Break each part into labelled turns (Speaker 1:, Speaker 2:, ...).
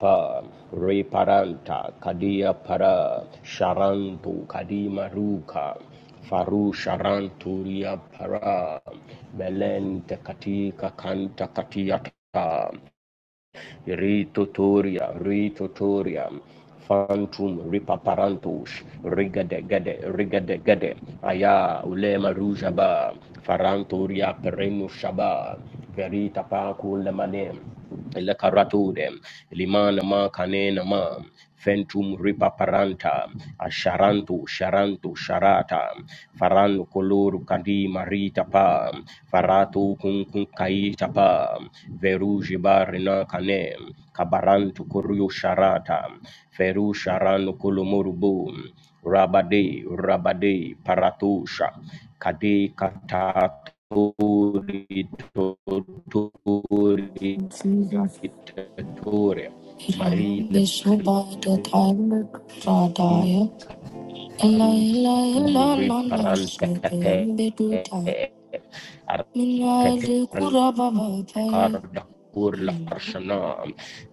Speaker 1: Pa, Reparanta, Kadia Para, Sharantu, Kadima Ruka, Faru Sharantu Ria Para, Melente Katika Kanta Katiata, Ritotoria, Ritotoria, phantom Ripaparantus, Rigade Gade, Rigade Gade, Aya, Ulema Rujaba, Farantoria, Perenu Shaba, Verita Pacu Lemanem, Lecaratudem, Limana Ma Canena Ma, Fentum Ripaparanta, asharanto sharanto Sharata, Faran koloru kandi marita tapa farato kun kun kai tapa veruji barina kane kabarantu kuryu sharata feru sharanu kolomurubu rabade rabade paratusha kade kataturi tori
Speaker 2: Blessed are thou,
Speaker 1: tori mari le
Speaker 2: son of David.
Speaker 1: fantum riparante arpeteran karda kur la farshana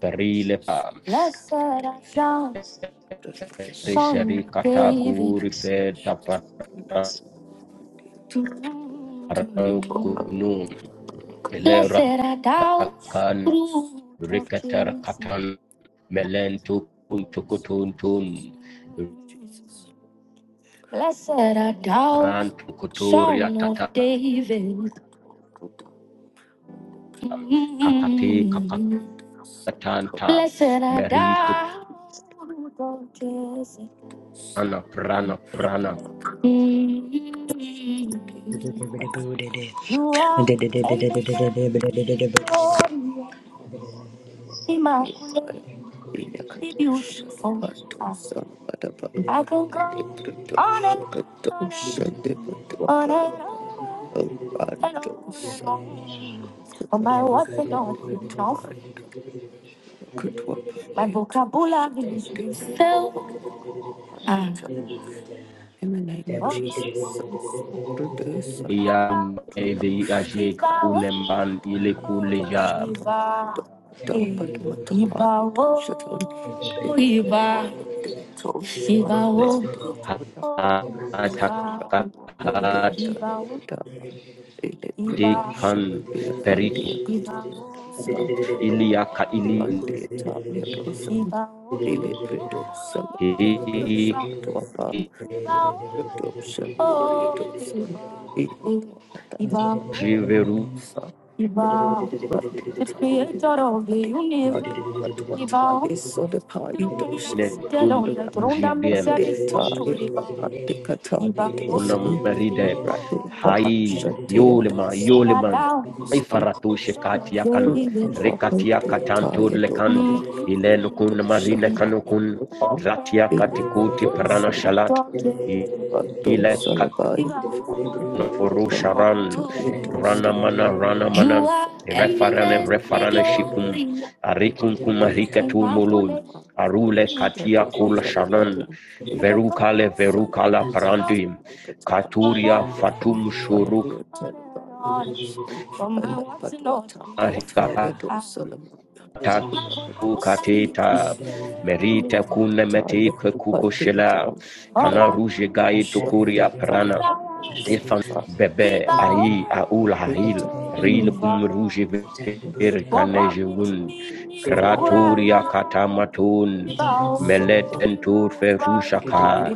Speaker 1: perile pa reshari kata kuri feta parakunu ele
Speaker 2: Blessed are thou,
Speaker 1: ratakan
Speaker 2: root of
Speaker 1: rikatar
Speaker 2: Jesse.
Speaker 1: katan melentu kuntukutuntun
Speaker 2: Blessed are thou,
Speaker 1: rantukuturia
Speaker 2: son of
Speaker 1: tata
Speaker 2: David.
Speaker 1: kakati
Speaker 2: Mm.
Speaker 1: kakatanta
Speaker 2: Blessed are
Speaker 1: merito
Speaker 2: thou, not bless
Speaker 1: prana prana prana
Speaker 3: Thank you.
Speaker 2: You are eminently glorious, immaculate, beautiful. I can go on and on and on and on and on and on. and on. Oh my, what's it on? My vocabulary is being filled. Mm. In the name of Jesus, so so produce and
Speaker 1: yam evi ajeka uneman ile kuleja ataka kan periko iliaka ili
Speaker 2: Iba, Ele preto sama
Speaker 1: he
Speaker 2: ya dosa the
Speaker 1: jiveru
Speaker 3: Thank
Speaker 2: creator of the universe. Iba, you
Speaker 3: you.
Speaker 2: who are
Speaker 1: ne
Speaker 2: seated on the throne that makes
Speaker 1: tun
Speaker 2: everything to live out. Iba,
Speaker 1: kunamaride hai yolema
Speaker 2: blessed are
Speaker 1: yoleman
Speaker 2: thou,
Speaker 1: ifaratu
Speaker 2: Son
Speaker 1: shekati
Speaker 2: of
Speaker 1: yakan
Speaker 2: David, welcome
Speaker 1: rekati
Speaker 2: to your
Speaker 1: yakatanto
Speaker 2: tired
Speaker 1: lekan
Speaker 2: open.
Speaker 1: ilen kun marine kanukun ratia katikuti prana shalat ile kanukun furu sharan Rana mana rana
Speaker 2: You
Speaker 1: mana
Speaker 2: are
Speaker 1: refarane
Speaker 2: eminently
Speaker 1: refarane shikum
Speaker 2: glorious,
Speaker 1: arikun
Speaker 3: Thank
Speaker 1: kumarikatun
Speaker 3: you.
Speaker 1: mulun
Speaker 2: immaculate,
Speaker 1: arule katia kula shanan
Speaker 2: beautiful.
Speaker 1: verukale verukala
Speaker 2: Son
Speaker 1: parandim
Speaker 2: of from
Speaker 1: katuria
Speaker 2: my
Speaker 1: fatum shuruk
Speaker 2: words, Lord, my
Speaker 1: arikatatu
Speaker 2: vocabulary is
Speaker 1: kateta
Speaker 2: failing. Open me
Speaker 1: merita
Speaker 2: to
Speaker 1: kune mete kuko
Speaker 2: prayers,
Speaker 1: shela kana ruje gai tukuria prana Infant,
Speaker 2: keep
Speaker 1: bebê,
Speaker 2: on
Speaker 1: aí, aul, hail, ril,
Speaker 2: over.
Speaker 1: kum ruge, ver,
Speaker 2: Open me to
Speaker 1: canejeun,
Speaker 2: me, to
Speaker 1: cratoria,
Speaker 2: cry to cry out. Ibao, Ibao, Papa
Speaker 1: catamaton, meletentor, ferruchaca,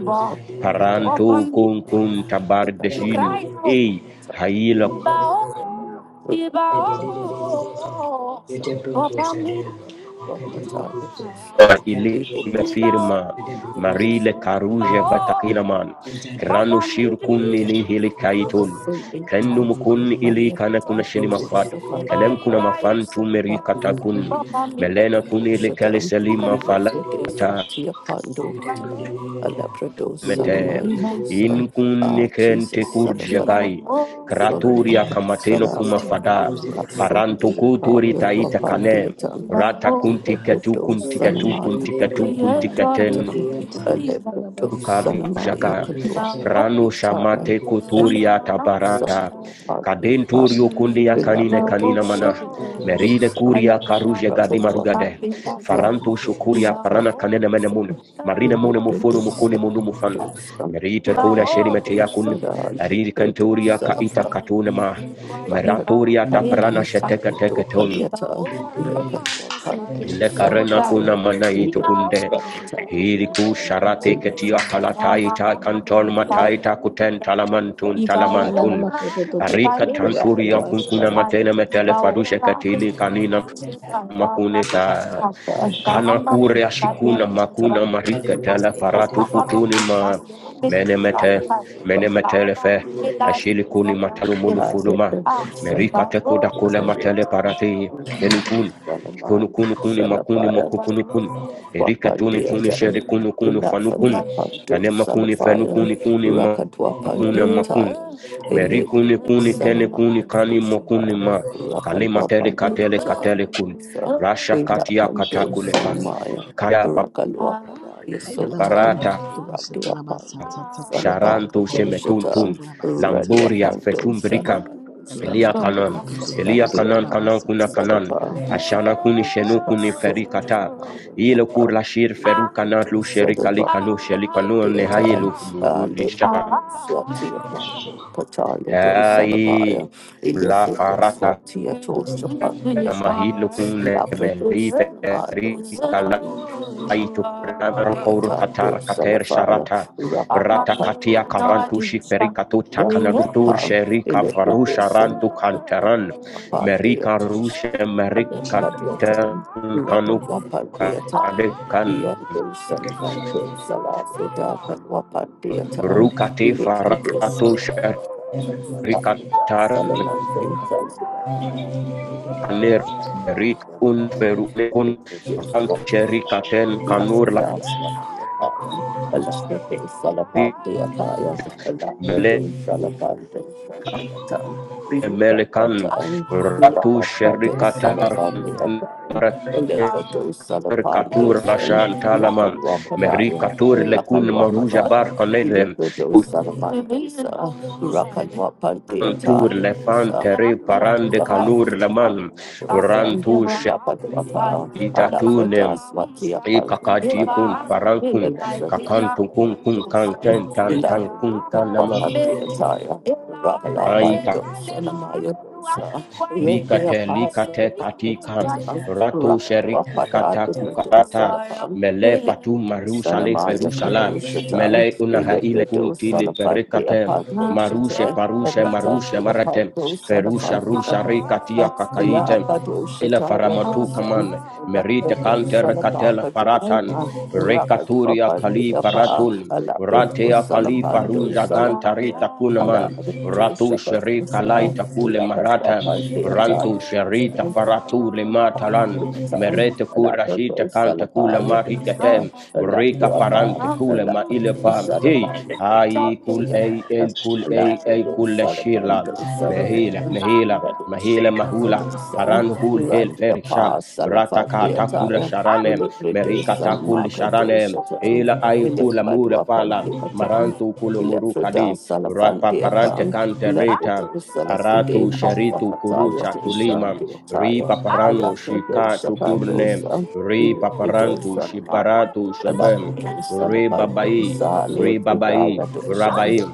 Speaker 1: paranto,
Speaker 2: me
Speaker 1: kun kun tabar,
Speaker 2: to cry
Speaker 1: dejin,
Speaker 2: out.
Speaker 1: ei, hail,
Speaker 2: Ibao, Ibao,
Speaker 3: Thank
Speaker 2: Papa me to cry out. Ibao,
Speaker 1: ilime firma marile karuje vatakina man kranu shirkun ni hili kaitun kenum kun ili kana kuna shini mafad
Speaker 2: Iba,
Speaker 1: kenem kuna mafan
Speaker 2: Iba, Iba.
Speaker 1: tumeri katakun melena kun ili kali
Speaker 2: Shatam,
Speaker 1: selima
Speaker 2: Ilifrides,
Speaker 1: falata
Speaker 2: Tia Pando, Alabrado,
Speaker 1: mete
Speaker 2: Salamai, Dosa,
Speaker 1: in
Speaker 2: Ah,
Speaker 1: kun kente
Speaker 2: Jesus,
Speaker 1: kur
Speaker 2: Salafadwa,
Speaker 1: kraturia
Speaker 2: Solomado,
Speaker 4: Thank you,
Speaker 1: kamateno
Speaker 4: Jesus.
Speaker 1: kuma
Speaker 4: Thank
Speaker 2: Salafa,
Speaker 4: you,
Speaker 1: fada
Speaker 4: Lord. I thank
Speaker 3: you.
Speaker 2: Rasun,
Speaker 4: you, Lord.
Speaker 1: parantu
Speaker 4: She did not
Speaker 2: Dilaka,
Speaker 1: kuturi
Speaker 3: Thank
Speaker 2: Yodwa
Speaker 1: taita
Speaker 4: I don't do-
Speaker 1: kane
Speaker 4: do- do-
Speaker 2: Pandiatan,
Speaker 4: do- do-
Speaker 1: rata
Speaker 4: do- she did
Speaker 1: kunti
Speaker 4: not
Speaker 1: katu
Speaker 2: Alebrado,
Speaker 1: kunti katu
Speaker 2: Salamaya,
Speaker 1: kunti katu
Speaker 4: I
Speaker 1: kunti
Speaker 4: don't want to- to-
Speaker 1: katen
Speaker 4: to-
Speaker 2: Diatan,
Speaker 4: to- to- do- she did not
Speaker 2: Alebrado,
Speaker 4: pass it, ta- ta- ta-
Speaker 2: Salamaya,
Speaker 1: Jaga
Speaker 4: ta- ta. I
Speaker 2: Kadwa,
Speaker 1: Rano
Speaker 2: Diataya,
Speaker 1: Shamate Kotoria
Speaker 2: Alebrado,
Speaker 1: Tabarata
Speaker 2: Salamaya,
Speaker 1: Cadentorio
Speaker 4: don't
Speaker 1: Kundia
Speaker 4: want to-
Speaker 1: Canine
Speaker 2: Ibawa
Speaker 4: to- to-
Speaker 1: Canina
Speaker 4: to- do-
Speaker 1: Mana
Speaker 4: she
Speaker 1: Meride
Speaker 4: I
Speaker 1: Curia
Speaker 4: don't want
Speaker 1: Caruje
Speaker 4: to- to- to-
Speaker 1: Gadima
Speaker 4: to- to-
Speaker 1: Rugade
Speaker 4: do-
Speaker 1: Faranto Shokuria Parana Canena Menemun Marina Mone Mufono Mukone Monu Mufan Merite Kona Sherimete Yakun Ariri Cantoria Kaita Katunema Meratoria Taparana Sheteka Tekaton
Speaker 4: I want to- to-
Speaker 1: Ile
Speaker 4: to- to- do-
Speaker 1: karena
Speaker 4: she
Speaker 1: kuna
Speaker 4: did not
Speaker 1: mana itu
Speaker 4: I want to-
Speaker 2: Salafire
Speaker 4: to- to- to- to- to-
Speaker 1: Hiriku
Speaker 4: to- do-
Speaker 1: sharate
Speaker 4: she did
Speaker 1: ketia
Speaker 4: I
Speaker 1: kalataita
Speaker 4: want to-
Speaker 1: kanton
Speaker 4: to- to- to-
Speaker 1: mataita kuten talamantun
Speaker 4: Na na na
Speaker 1: talamantun.
Speaker 4: ma to to to to to
Speaker 1: Arika
Speaker 4: to bo shi ta
Speaker 1: tanturia
Speaker 4: sa
Speaker 1: kunkuna matene metele farushe katili kanina makuneta. Kala kure
Speaker 3: you.
Speaker 1: ashikuna makuna
Speaker 3: Thank
Speaker 1: marika tele paratu kutuni ma menemete menemetelefe ashili kuni matalu mulu fuluma merika tekuda kule matele parati helukun kunu kunu kuni makuni makukunu kun erika tuni kuni
Speaker 2: wapandeatan
Speaker 1: sheri kunu kunu
Speaker 2: ilafanya
Speaker 1: fanukun
Speaker 2: pando
Speaker 1: kanema kuni
Speaker 2: salafayan
Speaker 1: fenukuni kuni
Speaker 2: rakatwa
Speaker 1: makuna makun
Speaker 2: pandeyatayan
Speaker 1: meri kuni
Speaker 2: elebrini
Speaker 1: kuni kene
Speaker 2: sanama
Speaker 1: kuni kani makuni
Speaker 2: usapa
Speaker 1: ma kalima
Speaker 2: rakatwa
Speaker 1: tele katele
Speaker 2: pandeyatayan
Speaker 1: katele kun rasha katia
Speaker 2: ilapando
Speaker 1: katakulepa
Speaker 2: sanamaya
Speaker 1: Kaya
Speaker 2: rakalwa yasultan
Speaker 1: paparata
Speaker 2: radia pando salapaka
Speaker 1: sharantu
Speaker 2: tushata
Speaker 1: shemetuntun
Speaker 2: radia
Speaker 1: lamburia
Speaker 2: pando
Speaker 4: Thank
Speaker 1: fetumbrika
Speaker 2: salamadusha
Speaker 1: elia kanon elia
Speaker 2: radia
Speaker 1: kanon kanon
Speaker 2: pando
Speaker 1: kuna kanon
Speaker 2: salapa
Speaker 1: ashana kuni shenu kuni
Speaker 2: Paso,
Speaker 1: ferikata ile kur
Speaker 2: Rapper,
Speaker 1: la shir feru kanan
Speaker 2: Electric,
Speaker 1: lu
Speaker 2: and a
Speaker 1: sherika likanu shelikanu nehaye lu lu lisha hai la farata mahil kune meli ferikala Aitu Kurabaro Koru Katar Kater Sharata Rata Katia Karantushi Perikatu Takanadutur Sherika Farusha Rantu Kantaran
Speaker 2: part day of
Speaker 1: Merika Rusha Merika
Speaker 2: and
Speaker 1: Tan
Speaker 2: Thank
Speaker 1: Kanu Kadekan Rukati Faratu Sherikatar Kaner Merik Un Ferukun Rantu Sherikaten Kanur la. Mele Melekan
Speaker 2: you.
Speaker 1: Ratu
Speaker 2: Rakapado
Speaker 1: Sherikatar
Speaker 2: Salafani Akai, Elekado Salafando
Speaker 1: Katur
Speaker 2: Sun,
Speaker 1: Lashan
Speaker 2: Rakan
Speaker 1: Talaman Meri
Speaker 2: Wapadaya,
Speaker 1: Katur
Speaker 2: Rakan
Speaker 1: Lekun Maruja
Speaker 2: Wapadaya,
Speaker 1: Bar Kanedem
Speaker 2: Elekado Salafandisa, Rakan Wapandi
Speaker 1: Ushantur
Speaker 2: Ataya,
Speaker 1: Lefan Tere Parande Kanur
Speaker 2: Rakapando
Speaker 1: Laman
Speaker 2: Sun,
Speaker 1: Rantu
Speaker 2: Lapado Apa,
Speaker 1: Shetatunem
Speaker 2: Alafradas Matia
Speaker 1: e
Speaker 2: Pando
Speaker 1: kakati kun
Speaker 2: Salafani,
Speaker 1: parankun
Speaker 2: Elekado
Speaker 1: kakantu kun kun
Speaker 2: Salafando
Speaker 1: kan
Speaker 2: Sun,
Speaker 1: tan tan kun
Speaker 2: Ilabadosha,
Speaker 1: tanama nama ai likate likate katika rato sheri kata kukarata mele fatu maru shale feru shalam mele unaha ile kunti li perikatem marushe parushe marushe maratem ferusha rusha rikatia kakaitem ila faramatu kaman merite kanter katela
Speaker 2: Salapaka,
Speaker 1: paratan
Speaker 2: Dosha, Rakat,
Speaker 1: rekaturia
Speaker 2: Papa,
Speaker 1: kali
Speaker 2: Papa,
Speaker 1: paratul
Speaker 2: Alapato
Speaker 1: ratea kali
Speaker 2: Salapando
Speaker 1: faruja
Speaker 2: Salapaya,
Speaker 1: gantarita kunaman
Speaker 2: Alapato
Speaker 1: ratu sheri kalai
Speaker 2: Shakatosa,
Speaker 1: takule
Speaker 2: Rakatwa
Speaker 1: marata
Speaker 2: Pandeata,
Speaker 1: rantu sharita faratu limatalan
Speaker 2: Rakatwa
Speaker 1: merete kurashita
Speaker 2: Alapato
Speaker 1: kanta kula
Speaker 2: Salapaya Dosa,
Speaker 1: marikatem rika parante
Speaker 2: Alapapa,
Speaker 1: kula ma
Speaker 2: Alapato
Speaker 1: ilepam hey
Speaker 2: Salapaya,
Speaker 1: hai kul ei el kul ei ei
Speaker 2: Alapato
Speaker 1: kul shila
Speaker 2: Salapando
Speaker 1: mehila
Speaker 2: Salapaya,
Speaker 1: mehila
Speaker 2: Radu
Speaker 1: mehila mahula
Speaker 2: Shakatosa, Son,
Speaker 1: Faran hul hel ferisha
Speaker 2: Randiapa
Speaker 1: ratakata kula
Speaker 2: Salapandeata,
Speaker 1: sharanem merika
Speaker 2: Ilipidus and
Speaker 1: kul sharanem
Speaker 2: Margadosa.
Speaker 1: ila ai kula mura
Speaker 2: Ilibadwa
Speaker 1: fala
Speaker 2: Pandiatan,
Speaker 1: marantu kula
Speaker 2: Ilefrida
Speaker 1: murukadi rapa parante
Speaker 2: Salafandiapan,
Speaker 1: kante
Speaker 2: Ilefrida Salafan de Apan, Lepota Salafide
Speaker 1: aratu sheritu
Speaker 2: Papuakataya
Speaker 1: kurusha kulima ri
Speaker 2: Dosandiataya,
Speaker 1: paparanu
Speaker 2: Alabrado
Speaker 1: shikatu kurne
Speaker 2: Shapadosa,
Speaker 1: ri
Speaker 2: Ilifrido
Speaker 1: paparantu
Speaker 2: Salamaya,
Speaker 1: shibaratu shabem
Speaker 2: Alabrado
Speaker 1: ri babai
Speaker 2: Salapandosa,
Speaker 1: ri
Speaker 2: Lefridaya
Speaker 1: babai
Speaker 2: Dosan,
Speaker 1: rabai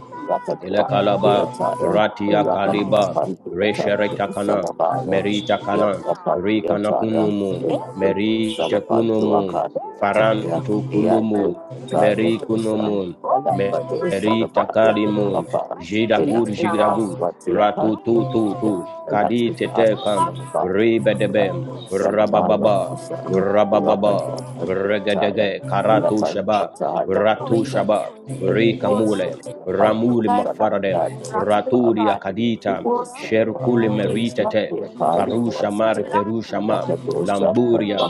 Speaker 1: ile kalaba
Speaker 2: Rakatwapandiataya,
Speaker 1: ratia kaliba reshereta
Speaker 2: Rakatwapandiataya
Speaker 1: kana
Speaker 2: Salamaya,
Speaker 1: merita kana rikana
Speaker 2: Yatwapandiataya,
Speaker 1: kunumu
Speaker 2: Ilefrido
Speaker 1: merite kunumu
Speaker 2: Salapanduakadiataya,
Speaker 1: farantu
Speaker 2: Thank
Speaker 1: kulumu meri kunumu merita kalimu jidagur jidagur ratu tu tu tu kadi tete kam ribedebe rabababa rabababa regedege karatu shaba ratu shaba
Speaker 2: you.
Speaker 1: rikamule Ramuli mafaradem, raturi akadita, sherkuli meritete, farusha mari ferusha ma, lamburia,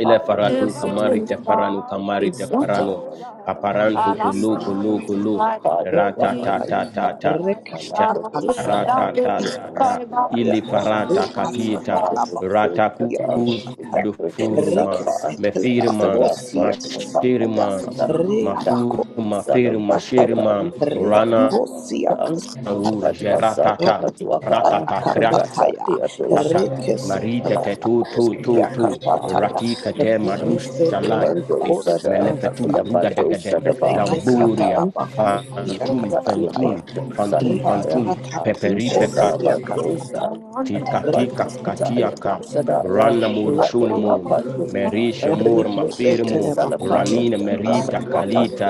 Speaker 1: ile faratu kamari te paranu kamari te paranu, paparantu kulu kulu kulu, rata ta ta ta ta,
Speaker 5: Rekasatala
Speaker 1: shara ta ta ta
Speaker 5: Kosia
Speaker 1: ili farata katita,
Speaker 5: Rekasatala Bakia
Speaker 1: rata kudu
Speaker 2: Thank
Speaker 1: furuma,
Speaker 2: you.
Speaker 5: Rekesetela
Speaker 2: After
Speaker 1: mefirima,
Speaker 2: thus
Speaker 5: Bakosia
Speaker 2: much suffering,
Speaker 5: Kasataya
Speaker 1: mashirima,
Speaker 2: Salam,
Speaker 5: Rea
Speaker 1: Mafuru,
Speaker 2: Lampadas salam. upon the Sana, Lampadas Sana
Speaker 1: Maferu,
Speaker 5: Bakosataya
Speaker 1: Mashirima,
Speaker 2: Baswakan,
Speaker 1: Rana,
Speaker 5: Rekosia
Speaker 2: Lampaduakatan,
Speaker 5: Kasataya
Speaker 1: Wul,
Speaker 2: Patwasa
Speaker 1: Geratata,
Speaker 2: Bakatuaka,
Speaker 1: Ratata,
Speaker 2: Rata
Speaker 5: Kasataya
Speaker 2: Theodo
Speaker 1: Kratata,
Speaker 2: Shapan,
Speaker 1: Marita,
Speaker 5: Rekesetela
Speaker 2: Sanaya,
Speaker 1: to to to
Speaker 5: Bakosia
Speaker 2: Radia
Speaker 1: to
Speaker 5: Kasataya
Speaker 2: Palis,
Speaker 1: Ratika, Te, Marushalai,
Speaker 5: Rekesetela
Speaker 2: Lipando
Speaker 5: Bakosia
Speaker 2: Sada,
Speaker 1: Melefetum,
Speaker 5: Kasataya
Speaker 2: Lampado
Speaker 1: Rugadegadem,
Speaker 2: Sada
Speaker 5: Rekesatala
Speaker 1: lamboria
Speaker 2: Bakatuakan,
Speaker 5: Bakosia
Speaker 1: Fantum,
Speaker 2: Ratia
Speaker 5: Kasataya
Speaker 1: Fantum,
Speaker 2: Pando
Speaker 1: Fantum,
Speaker 2: Sadapaya,
Speaker 1: Fantum,
Speaker 5: Rekasata
Speaker 1: Peperi,
Speaker 2: Jesus
Speaker 1: Pepa,
Speaker 5: kosia kasata
Speaker 2: Salabandosa,
Speaker 1: Tika
Speaker 3: you.
Speaker 1: tika
Speaker 5: rekasata
Speaker 2: Lampaduakataya
Speaker 1: katiaka.
Speaker 2: Sadaya,
Speaker 1: Rana
Speaker 2: Ratia
Speaker 1: murushun
Speaker 5: ataya
Speaker 1: mum.
Speaker 2: Pando Sadaya, Rapid
Speaker 1: Merisha
Speaker 2: Papa,
Speaker 1: mur mafir
Speaker 2: Liberty
Speaker 1: mum.
Speaker 5: rekeseteleba
Speaker 2: Salapaya,
Speaker 1: Ranina
Speaker 5: kosia
Speaker 1: merita
Speaker 2: Rakat
Speaker 5: kasata
Speaker 2: Wapat,
Speaker 1: kalita.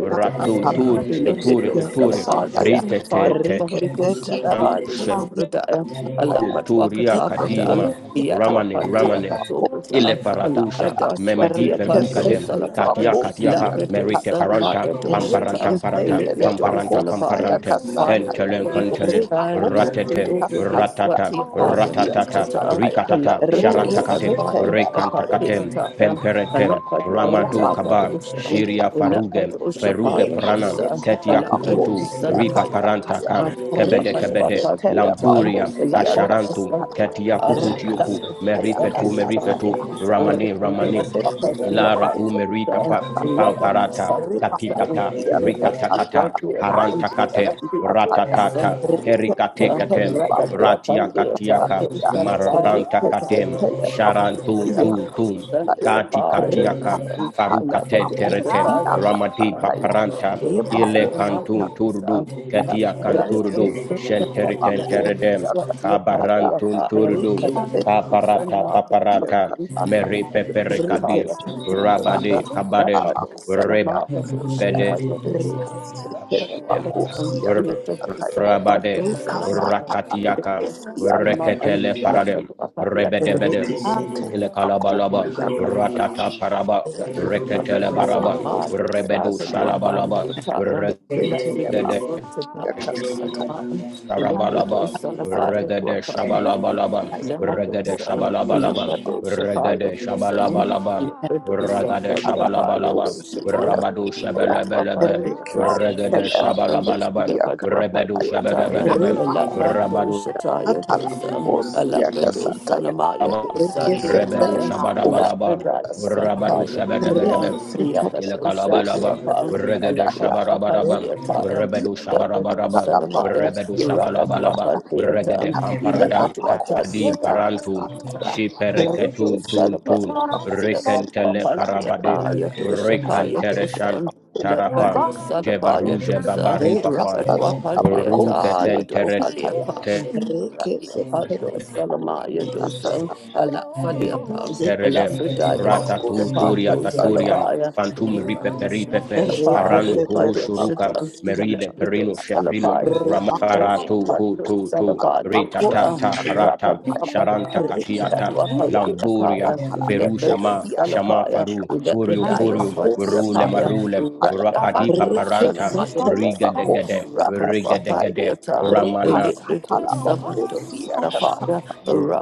Speaker 1: Ratu tur
Speaker 5: laba
Speaker 1: tuturi
Speaker 2: Electrical
Speaker 5: kosia
Speaker 1: tuturi.
Speaker 5: kasataya
Speaker 1: Rite
Speaker 2: Salapaya,
Speaker 1: te
Speaker 2: Fire,
Speaker 1: te.
Speaker 2: Tohorico
Speaker 5: rekeseteleba
Speaker 2: Salapaya,
Speaker 5: kosia
Speaker 2: Sobradaya,
Speaker 5: kasataya
Speaker 2: Alapat
Speaker 1: Toria
Speaker 5: iba
Speaker 3: Thank
Speaker 1: Kadima,
Speaker 2: Wakatabradal,
Speaker 5: kosia
Speaker 1: Ramanem,
Speaker 5: kasata
Speaker 2: Yadwapandia
Speaker 1: Ramanem. Ile
Speaker 2: Patobrata,
Speaker 1: faratusha
Speaker 2: Alakrada
Speaker 1: memedi
Speaker 2: Swatia Pando
Speaker 1: fedukadem
Speaker 5: Rekesetele
Speaker 2: Salapaya,
Speaker 1: katia
Speaker 5: bakosia
Speaker 1: katiaka
Speaker 2: Lakrado
Speaker 1: merite
Speaker 5: kasataya.
Speaker 1: paranta
Speaker 2: Salamaya Doshatan,
Speaker 1: pamparanta paranta
Speaker 5: Rekesetele
Speaker 2: Electrical
Speaker 1: pamparanta
Speaker 5: bakosia
Speaker 2: Salapaya,
Speaker 1: pamparante
Speaker 2: Fire.
Speaker 5: kasataya.
Speaker 1: kentelen
Speaker 2: Holy Ghost,
Speaker 1: kentelen
Speaker 2: and your
Speaker 5: Rebakosia
Speaker 1: ratetem
Speaker 2: pillow produce
Speaker 5: kasatala
Speaker 2: what
Speaker 1: ratata
Speaker 2: you fire
Speaker 5: bakosia
Speaker 2: goes to
Speaker 1: ratatata
Speaker 5: kasataya.
Speaker 2: the love
Speaker 1: rikatata
Speaker 2: of those and
Speaker 1: sharantakate
Speaker 2: body
Speaker 5: Rekesetele
Speaker 2: apart the
Speaker 5: bakos.
Speaker 1: rekantakatem
Speaker 2: entire
Speaker 1: Pemperetem,
Speaker 2: Alapati
Speaker 1: Ramadu
Speaker 2: Akita
Speaker 1: Kaba,
Speaker 2: Padusha,
Speaker 1: Shiria Faruge,
Speaker 5: Yakasataya.
Speaker 2: Ulapatu
Speaker 1: Feruge
Speaker 2: Shapaya
Speaker 3: you.
Speaker 1: pranam
Speaker 2: Dosa,
Speaker 1: Ketia
Speaker 2: Alapatu
Speaker 1: Kukutu,
Speaker 5: Yekasetelebakosi
Speaker 1: Ripa
Speaker 2: Sanamaya
Speaker 5: yakasataya.
Speaker 1: Parantaka,
Speaker 2: Dosa,
Speaker 1: Kebede
Speaker 2: Rapatwa
Speaker 1: Kebede,
Speaker 2: Paduata,
Speaker 1: Lamburia,
Speaker 5: Rekesetelebakosi
Speaker 2: Alapatu
Speaker 1: Asharantu,
Speaker 5: yakasataya.
Speaker 1: Ketia
Speaker 2: Sandiapa,
Speaker 1: Kukutioku,
Speaker 2: Alapatu
Speaker 5: Rakasataya
Speaker 1: Merifetu,
Speaker 5: kasataya.
Speaker 1: Merifetu,
Speaker 2: Sandiataya Dosa,
Speaker 1: Ramane, Ramane,
Speaker 2: Alapatwa Padia
Speaker 1: Ilara tu
Speaker 5: Rekesetelebakosia
Speaker 1: merita
Speaker 2: Padusa,
Speaker 1: pa pa-
Speaker 5: kasataya.
Speaker 2: Rapatwa
Speaker 5: yakasataya.
Speaker 1: parata
Speaker 2: Sandiasa,
Speaker 1: katikata
Speaker 5: Rebakosi
Speaker 2: let the sweat be upon
Speaker 1: rikatakata
Speaker 5: yakasataya.
Speaker 2: the fire, and
Speaker 5: Bakosi
Speaker 2: let
Speaker 1: harantakate
Speaker 2: the
Speaker 5: yakasataya.
Speaker 2: sun of
Speaker 1: ratatata
Speaker 5: kasataya.
Speaker 1: herikatekate ratiakatiaka
Speaker 5: yakasataya.
Speaker 1: marantakatem
Speaker 5: Rekesetelebakosi
Speaker 1: sharantun tun tun kati katiaka
Speaker 5: yakasataya.
Speaker 1: farukate terete
Speaker 5: Makosi
Speaker 1: ramadi
Speaker 5: akasataya.
Speaker 1: paparanta ile
Speaker 5: Ebakosi
Speaker 1: kantun turdu
Speaker 5: akasataya.
Speaker 1: katia kanturdu
Speaker 5: Rekesete
Speaker 1: shenteriten
Speaker 5: ebakosi
Speaker 1: teredem
Speaker 2: the
Speaker 5: akasataya.
Speaker 1: kabarantun turdu
Speaker 5: Rekesete
Speaker 1: paparata
Speaker 5: ebakosi
Speaker 1: paparata
Speaker 5: akasataya.
Speaker 1: meri
Speaker 2: upon
Speaker 1: peperekadi
Speaker 2: the
Speaker 5: Rekesete
Speaker 2: Satisfyer,
Speaker 1: Rabade
Speaker 5: ebakosi
Speaker 1: Kabadem
Speaker 2: Lapado, Salamaka,
Speaker 5: akasataya.
Speaker 2: Doshita,
Speaker 1: Rebede
Speaker 2: Yadosa,
Speaker 5: Rekesete
Speaker 2: Lapakatan,
Speaker 5: ebakosi
Speaker 2: Little
Speaker 5: akasataya.
Speaker 1: Rabade
Speaker 2: Salapado,
Speaker 5: Rekasatesi
Speaker 2: Salamaka,
Speaker 1: Rakatiakam
Speaker 2: Little
Speaker 5: akasataya.
Speaker 2: Salamaka,
Speaker 1: Reketele Paradem
Speaker 2: Lapado, Apadiata,
Speaker 1: Rebedebedem
Speaker 5: Rekesete ebakosi
Speaker 1: Ilekalabalabam
Speaker 5: akasataya.
Speaker 1: Ratata Paraba
Speaker 2: Japiata,
Speaker 1: Reketele Barabam
Speaker 2: Salmado,
Speaker 5: ebakosi
Speaker 1: Rebedu
Speaker 5: akasataya.
Speaker 2: Sapado
Speaker 1: Shalabalabam
Speaker 2: Apadiata, the
Speaker 3: Thank
Speaker 5: Rekese
Speaker 2: Lapsi de
Speaker 1: Regede
Speaker 2: Sultana, Salama, and the Lapido
Speaker 1: Sarabalaba,
Speaker 2: Salafaya,
Speaker 1: Regade
Speaker 2: Guapa,
Speaker 1: Shabalabalaba, Regade
Speaker 2: Lamadosa,
Speaker 1: Shabalabalaba,
Speaker 2: Lambadosa,
Speaker 1: Regade
Speaker 2: Payadosa,
Speaker 1: Shabalabalaba,
Speaker 2: Lambadosa,
Speaker 1: Regade
Speaker 2: Badia
Speaker 1: Shabalabalaba,
Speaker 2: Payadosa,
Speaker 1: Rabadu
Speaker 2: Lambatua
Speaker 1: Shabalabalaban,
Speaker 2: Pandiata,
Speaker 1: Regade
Speaker 2: Philippa,
Speaker 1: Shabalabalaban,
Speaker 2: Lambatua
Speaker 1: Rebedu
Speaker 2: Pandiata,
Speaker 1: Shabalabalabam,
Speaker 2: Alapa
Speaker 1: Rabadu
Speaker 2: dosa Lapatuapatiata, Philippine, Lapatuapatiata, Lapadosa, taya dosa, Alapa dosa namaya
Speaker 1: Rabam,
Speaker 2: dosa
Speaker 1: Rebedu
Speaker 2: diataya, Alapa
Speaker 1: Shabadabadabam,
Speaker 2: daya
Speaker 1: Rabadu
Speaker 2: sataya
Speaker 1: Shabadabadabam,
Speaker 2: dosa, Yakasosa
Speaker 1: Ilakalabalabam,
Speaker 2: diapa,
Speaker 1: Regada
Speaker 2: Alapa dua
Speaker 1: Shabarabarabam,
Speaker 2: pandiataya,
Speaker 1: Rebedu
Speaker 2: Alapa dosa
Speaker 1: Shabarabarabam,
Speaker 5: Akosia
Speaker 2: namaya,
Speaker 1: Rebedu
Speaker 2: Rakatua
Speaker 1: Shabalabalabam,
Speaker 2: pandiataya,
Speaker 1: Regade
Speaker 2: ila
Speaker 1: Pamparadam,
Speaker 2: patwata
Speaker 1: Kadi
Speaker 2: liata ya
Speaker 1: Parantum,
Speaker 2: kata rado
Speaker 1: Shipereketun Tun
Speaker 2: salaba
Speaker 1: Tun,
Speaker 2: ila patwa
Speaker 1: Rekentele
Speaker 2: palia
Speaker 5: Satya
Speaker 2: pa
Speaker 1: Parabadim,
Speaker 2: ya to shapa ya
Speaker 1: Rekantere
Speaker 2: to san la patwa
Speaker 1: Shantarapam,
Speaker 2: salaba ya to
Speaker 1: Jevaruje
Speaker 2: sa
Speaker 1: Babari Papam,
Speaker 2: rakatwa
Speaker 5: Rekasata
Speaker 2: palia
Speaker 5: abakosi
Speaker 2: ta ya to
Speaker 1: Ruketen
Speaker 2: palia
Speaker 5: akasataya.
Speaker 2: pa
Speaker 3: you.
Speaker 5: Reke
Speaker 2: ya
Speaker 3: Thank
Speaker 2: pando
Speaker 5: sekele
Speaker 2: salama
Speaker 5: bakosi
Speaker 2: to san
Speaker 5: akasataya.
Speaker 2: ala falia pa
Speaker 5: Reke
Speaker 2: ala
Speaker 1: teredem
Speaker 2: frida ya so
Speaker 5: bakosi
Speaker 2: shapa
Speaker 1: ratatuturia
Speaker 2: to salaba
Speaker 1: taturiam
Speaker 2: ya
Speaker 5: akasataya.
Speaker 1: fantum
Speaker 2: ila patwa
Speaker 1: ripeperipepe
Speaker 2: shalia
Speaker 5: Reke
Speaker 1: aranu
Speaker 5: setere
Speaker 1: hurushuruka
Speaker 5: bakosi
Speaker 1: meride
Speaker 2: Labrador
Speaker 1: perino
Speaker 5: akasataya.
Speaker 1: sheprino
Speaker 2: Salapai,
Speaker 5: Re bakosi
Speaker 2: Rani
Speaker 1: ramafaratu
Speaker 2: Apando
Speaker 1: kututu
Speaker 5: akala
Speaker 2: Salapandosa,
Speaker 5: bakosi
Speaker 1: ritatata parata
Speaker 5: akasataya.
Speaker 1: sharanta
Speaker 2: Rapapada,
Speaker 5: Reke
Speaker 1: katiata
Speaker 5: seteya
Speaker 2: Yatuapandi
Speaker 1: lamburia
Speaker 2: Apaya,
Speaker 5: akala
Speaker 1: feru
Speaker 2: Labrador
Speaker 1: shama
Speaker 5: bakosi akasataya.
Speaker 1: shama
Speaker 2: Salapaya,
Speaker 1: faru hurio
Speaker 2: Labradaya
Speaker 1: furio
Speaker 2: Swati
Speaker 5: Rebakosi
Speaker 1: rule
Speaker 2: Apaya,
Speaker 1: marule
Speaker 5: Haya.
Speaker 2: Rani
Speaker 1: rapadipa
Speaker 2: Apando
Speaker 1: paranta
Speaker 2: Salamaya,
Speaker 5: Rekesetele
Speaker 1: rigadegede gade,
Speaker 5: bakosia
Speaker 1: Riga de
Speaker 5: kasataya.
Speaker 1: Gade,
Speaker 2: Rapaduapandi Ata,
Speaker 1: ramana
Speaker 2: Labrador
Speaker 5: Rekasatala
Speaker 2: Samando
Speaker 5: bakosia kasa.
Speaker 2: Salafaya,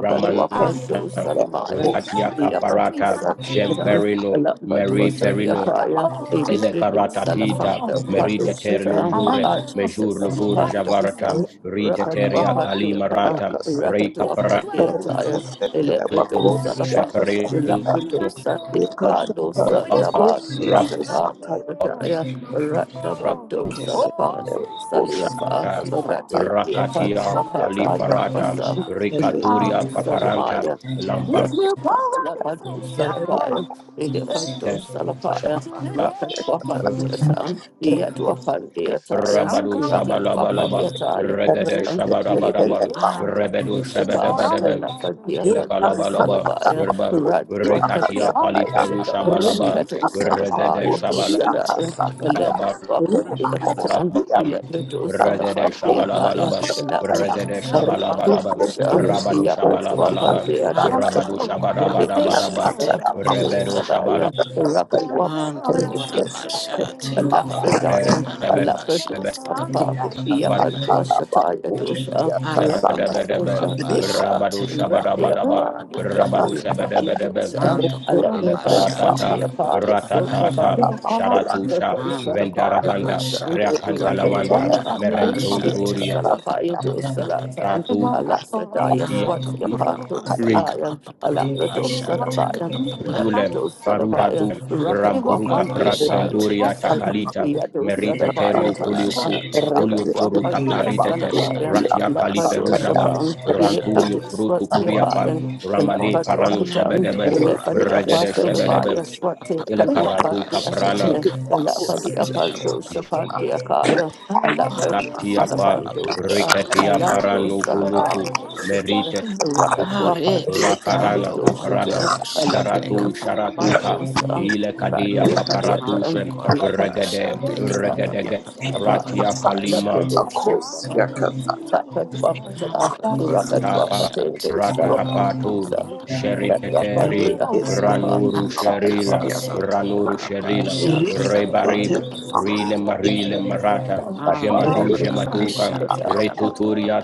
Speaker 1: Ramana,
Speaker 5: Rekesetele
Speaker 2: Salamaya,
Speaker 5: bakosia
Speaker 1: Ratiaka
Speaker 2: Yapatu
Speaker 1: Farata, Shem
Speaker 2: Sandiata,
Speaker 1: Perino, Mary Perino,
Speaker 5: Rekala
Speaker 2: Lambadosaniapaya,
Speaker 5: bakosaya.
Speaker 2: Elisabeth
Speaker 1: Elekaratita,
Speaker 2: Salafanta
Speaker 1: Merita Ter
Speaker 2: Padoshata,
Speaker 5: Rekesetele
Speaker 1: Lujure,
Speaker 5: bakosia
Speaker 1: Mejur
Speaker 2: Archus
Speaker 5: kasa.
Speaker 1: Lugur Javarata,
Speaker 2: Pandosam,
Speaker 1: Rita
Speaker 5: Rekataya
Speaker 1: Teria
Speaker 2: Rakatwapandiapa,
Speaker 1: Kalimarata, Rei
Speaker 5: kasataya.
Speaker 1: Caparano,
Speaker 2: Rakatwapandiataya,
Speaker 5: Rekesetele
Speaker 2: Elebrito
Speaker 5: bakosia
Speaker 2: Salafan,
Speaker 5: kasataya.
Speaker 2: Lapito
Speaker 1: Sheperino,
Speaker 2: Sandipa,
Speaker 5: Rekasatala
Speaker 2: Dosa Daba,
Speaker 5: bakosia
Speaker 1: Rab,
Speaker 2: Shata,
Speaker 5: kasataya.
Speaker 2: Rakataya, Ratabando
Speaker 5: Rekesetele
Speaker 2: Salapando
Speaker 5: bakosia
Speaker 2: Saliafa,
Speaker 1: Shata,
Speaker 2: Rati
Speaker 5: kasatala.
Speaker 2: Diapa,
Speaker 1: Rakatia
Speaker 3: Jabota
Speaker 6: Aramando
Speaker 3: and
Speaker 2: Wapata,
Speaker 6: Kurabasha, take
Speaker 1: Kalifarata,
Speaker 6: up
Speaker 2: Rakosam,
Speaker 3: Tabiridi and
Speaker 1: Rikaturia
Speaker 2: Ilutu
Speaker 3: Brigidi
Speaker 1: Paparanta,
Speaker 2: Salamaya,
Speaker 3: and
Speaker 1: lambang
Speaker 3: Jabos
Speaker 2: Lapado
Speaker 3: Tabiridi
Speaker 2: Salapaya.
Speaker 5: Rikasataya,
Speaker 3: and
Speaker 2: Elefanto
Speaker 3: Sensibidi
Speaker 2: Salapaya,
Speaker 3: Gata
Speaker 2: Rocket
Speaker 3: Brigidi and
Speaker 2: Wapan
Speaker 3: Brigidi
Speaker 2: Theatre,
Speaker 3: and
Speaker 2: Yet
Speaker 3: Tabiridi
Speaker 2: Wapan Theatre,
Speaker 1: Rabadu
Speaker 3: and
Speaker 2: Rocket
Speaker 3: Tabiridi and
Speaker 2: Wapan
Speaker 3: Brigidi
Speaker 1: Shabalabalabam,
Speaker 2: Theatre,
Speaker 1: Regade
Speaker 2: Ilibrito
Speaker 1: Shabarabarabam,
Speaker 3: and Brigidi and
Speaker 1: Rebedu
Speaker 2: Samantha
Speaker 3: Tabiridi
Speaker 2: Shapa,
Speaker 1: Shabadabadabam,
Speaker 2: Rafa Theatre
Speaker 1: Ilakalabalabam,
Speaker 2: Salabaya,
Speaker 1: Rabam,
Speaker 2: Rat Wapan
Speaker 1: Rikatia
Speaker 2: Theatre
Speaker 3: and Brigidi and
Speaker 1: Kaliferu
Speaker 3: Tabiridi
Speaker 2: Shapa,
Speaker 1: Shabalabam,
Speaker 2: Yeto
Speaker 1: Regade
Speaker 2: Salapaya,
Speaker 1: Shabalabalabam,
Speaker 3: and Brigidi and
Speaker 2: Dosadaya,
Speaker 3: Brigidi
Speaker 2: Elephant Wapan
Speaker 3: and
Speaker 2: Theatre,
Speaker 3: Tabiridi and
Speaker 2: Ilibrito
Speaker 1: Regade
Speaker 2: Salafan Theakaya,
Speaker 1: Shabalabalabam,
Speaker 2: Elabrito
Speaker 1: Regade
Speaker 6: a
Speaker 1: Shabalabalabam,
Speaker 2: Salafan Theatre,
Speaker 1: Rabadu
Speaker 2: Yapan Wapan
Speaker 1: Shabalabalabam,
Speaker 2: Theatre
Speaker 1: Rabadu
Speaker 2: Shapa,
Speaker 1: Shabadabadabadabam,
Speaker 2: Ilibrito Ate
Speaker 1: Rebedu
Speaker 2: Sadaya, Rapanwapati Sushatan,
Speaker 6: papa,
Speaker 2: Alapradaya,
Speaker 3: Brigidi
Speaker 1: Shabalabalabam,
Speaker 3: Thank
Speaker 2: Alapradosapa, Yapandwashataya dosa,
Speaker 6: and the
Speaker 1: Shabadabadabel,
Speaker 2: Ranamasosha
Speaker 6: Kurabasha,
Speaker 2: Deada,
Speaker 1: Rabadu Shabadabadabam,
Speaker 2: Randiapa,
Speaker 1: Rabadu
Speaker 5: Thank
Speaker 2: Retoyataya
Speaker 1: Shabadabadabel,
Speaker 2: dosa, Alaprada
Speaker 1: Ilakaratatam,
Speaker 6: take up a
Speaker 2: Sandiapa,
Speaker 6: papa.
Speaker 2: Sotaba,
Speaker 1: Ratatatam, Sharatusha,
Speaker 6: And the
Speaker 2: Rakadosalapaya
Speaker 6: corner
Speaker 1: Vendaravanda,
Speaker 2: dosa,
Speaker 6: masha take a papa
Speaker 1: Kriakantalamanda,
Speaker 2: Rakanapa,
Speaker 6: papa pasha
Speaker 1: Merentunturia,
Speaker 6: take a papa
Speaker 2: Lipidosalapaya
Speaker 6: papa papa
Speaker 2: dosalata,
Speaker 1: Ratu,
Speaker 2: Alapradaya
Speaker 1: Tia,
Speaker 6: and the corner
Speaker 2: Swatiapa
Speaker 1: Re,
Speaker 6: take a
Speaker 2: dosalaya.
Speaker 6: papa papa
Speaker 2: Alaprato
Speaker 6: pasha take a
Speaker 2: Sadabaya,
Speaker 6: papa papa
Speaker 1: Ulem,
Speaker 2: Elaprato Sadabaya,
Speaker 1: Faruratu,
Speaker 6: and
Speaker 2: Rakat
Speaker 6: the corner
Speaker 2: Wapan
Speaker 1: Rampuruka Pra,
Speaker 6: pasha
Speaker 2: Deataya
Speaker 6: take
Speaker 1: Venduria
Speaker 6: a
Speaker 2: Dosa,
Speaker 1: Takalita,
Speaker 2: Yado
Speaker 1: Merita
Speaker 2: Sadabaya
Speaker 6: papa
Speaker 1: Terio
Speaker 2: Dosa,
Speaker 1: Kuliofu,
Speaker 6: pasha
Speaker 3: you.
Speaker 6: take a
Speaker 2: Rakat
Speaker 6: papa
Speaker 1: Kuliofuru
Speaker 3: Thank
Speaker 2: Wapan
Speaker 6: papa
Speaker 1: Tataritete,
Speaker 6: pasha
Speaker 2: Salabaya,
Speaker 6: take a
Speaker 1: Ratia
Speaker 6: pasa
Speaker 2: Lapato
Speaker 6: the
Speaker 1: Kaliferujaba,
Speaker 6: corner
Speaker 2: Shapan,
Speaker 6: pasha take
Speaker 1: Ranturio
Speaker 2: Eleprito
Speaker 1: Frutu Kuriapa,
Speaker 2: Swatiapadan,
Speaker 1: Ramane
Speaker 2: Elapati
Speaker 3: you.
Speaker 1: Parano
Speaker 6: Nam
Speaker 2: Wakatan,
Speaker 6: the
Speaker 1: Shebedebem,
Speaker 6: corner
Speaker 2: Elefati
Speaker 1: Regede
Speaker 6: pasha take
Speaker 2: Apasulabaya,
Speaker 1: Shebedebem,
Speaker 6: a papa
Speaker 2: Swati
Speaker 6: papa
Speaker 1: Elekaratu
Speaker 2: Kaluapati
Speaker 6: pasha
Speaker 1: Kaprana,
Speaker 6: take
Speaker 2: Asate,
Speaker 6: a pasa
Speaker 2: Elafati
Speaker 6: take a
Speaker 2: Apando
Speaker 6: papa
Speaker 2: Shapati Akaya,
Speaker 6: Corner
Speaker 2: Alaprato
Speaker 6: the corner
Speaker 1: tatiapa
Speaker 6: pasha
Speaker 1: rikatia
Speaker 6: take a
Speaker 1: parano
Speaker 6: papa
Speaker 2: Salapando,
Speaker 1: kulufu
Speaker 2: Shita,
Speaker 1: merite
Speaker 3: Thank
Speaker 1: kufu
Speaker 2: Rapatwapa,
Speaker 6: Areti
Speaker 2: Theatre,
Speaker 1: raparana
Speaker 6: kanto
Speaker 2: Isto Shita,
Speaker 1: kaparana
Speaker 6: korapa shante
Speaker 1: sharatu
Speaker 6: kapa
Speaker 2: Alapados,
Speaker 1: sharatuka
Speaker 2: Amatos,
Speaker 1: ile kadia
Speaker 2: Rado Paliata,
Speaker 6: kanto
Speaker 1: paparatushen shem
Speaker 6: korapa
Speaker 1: regede
Speaker 2: Alapatwapa,
Speaker 6: shante kapa
Speaker 2: Theatre, Salapa,
Speaker 1: ratia
Speaker 6: parapa
Speaker 2: Alapia
Speaker 1: kalima
Speaker 6: shanti
Speaker 2: Doshi, Lakatwapata,
Speaker 6: kanto korapa
Speaker 1: tapa
Speaker 2: Rakatwapate,
Speaker 6: shanti kapa
Speaker 2: Salamandosa,
Speaker 1: ratapatul
Speaker 2: Lakatwapate,
Speaker 1: sheriteri
Speaker 2: Akapa,
Speaker 1: ranuru
Speaker 6: ati
Speaker 1: sherila
Speaker 6: kapa santo
Speaker 1: ranuru
Speaker 6: korapa
Speaker 1: sherila
Speaker 6: shante kapa
Speaker 1: rebari rile marile marata
Speaker 6: kanto
Speaker 1: jemadu
Speaker 6: korapa
Speaker 1: jemaduka
Speaker 6: shante kapa
Speaker 1: retuturia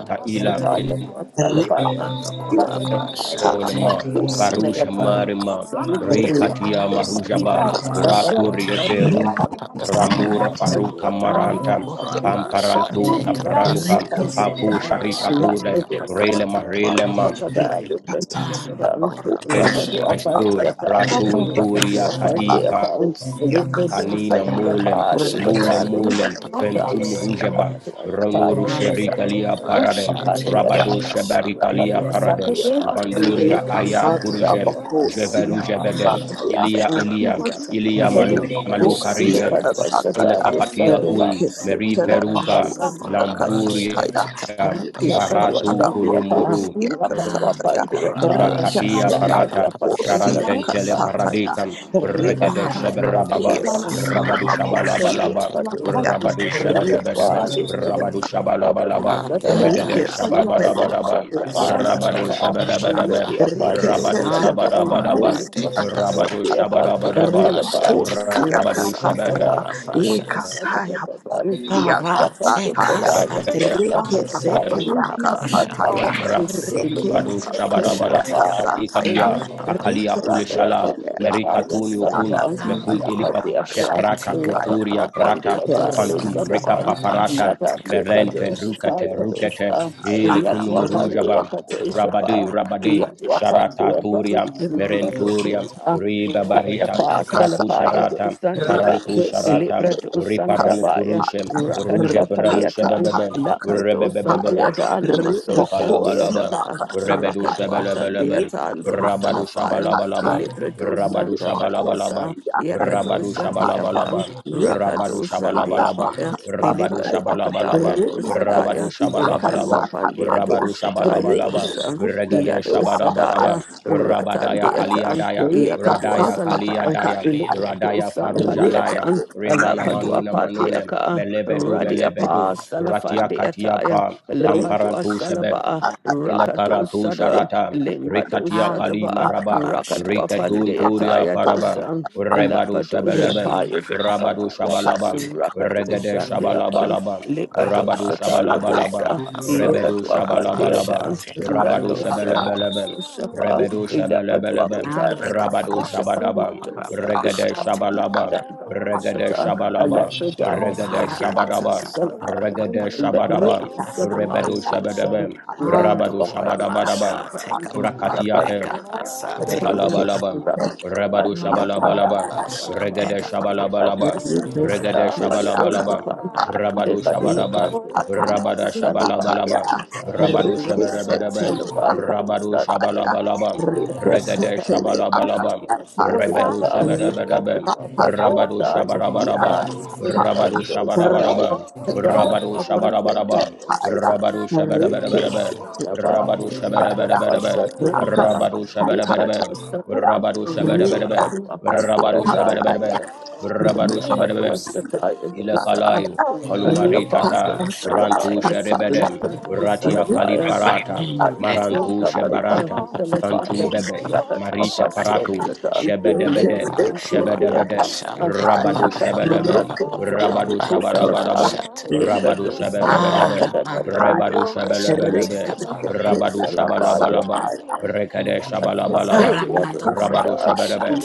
Speaker 5: you.
Speaker 1: taila
Speaker 3: you.
Speaker 6: aramando
Speaker 3: Thank
Speaker 5: Repapusia,
Speaker 6: korapa
Speaker 5: Satana
Speaker 6: shante
Speaker 3: you.
Speaker 1: onema
Speaker 6: kapa
Speaker 5: Papusia,
Speaker 1: farusha marima rikatia
Speaker 5: Repapusia,
Speaker 6: namanto
Speaker 1: marujaba
Speaker 6: korapa
Speaker 1: rakurie
Speaker 6: shante
Speaker 1: veru
Speaker 6: kapa
Speaker 1: ramura
Speaker 2: Rakadu
Speaker 1: faruka
Speaker 6: Nando
Speaker 1: maranta
Speaker 6: Gorapa
Speaker 1: pamparantu
Speaker 6: Shate
Speaker 1: kapranuka
Speaker 6: Kapasando
Speaker 5: Rekas,
Speaker 1: papu
Speaker 6: Gorapa Shate
Speaker 1: sharikatude rele
Speaker 6: Kapapapapa
Speaker 1: marele
Speaker 3: Thank
Speaker 5: Rekasata Papusia,
Speaker 6: Gorapa Shate
Speaker 1: Enashadol,
Speaker 6: Kapapapapa
Speaker 1: Ratul, Toria,
Speaker 5: Tana
Speaker 1: Kadipa,
Speaker 5: Papusia,
Speaker 6: Nando
Speaker 1: Kanina,
Speaker 5: Kasaya,
Speaker 1: Mulem,
Speaker 6: Gorapa Shate
Speaker 1: Mulem, Mulem, Fentum,
Speaker 6: Kapapapapa
Speaker 5: Rekasia,
Speaker 1: Rujaba, Rano,
Speaker 6: Nando
Speaker 1: Rusherikalia,
Speaker 6: Gorapa
Speaker 1: Paradem,
Speaker 6: Shate
Speaker 1: Rabado,
Speaker 6: Kapasando
Speaker 1: Shebarikalia,
Speaker 6: Gorapa
Speaker 1: Paradem,
Speaker 6: Shate
Speaker 1: Vanduria,
Speaker 6: Kapapapapa
Speaker 1: Aya,
Speaker 5: Rekasata
Speaker 1: Kurjem,
Speaker 5: abakosia
Speaker 1: Jeverujevedem,
Speaker 6: Nando
Speaker 5: sataya.
Speaker 1: Ilia, Ilia, Ilia Malu, Malu
Speaker 6: Shate
Speaker 5: Rekasatelebakosia
Speaker 1: Karite,
Speaker 2: Thank
Speaker 6: Kapapapapa
Speaker 5: kasataya.
Speaker 1: Ilakakatia Kun, Meri Feruga,
Speaker 6: Nando
Speaker 5: Rekasatelebakosia
Speaker 6: Gorapa
Speaker 1: Lamburia,
Speaker 5: kasataya.
Speaker 6: Shate Kapapapapa
Speaker 1: Faratu Kulumuru,
Speaker 5: Rekasatelebakosia
Speaker 6: Ah, the
Speaker 5: kasataya.
Speaker 6: Gorapa
Speaker 1: Rakatia
Speaker 6: shati kapa
Speaker 1: parata
Speaker 6: pa pa pa pa
Speaker 5: Rekasatelebakosia
Speaker 6: pa pa pa.
Speaker 1: sharantentele
Speaker 5: kasataya.
Speaker 1: paradikam regede
Speaker 6: Ah,
Speaker 3: you.
Speaker 6: Rabande
Speaker 5: Rebakosia
Speaker 1: sheberababa
Speaker 6: kapa
Speaker 3: Thank
Speaker 6: sando
Speaker 1: rabadu
Speaker 6: go
Speaker 5: satelebakosia.
Speaker 1: shabalabalaba
Speaker 6: shati kapa pa pa pa
Speaker 1: rabadu
Speaker 6: pa pa pa.
Speaker 7: Christian
Speaker 1: shebedebedebe
Speaker 5: Rebakos-
Speaker 1: rabadu shabalabalaba
Speaker 6: Ah, de
Speaker 1: regede
Speaker 6: karabando
Speaker 1: shababadabadaba
Speaker 6: Gorapa
Speaker 5: Rekasatelebakosia
Speaker 6: shati
Speaker 1: rabadu
Speaker 6: kapa pa pa pa
Speaker 1: shebedebedebe
Speaker 6: pa.
Speaker 1: rabadu
Speaker 6: Ah,
Speaker 5: Rekesete
Speaker 6: the
Speaker 1: shabadabadaba
Speaker 5: rabakosi
Speaker 6: Gorabande kapa pa pa
Speaker 1: rabadu
Speaker 6: pa
Speaker 5: akasata.
Speaker 6: pa pa pa.
Speaker 1: shabadabadaba
Speaker 6: Rapa shati
Speaker 5: Rebakosi
Speaker 6: kapa
Speaker 1: rabadu
Speaker 2: you.
Speaker 6: sando
Speaker 1: shabadabadaba
Speaker 5: akasata.
Speaker 2: Sada,
Speaker 6: Gorapa shati.
Speaker 2: Sada,
Speaker 5: Ekasaya
Speaker 2: Baban,
Speaker 5: bakosi
Speaker 2: Yaswakan,
Speaker 6: Parate
Speaker 5: akasata ya.
Speaker 2: Prada, Yaswas,
Speaker 5: Rekesete
Speaker 2: Yaswatayan,
Speaker 5: akasata ya.
Speaker 1: Rabado
Speaker 2: Yaswatayan, Ilokan,
Speaker 5: Rekesete
Speaker 1: Shabadabada,
Speaker 2: Yapa,
Speaker 5: akasata ya.
Speaker 1: Ikaklia,
Speaker 2: Sundaba,
Speaker 1: Kakalia Kule
Speaker 2: Radia
Speaker 5: Rekesete
Speaker 1: Shala,
Speaker 2: Pandia Paya
Speaker 5: rabakosi
Speaker 1: Merikatuni Okun,
Speaker 2: Salapan,
Speaker 5: akasata
Speaker 1: Mekun
Speaker 6: Ando con
Speaker 1: Ilifa,
Speaker 6: la
Speaker 2: Napadia Ka,
Speaker 6: base
Speaker 1: Sheprata
Speaker 6: tica
Speaker 2: Rapat
Speaker 1: Kuturia
Speaker 6: papá de
Speaker 1: Prata,
Speaker 2: Wapandia
Speaker 5: ya.
Speaker 6: capa
Speaker 2: Tadu
Speaker 1: Fantum
Speaker 6: sando con
Speaker 1: Rika
Speaker 2: Sadaban,
Speaker 6: la
Speaker 1: Paparata,
Speaker 6: base
Speaker 2: Yata
Speaker 6: tica papá.
Speaker 2: Padun
Speaker 1: Merente, Rukete,
Speaker 2: Shataya
Speaker 5: Rekesete
Speaker 1: Rukete,
Speaker 2: Dosa,
Speaker 1: Ilekun
Speaker 6: Arabando con
Speaker 2: Yatwapandia
Speaker 1: Murujaba,
Speaker 6: la papá
Speaker 1: Rabadi,
Speaker 2: Patrishapa,
Speaker 6: papá papá
Speaker 1: Rabadi,
Speaker 6: papá.
Speaker 2: Yatwapandia
Speaker 1: Sharataturia, Merenturia,
Speaker 2: Pan,
Speaker 1: Riba
Speaker 2: Ralia
Speaker 1: Barita,
Speaker 2: pa
Speaker 1: Kratu
Speaker 2: salapaya
Speaker 5: Yakasatai,
Speaker 2: do
Speaker 1: Sharata,
Speaker 2: sandeba,
Speaker 1: Farantu
Speaker 5: Rikese,
Speaker 1: Sharata,
Speaker 2: Ilibra do
Speaker 1: Riparanu
Speaker 2: sandabaya,
Speaker 1: Kurushe,
Speaker 5: Kasataya,
Speaker 2: Rakadwa
Speaker 1: Ruja Peranu
Speaker 2: paleatan,
Speaker 5: Kasataya,
Speaker 2: Laprato
Speaker 5: Kasataya,
Speaker 1: Rebebebebe,
Speaker 2: sandeada, Namaso
Speaker 5: Ribokosia,
Speaker 1: Ilakalabalabam,
Speaker 2: sandeadaba,
Speaker 1: Rebedu
Speaker 5: Kasataya,
Speaker 2: Rakadwa
Speaker 1: Shabalabalabam,
Speaker 2: sandeatan do
Speaker 1: Rabadu
Speaker 2: salafaya,
Speaker 5: Yekasatataya,
Speaker 1: Shabalabalabam,
Speaker 2: Ilibra do
Speaker 1: Rabadu
Speaker 2: sandabadwasa,
Speaker 1: Shabalabalabam,
Speaker 5: Ribokosia,
Speaker 2: Yakado
Speaker 1: Rabadu
Speaker 5: Kasataya,
Speaker 2: sandeaban,
Speaker 1: Shabalabalabam, Rabadu
Speaker 2: Rakado
Speaker 5: Yekasataya,
Speaker 1: Shabalabalabam,
Speaker 2: sandeapaya,
Speaker 1: Rabadu
Speaker 2: Ilibra
Speaker 5: Bakasataya,
Speaker 2: dwakadaya
Speaker 1: Shabalabalabam,
Speaker 2: do
Speaker 1: Rabadu
Speaker 2: sadaya,
Speaker 5: Ribokosia,
Speaker 2: Rakalwa
Speaker 1: Shabalabalabam,
Speaker 2: pandea do
Speaker 5: Kasataya,
Speaker 1: Rabadu
Speaker 2: sataya do
Speaker 1: Shabalabalabam,
Speaker 2: san,
Speaker 1: Regade
Speaker 2: Yado
Speaker 5: Rikosutela,
Speaker 1: Shabadabadabam,
Speaker 5: Bakasia,
Speaker 2: sadaya, Ratan
Speaker 1: Rabadaya
Speaker 5: Kasataya,
Speaker 2: Deatan,
Speaker 1: Kaliadayam,
Speaker 2: Yakadua
Speaker 1: Radaya
Speaker 2: Salapa,
Speaker 5: Rikasataya,
Speaker 1: Kaliadayam,
Speaker 5: Kasataya,
Speaker 2: Likratu
Speaker 1: Radaya
Speaker 5: Rikasataya,
Speaker 1: Farujalayam,
Speaker 2: Sampadiatan,
Speaker 1: Remana
Speaker 2: Alapadua
Speaker 1: Manuna Manunem,
Speaker 2: Pandiaka,
Speaker 1: Melebedu Melebedu,
Speaker 2: Radiapa
Speaker 1: Ratia
Speaker 2: Salafandiataya,
Speaker 1: Katiapa,
Speaker 2: Lapadua
Speaker 1: Pamparantu Shebe,
Speaker 2: Salaba, Rakatu
Speaker 1: Elekaratu
Speaker 2: Sada,
Speaker 1: sharata,
Speaker 2: Limbadu
Speaker 1: rikatia
Speaker 6: Ando
Speaker 1: kali
Speaker 6: con
Speaker 2: Sadaba,
Speaker 6: la
Speaker 1: maraba,
Speaker 6: base
Speaker 2: Rakatua
Speaker 6: tica
Speaker 1: rikatun
Speaker 6: papá
Speaker 1: turia
Speaker 2: Pandiataya
Speaker 6: papá
Speaker 1: paraba,
Speaker 6: papá.
Speaker 2: Dosan,
Speaker 1: rebadu
Speaker 2: Lapadu
Speaker 1: shabalabam,
Speaker 6: Ando
Speaker 2: Shakaya
Speaker 6: con la
Speaker 1: rabadu
Speaker 2: Dosalaya,
Speaker 1: shabalabam,
Speaker 6: base
Speaker 2: Rakatu
Speaker 1: regede
Speaker 2: Sandiapan,
Speaker 1: shabalabalabam,
Speaker 2: Lipadu
Speaker 1: rabadu
Speaker 6: Parapasha
Speaker 2: Shataya
Speaker 6: and the
Speaker 1: shabalabalabam,
Speaker 2: Dosa,
Speaker 6: Kapasa no
Speaker 1: rebedu
Speaker 2: Yakatua
Speaker 6: Parapasha
Speaker 1: shabalabalabam,
Speaker 2: Pandiapan.
Speaker 1: rabadu
Speaker 2: Rando Sadapa
Speaker 1: shabalabalabam,
Speaker 2: Sosapa,
Speaker 1: rebedu shabalabalabam,
Speaker 2: Ilapadwakatana
Speaker 1: rabadu
Speaker 2: Sosapa,
Speaker 1: shabadabam,
Speaker 2: Rando
Speaker 1: regede
Speaker 2: Sadapa,
Speaker 1: shabalabam,
Speaker 2: Lambado
Speaker 1: regade
Speaker 2: Satan,
Speaker 1: shabalabam,
Speaker 2: Alephodaya
Speaker 1: regede
Speaker 2: Swatika
Speaker 1: shabadabam,
Speaker 2: Salama,
Speaker 1: regede shabadabam,
Speaker 2: Lambado
Speaker 1: rebedu
Speaker 2: Sadamaya Dosan,
Speaker 1: shabadabam, Rabado
Speaker 2: Rapalwapan
Speaker 1: Shabadabadabam.
Speaker 6: Take
Speaker 2: Sosapa,
Speaker 1: Rakatiatem.
Speaker 2: Yapadwakan,
Speaker 1: Lekalabalabam,
Speaker 2: Rapatwakan
Speaker 1: Rabadu Shabalabalabam,
Speaker 2: Deataya Salama,
Speaker 1: Regede Shabalabalabam,
Speaker 2: Lepatwasan
Speaker 1: Regede
Speaker 2: Deata
Speaker 5: Rikas,
Speaker 1: Shabalabalabam,
Speaker 2: Pasosapa,
Speaker 1: Rabadu
Speaker 2: Lepatwakan
Speaker 1: Shabadabam,
Speaker 2: Deata
Speaker 5: Ikatana
Speaker 1: Rabada
Speaker 2: Salamaya
Speaker 5: kataya
Speaker 1: Shabalabalabam,
Speaker 2: Dosan.
Speaker 1: Rabadu
Speaker 2: Rakat was the
Speaker 1: Shabadabadabam,
Speaker 5: rikisetele
Speaker 1: Rabadu
Speaker 5: akataya
Speaker 1: Shabalabalabam, Regede
Speaker 5: rikisetele
Speaker 1: Shabalabalabam,
Speaker 5: akataya
Speaker 1: Rebedu Shabadabadabam,
Speaker 5: ikatana
Speaker 1: Rabadu
Speaker 5: kusia
Speaker 1: Shabarabarabam,
Speaker 5: kasataya
Speaker 1: Rabadu Shabarabarabam, Rabadu
Speaker 5: rikisetele
Speaker 1: Shabarabarabam,
Speaker 5: akaya
Speaker 1: Rabadu Shabadabadabadabam, Rabadu
Speaker 5: rikisetele aya
Speaker 1: Shabadabadabadabam, Rabado shabadabadaba.
Speaker 5: rakasataya
Speaker 1: Rabado shabadabadaba.
Speaker 5: riya
Speaker 1: Rabado shabadabadaba.
Speaker 5: kasataya
Speaker 1: Rabado
Speaker 5: riya
Speaker 1: shabadabadaba
Speaker 5: kusia
Speaker 2: time in the
Speaker 1: ile
Speaker 2: Usa,
Speaker 1: kalayu
Speaker 2: Radi
Speaker 1: kolumari
Speaker 2: upon
Speaker 5: Rikasataya,
Speaker 1: tata
Speaker 2: the Salamaya,
Speaker 1: rantushe rebedem ratia kalifarata marantushe baranta fantumbebe
Speaker 6: a
Speaker 1: marite paratu shebedebede
Speaker 6: Aramando
Speaker 1: shebedebede
Speaker 6: corrapasa, teca pa
Speaker 1: rabadu
Speaker 6: pa pa pa pa
Speaker 1: shebelebe
Speaker 6: pa pa pa
Speaker 1: rabadu
Speaker 6: pa pa
Speaker 1: shabarabarabam
Speaker 6: pasa,
Speaker 1: rabadu shebedebedebe rebadu shebelebelebe rabadu shabalabalabam rekede shabalabalabam rabadu shebedebe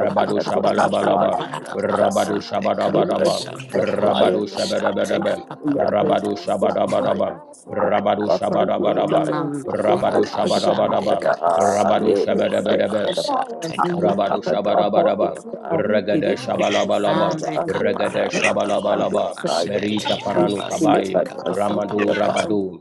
Speaker 1: rabadu shabalabalabam rabadu
Speaker 6: teca
Speaker 2: Thank
Speaker 1: shabarabarabam
Speaker 6: pasando con la
Speaker 1: Rabado
Speaker 6: masa,
Speaker 1: shabadabadaba.
Speaker 6: teca pa pa pa pa pa
Speaker 1: Rabado
Speaker 6: pa
Speaker 1: shabadabadaba. Rabado shabadabadaba.
Speaker 6: Mando kola
Speaker 1: Rabado
Speaker 6: bashande
Speaker 1: shabadabadaba.
Speaker 6: pa
Speaker 1: Rabado
Speaker 5: Hallelujah.
Speaker 1: shabadabadaba.
Speaker 6: pa pa
Speaker 1: Rabado
Speaker 6: pa
Speaker 1: Shabarabaraba, Regade Shabalabalaba,
Speaker 6: Ande
Speaker 1: Regade
Speaker 6: kapara mando kona
Speaker 1: Shabalabalaba,
Speaker 6: mashe
Speaker 1: Merita
Speaker 6: te
Speaker 1: Paranu
Speaker 6: kapa sa te
Speaker 1: Kabai,
Speaker 6: kapa pa pa pa
Speaker 1: Ramadu
Speaker 6: pa.
Speaker 1: Rabadu,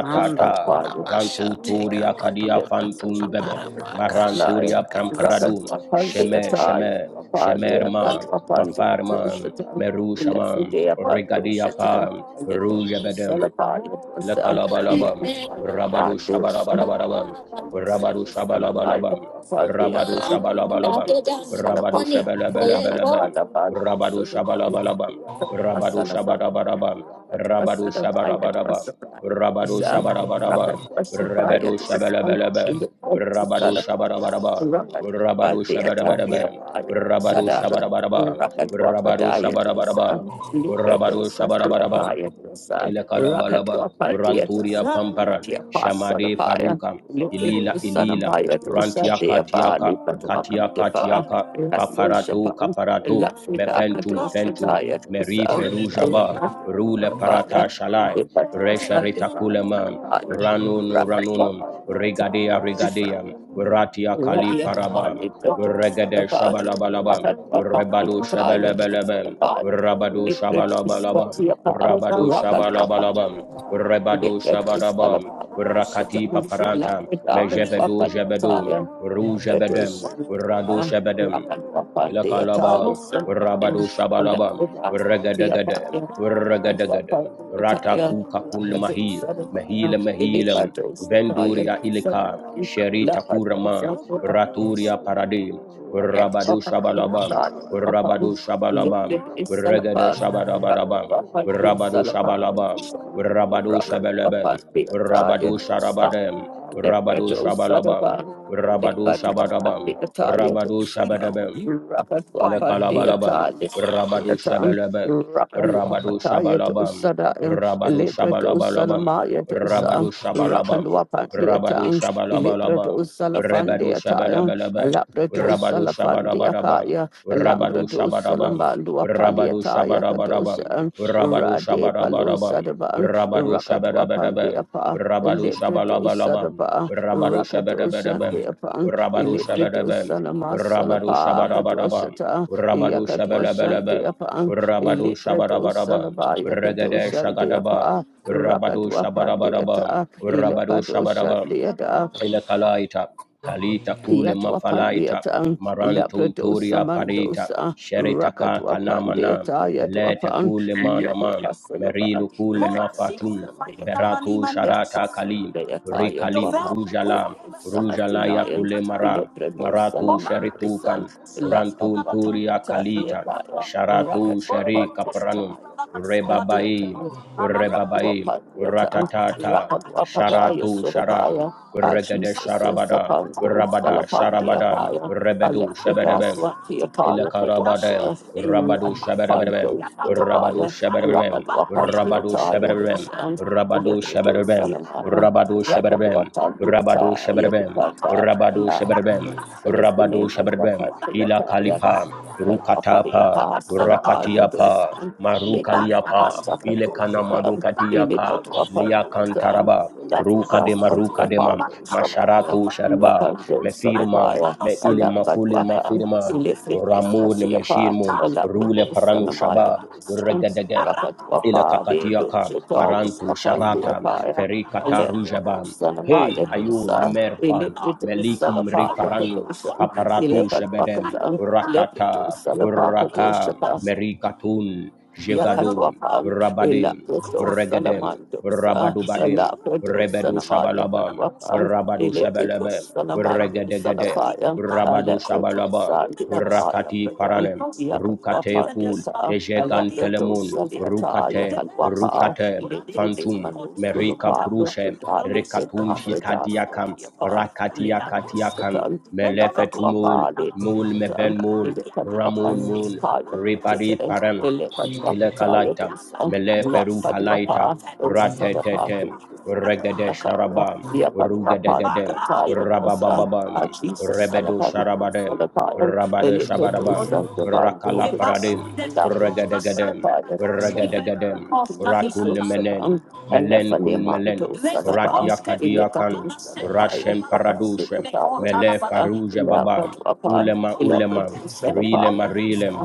Speaker 6: Mando kona masha te
Speaker 1: Rantuturia
Speaker 6: kapa pa
Speaker 1: Kadia
Speaker 6: pa pa pa pa
Speaker 1: Fantum
Speaker 6: pa
Speaker 1: Bebe,
Speaker 6: ra pa kasha
Speaker 2: you.
Speaker 6: te
Speaker 1: Maranturia
Speaker 6: kapa
Speaker 2: Rakat
Speaker 1: Pamparadu,
Speaker 2: upon the
Speaker 6: sa
Speaker 1: Sheme
Speaker 2: attire,
Speaker 1: Sheme,
Speaker 2: upon the account
Speaker 1: Shemerma,
Speaker 2: upon the
Speaker 1: Mafarman,
Speaker 2: atoshatam, eleven
Speaker 1: Merushaman,
Speaker 2: day upon the
Speaker 1: Regadia
Speaker 2: shatam,
Speaker 1: Pam,
Speaker 2: and the total
Speaker 1: Rujebedem,
Speaker 2: salapaya was a
Speaker 1: Lekalabalabam, Rabadu
Speaker 2: yadu
Speaker 1: Shabarabarabam, Rabadu
Speaker 2: sanamaya
Speaker 1: Shabalabalabam,
Speaker 2: upon the
Speaker 1: Rabadu
Speaker 2: account, and
Speaker 1: Shabalabalabam,
Speaker 2: the
Speaker 1: Rabadu
Speaker 2: salapaya,
Speaker 1: Shabalabalabalabam,
Speaker 2: rakat upon the
Speaker 1: Rabadu
Speaker 2: sodapan,
Speaker 1: Shabalabalabam, Rabadu
Speaker 2: salafaya.
Speaker 1: Shabarabarabam,
Speaker 2: That was
Speaker 1: Rabadu
Speaker 2: the fire, it was
Speaker 1: Shabarabarabam,
Speaker 2: the fire, it was
Speaker 1: Rabadu
Speaker 2: a
Speaker 1: Shabarabarabam,
Speaker 2: rocket, was the fire,
Speaker 1: Rabadu
Speaker 2: it was the fire,
Speaker 1: Shabalabalabam,
Speaker 2: it was
Speaker 1: Rabadu
Speaker 2: the Rapid
Speaker 1: Shabarabarabam, Rabadu Shabarabarabam, Rabadu Shabarabarabam, Rabadu Shabarabarabam, Rabadu Shabarabarabam, ile kalabalaba ranturia pampara shamade faruka ilila ilila rantia katiaka katia katiaka kaparato kaparato mefentum fentum meri ferujaba rule parata shalai resha retakulema ranunu ranunu regadea regadea ratia kali
Speaker 2: Rakadu
Speaker 1: paraba regede shabalabalaba rebado shabalabalaba rabado shabalabalaba Rabado Shabalabalabam, Rebado Shabadabam, Rakati Paparantam, Mejevedo Jebedum, Ru Jebedem, Rado Shebedem, Ilakalabam, Rabado Shabalabam, Regadagada, Regadagada, Rataku Kakul Mahil, Mahila Mahilam, Venduria Ilika, Sheri Takuraman,
Speaker 2: Rakatwapatiataya dosa,
Speaker 1: Raturia Paradim, Rabado Shabalabam, Rabado Shabalabam, Regada Shabalabadabam, Rabado Shabalabam, Rabado Shabalabam, Rabado Sharabadam, Rabado Shabalabam, Rabado Shabadabam, Rabado Shabadabam, Ilakalabalabam, Rabadu Shabalabam, Rabadu Shabalabam, Rabadu Shabalabalabam, Rabadu Shabalabam, Rabadu
Speaker 2: Rakalwapatiatang, Ilibrado
Speaker 1: Shabalabalabam,
Speaker 2: Salafandi
Speaker 1: Rebadu
Speaker 2: Ataya,
Speaker 1: Shabalabalabam,
Speaker 2: Alabrado
Speaker 1: Rabadu
Speaker 2: Salafandi
Speaker 1: Shabarabarabam,
Speaker 2: Akaya,
Speaker 1: Rabadu
Speaker 2: Alambrado
Speaker 1: Shabarabam,
Speaker 2: Salambalua
Speaker 1: Rabadu
Speaker 2: Paliataya
Speaker 1: Shabarabarabam,
Speaker 2: Kadosha,
Speaker 1: Rabadu
Speaker 2: Rade Palo
Speaker 1: Shabarabarabam,
Speaker 2: Sadaban,
Speaker 1: Rabadu
Speaker 2: Rakadwa
Speaker 1: Shabarabarabam,
Speaker 2: Pandiapa,
Speaker 1: Rabadu
Speaker 2: Ilibrado
Speaker 1: Shabalabalabam,
Speaker 2: Sadaba,
Speaker 1: Rabadu
Speaker 2: Rakadoshan
Speaker 1: Shabarabarabam,
Speaker 2: Deapan,
Speaker 1: Rabadu
Speaker 2: Ilibrado
Speaker 1: Shabarabarabam,
Speaker 2: Salama
Speaker 1: Rabadu
Speaker 2: Salapa
Speaker 1: Shabarabarabam,
Speaker 2: Kadoshata,
Speaker 1: Rabadu
Speaker 2: Yakadwashan
Speaker 1: Shabalabalaba,
Speaker 2: Deapan,
Speaker 1: Rabadu
Speaker 2: Ilibrado
Speaker 1: Shabarabaraba,
Speaker 2: Salaba
Speaker 1: Regade
Speaker 2: Yakadoshan
Speaker 1: Shagadaba,
Speaker 2: Deapa,
Speaker 1: Rabadu
Speaker 2: Rakatwa
Speaker 1: Shabarabaraba,
Speaker 2: Pandiata,
Speaker 1: Rabadu
Speaker 2: Ilepado
Speaker 1: Shabaraba,
Speaker 2: Shandiata,
Speaker 1: ile kalaita kalita kule
Speaker 2: Yatwa
Speaker 1: mafalaita
Speaker 2: Pandiata, Leprado
Speaker 1: marantunturia parita
Speaker 2: Samandosa,
Speaker 1: sherita ka
Speaker 2: Rakatwa
Speaker 1: kanama kanamana
Speaker 2: Pandiata, Yatwa
Speaker 1: melete
Speaker 2: Pan,
Speaker 1: kule manama
Speaker 2: Yapasalaba,
Speaker 1: merilu kule mafatun
Speaker 2: Rakatwa
Speaker 1: beratu sharata kalim rikalim
Speaker 2: Sandiata,
Speaker 1: rujala rujala ya
Speaker 2: Salafrinayan,
Speaker 1: kule mara
Speaker 2: Ilebrebo
Speaker 1: maratu
Speaker 2: Salaman, Isan,
Speaker 1: sheritukan
Speaker 2: Ilaka
Speaker 1: rantunturia
Speaker 2: Patayata,
Speaker 1: kalita
Speaker 2: Iakaya,
Speaker 1: sharatu
Speaker 2: Rakas
Speaker 1: sherika
Speaker 2: Apatiata,
Speaker 1: pranun rebabai
Speaker 2: Satiata,
Speaker 1: rebabai
Speaker 2: Rakuapatiata,
Speaker 1: ratatata
Speaker 2: Rakaduapadaya
Speaker 1: sharatu sharam
Speaker 2: Sudapaya, Ah,
Speaker 1: Regede
Speaker 2: Jesus, so
Speaker 1: Sharabadam,
Speaker 2: Sapanto,
Speaker 1: Rabada Sharabadam,
Speaker 2: Salapandiakaya.
Speaker 1: Rebedu
Speaker 2: Alexidas
Speaker 1: Shebedebem,
Speaker 2: went to your car,
Speaker 1: Ilakarabadem,
Speaker 2: Padosha,
Speaker 1: Rabadu Shabarabem,
Speaker 2: Rapanto,
Speaker 1: Rabadu
Speaker 2: Sodabaya,
Speaker 1: Shabarabem,
Speaker 2: Rapanto, Pantia,
Speaker 1: Rabadu
Speaker 2: Taya,
Speaker 1: Shabarabem,
Speaker 2: Hosan,
Speaker 1: Rabadu
Speaker 2: Ilebredo,
Speaker 1: Shabarabem,
Speaker 2: Salamaya,
Speaker 1: Rabadu Shabarabem, Rabadu
Speaker 2: Rakabata,
Speaker 1: Shabarabem,
Speaker 2: Yakupata,
Speaker 1: Rabadu
Speaker 2: Lab,
Speaker 1: Shabarabem,
Speaker 2: and it's The
Speaker 1: Rabadu
Speaker 2: name of
Speaker 1: Shabarabem, Ila
Speaker 2: Rakatayataya.
Speaker 1: Kalipa,
Speaker 2: Palia
Speaker 1: Rukatapa,
Speaker 2: pass and a Rakalwatandiyata, Yadukata, Labraman, Celestine, Madhwakatiyataya, Kalwakaliyata, Salapaya
Speaker 1: Rakatiapa,
Speaker 2: Dosan,
Speaker 1: Marukaliapa,
Speaker 2: Bimadwakasa
Speaker 1: Ile kana
Speaker 2: Katoshikam,
Speaker 1: madukatiyaka, Lia
Speaker 2: Ilipatwakandiyata,
Speaker 1: Kantaraba,
Speaker 2: Labraswatiyapadu Salaya,
Speaker 1: Masharatu Sharaba,
Speaker 2: Yapandu
Speaker 1: Mefirma,
Speaker 2: Salapaya,
Speaker 1: Me Ile Makuli
Speaker 2: Alambadwakam,
Speaker 1: Mafirma, Ramul
Speaker 2: Ilifrideswatiyapa,
Speaker 1: Meshinmu, Rule
Speaker 2: Labradu
Speaker 1: Paranu
Speaker 2: Sanamaya
Speaker 1: Shaba,
Speaker 2: Dosan,
Speaker 1: Regadega, ila
Speaker 2: Rapatwapadi
Speaker 1: kakatiaka
Speaker 2: Doshitayas
Speaker 1: marantu sharata
Speaker 2: Apandiyapaya,
Speaker 1: ferikata rujabam hey
Speaker 2: Sanamaya
Speaker 1: ayu
Speaker 2: Dosa,
Speaker 1: limerfam
Speaker 2: Electric
Speaker 1: melikum
Speaker 2: Salapaya
Speaker 1: riparanu
Speaker 2: Padosa,
Speaker 1: paparatu
Speaker 2: Elephant
Speaker 1: shebedem
Speaker 2: Wakatan, Lepido
Speaker 1: ratata
Speaker 2: Salapaka
Speaker 1: raka
Speaker 2: Dosa,
Speaker 1: merikatun jegadun
Speaker 2: Yakatwapan,
Speaker 1: rabadim
Speaker 2: Elakato
Speaker 1: regedem
Speaker 2: Salamandosa,
Speaker 1: rabadubadim
Speaker 2: Alakato
Speaker 1: rebedu
Speaker 2: Sanama
Speaker 1: shabalabam
Speaker 2: Yakatwapan,
Speaker 1: rabadu
Speaker 2: Elakato
Speaker 1: shebelebem
Speaker 2: Salamando
Speaker 1: regedegedem
Speaker 2: Salafaya,
Speaker 1: rabadu
Speaker 2: Alakato
Speaker 1: shabalabam
Speaker 2: Sandia Paya
Speaker 1: rakati
Speaker 2: Pradam,
Speaker 1: paranem rukate
Speaker 2: Yakatwapan Desa, Alakato
Speaker 1: Ejegantelemun,
Speaker 2: Saliata
Speaker 1: Rukate,
Speaker 2: Yakatwapa,
Speaker 1: Rukate,
Speaker 2: Elakato
Speaker 1: Fantum, Merika
Speaker 2: Manusuluka,
Speaker 1: Prushe,
Speaker 2: Lokata,
Speaker 1: Rekatum
Speaker 2: Lekata,
Speaker 1: Shikadiakam,
Speaker 2: Fredas,
Speaker 1: Rakatiakatiakan,
Speaker 2: Likadushatan,
Speaker 1: Melefetumul, Mul
Speaker 2: Lakatuapalitushatan,
Speaker 1: Meven Mul, Ramun Mul, Ribadi
Speaker 2: Ilekatuapandikayatushatan,
Speaker 1: Parem, ile kalata
Speaker 2: Ilekatuapatayatusan,
Speaker 1: mele feru
Speaker 2: Lakatuapa,
Speaker 1: kalaita ratetetem regede
Speaker 2: Ratatapakushukadiakaya,
Speaker 1: sharabam rugedegedem
Speaker 2: Yakatuapandikayatusa.
Speaker 1: rababababam
Speaker 2: Ah, Jesus,
Speaker 1: rebedo
Speaker 2: Salapan,
Speaker 1: sharabadem
Speaker 2: Salapan,
Speaker 1: rabade shabadabam
Speaker 2: Electodosa, the Bando,
Speaker 1: rakalaparadem
Speaker 2: Lakatosa, the
Speaker 1: regedegedem regedegedem
Speaker 2: Paya,
Speaker 1: rakulemenen melen
Speaker 2: Elefani
Speaker 1: kun
Speaker 2: manto
Speaker 1: melen rat
Speaker 2: salapa, ilekatu
Speaker 1: yakadiakan
Speaker 2: salabaya
Speaker 1: rashen
Speaker 2: tu apasi
Speaker 1: paradushem
Speaker 2: kataya
Speaker 1: mele
Speaker 2: dosa,
Speaker 1: faruja
Speaker 2: ilaka
Speaker 1: babam
Speaker 2: tu apan,
Speaker 1: ulema
Speaker 2: ilaka
Speaker 1: ulema
Speaker 2: tu
Speaker 1: rilema
Speaker 2: salapaya dosa,
Speaker 1: rilem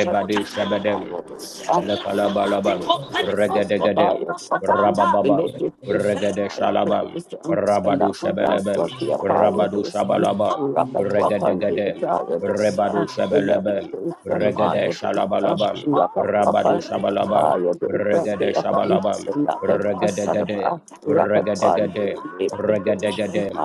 Speaker 2: ilaka tu
Speaker 1: shabadem
Speaker 2: salamaya dosa,
Speaker 1: Elekalabalabam,
Speaker 2: Rapid
Speaker 1: regadegadem. Rabababam, Regede Shalabam, Rabadu Shebelebem, Rabadu Shabalabam, Regedegadem, Rebadu Shebelebem, Regede Shalabalabam, Rabadu Shabalabam, Regede Shabalabam, Regedegadem, Regedegadem, Regedegadem,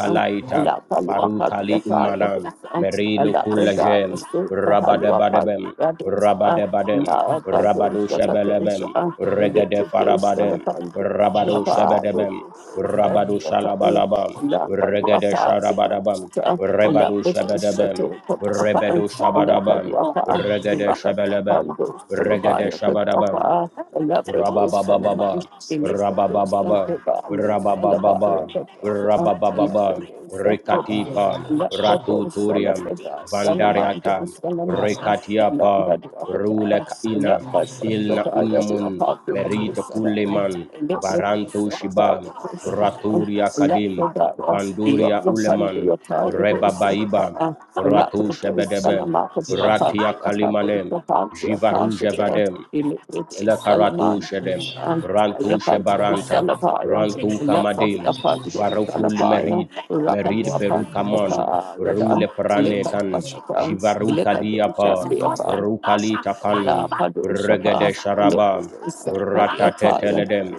Speaker 2: one, Allah palwa kati
Speaker 1: Farukali
Speaker 2: ataya dosa.
Speaker 1: Imanam, Merilo
Speaker 2: Allah pradaya
Speaker 1: Kulajem,
Speaker 2: sutta halwa
Speaker 1: Rabadabadabem,
Speaker 2: palwa dosa.
Speaker 1: Rabadabadem,
Speaker 2: Allah
Speaker 1: Rabado
Speaker 2: padosha katosha.
Speaker 1: Shebelebem,
Speaker 2: Ile
Speaker 1: Regede
Speaker 2: pradesha la
Speaker 1: Farabadem,
Speaker 2: pandosha la
Speaker 1: Rabado Shebedebem,
Speaker 2: padosha
Speaker 1: Rabado
Speaker 2: di ataya.
Speaker 1: Shalabalabam,
Speaker 2: Allah padwa
Speaker 1: Regede
Speaker 2: pati
Speaker 1: Sharabadabam,
Speaker 2: dosa. Allah
Speaker 1: Rebado
Speaker 2: pradesha to
Speaker 1: Shebedebem,
Speaker 2: padwa pa.
Speaker 1: Rebedo
Speaker 2: Allah
Speaker 1: Shabadabam,
Speaker 2: padwa pa.
Speaker 1: Regede Shebelebem,
Speaker 2: Rakat
Speaker 1: Regede
Speaker 2: Solabaya,
Speaker 1: Shabadabam,
Speaker 2: Katrapa, Elabrados, Salaman,
Speaker 1: Rababababam,
Speaker 2: Eliprados,
Speaker 1: rababababam,
Speaker 2: Santabali, Solabaya,
Speaker 1: rababababam,
Speaker 2: Katrapa,
Speaker 1: rababababam.
Speaker 2: Elabrados, Santaban,
Speaker 1: Rikatipa,
Speaker 2: Elabrados,
Speaker 1: Ratuturiam,
Speaker 2: Salabrada, Salamando,
Speaker 1: Vandariata,
Speaker 2: Salamaya,
Speaker 1: Rikatiapa,
Speaker 2: Elabradwakata,
Speaker 1: Rulekaina, Ilna
Speaker 2: Elabradwakata,
Speaker 1: Unnamun, Merita
Speaker 2: Elabradwakata,
Speaker 1: Kuleman, Varanto
Speaker 2: Elabradwakata,
Speaker 1: Shiba, Raturia
Speaker 2: Elabradwakata,
Speaker 1: Kadim,
Speaker 2: Thank
Speaker 1: Vanduria Uleman, Rebabaiba, Ratu Shebedebem, Ratia Kalimanem, Jivarujevadem, Lekaratu Shedem, Rantu Shebaranta, Rantu Kamadim, Varukul Merid, Merid Verukamon, Rule Pranekan, Jivaruka Diapa,
Speaker 2: you.
Speaker 1: Rukalita
Speaker 2: La
Speaker 1: Kan,
Speaker 2: Padusha Pa,
Speaker 1: Regede Sharaba,
Speaker 2: Lepusa Padiataya,
Speaker 1: Ratateteledem,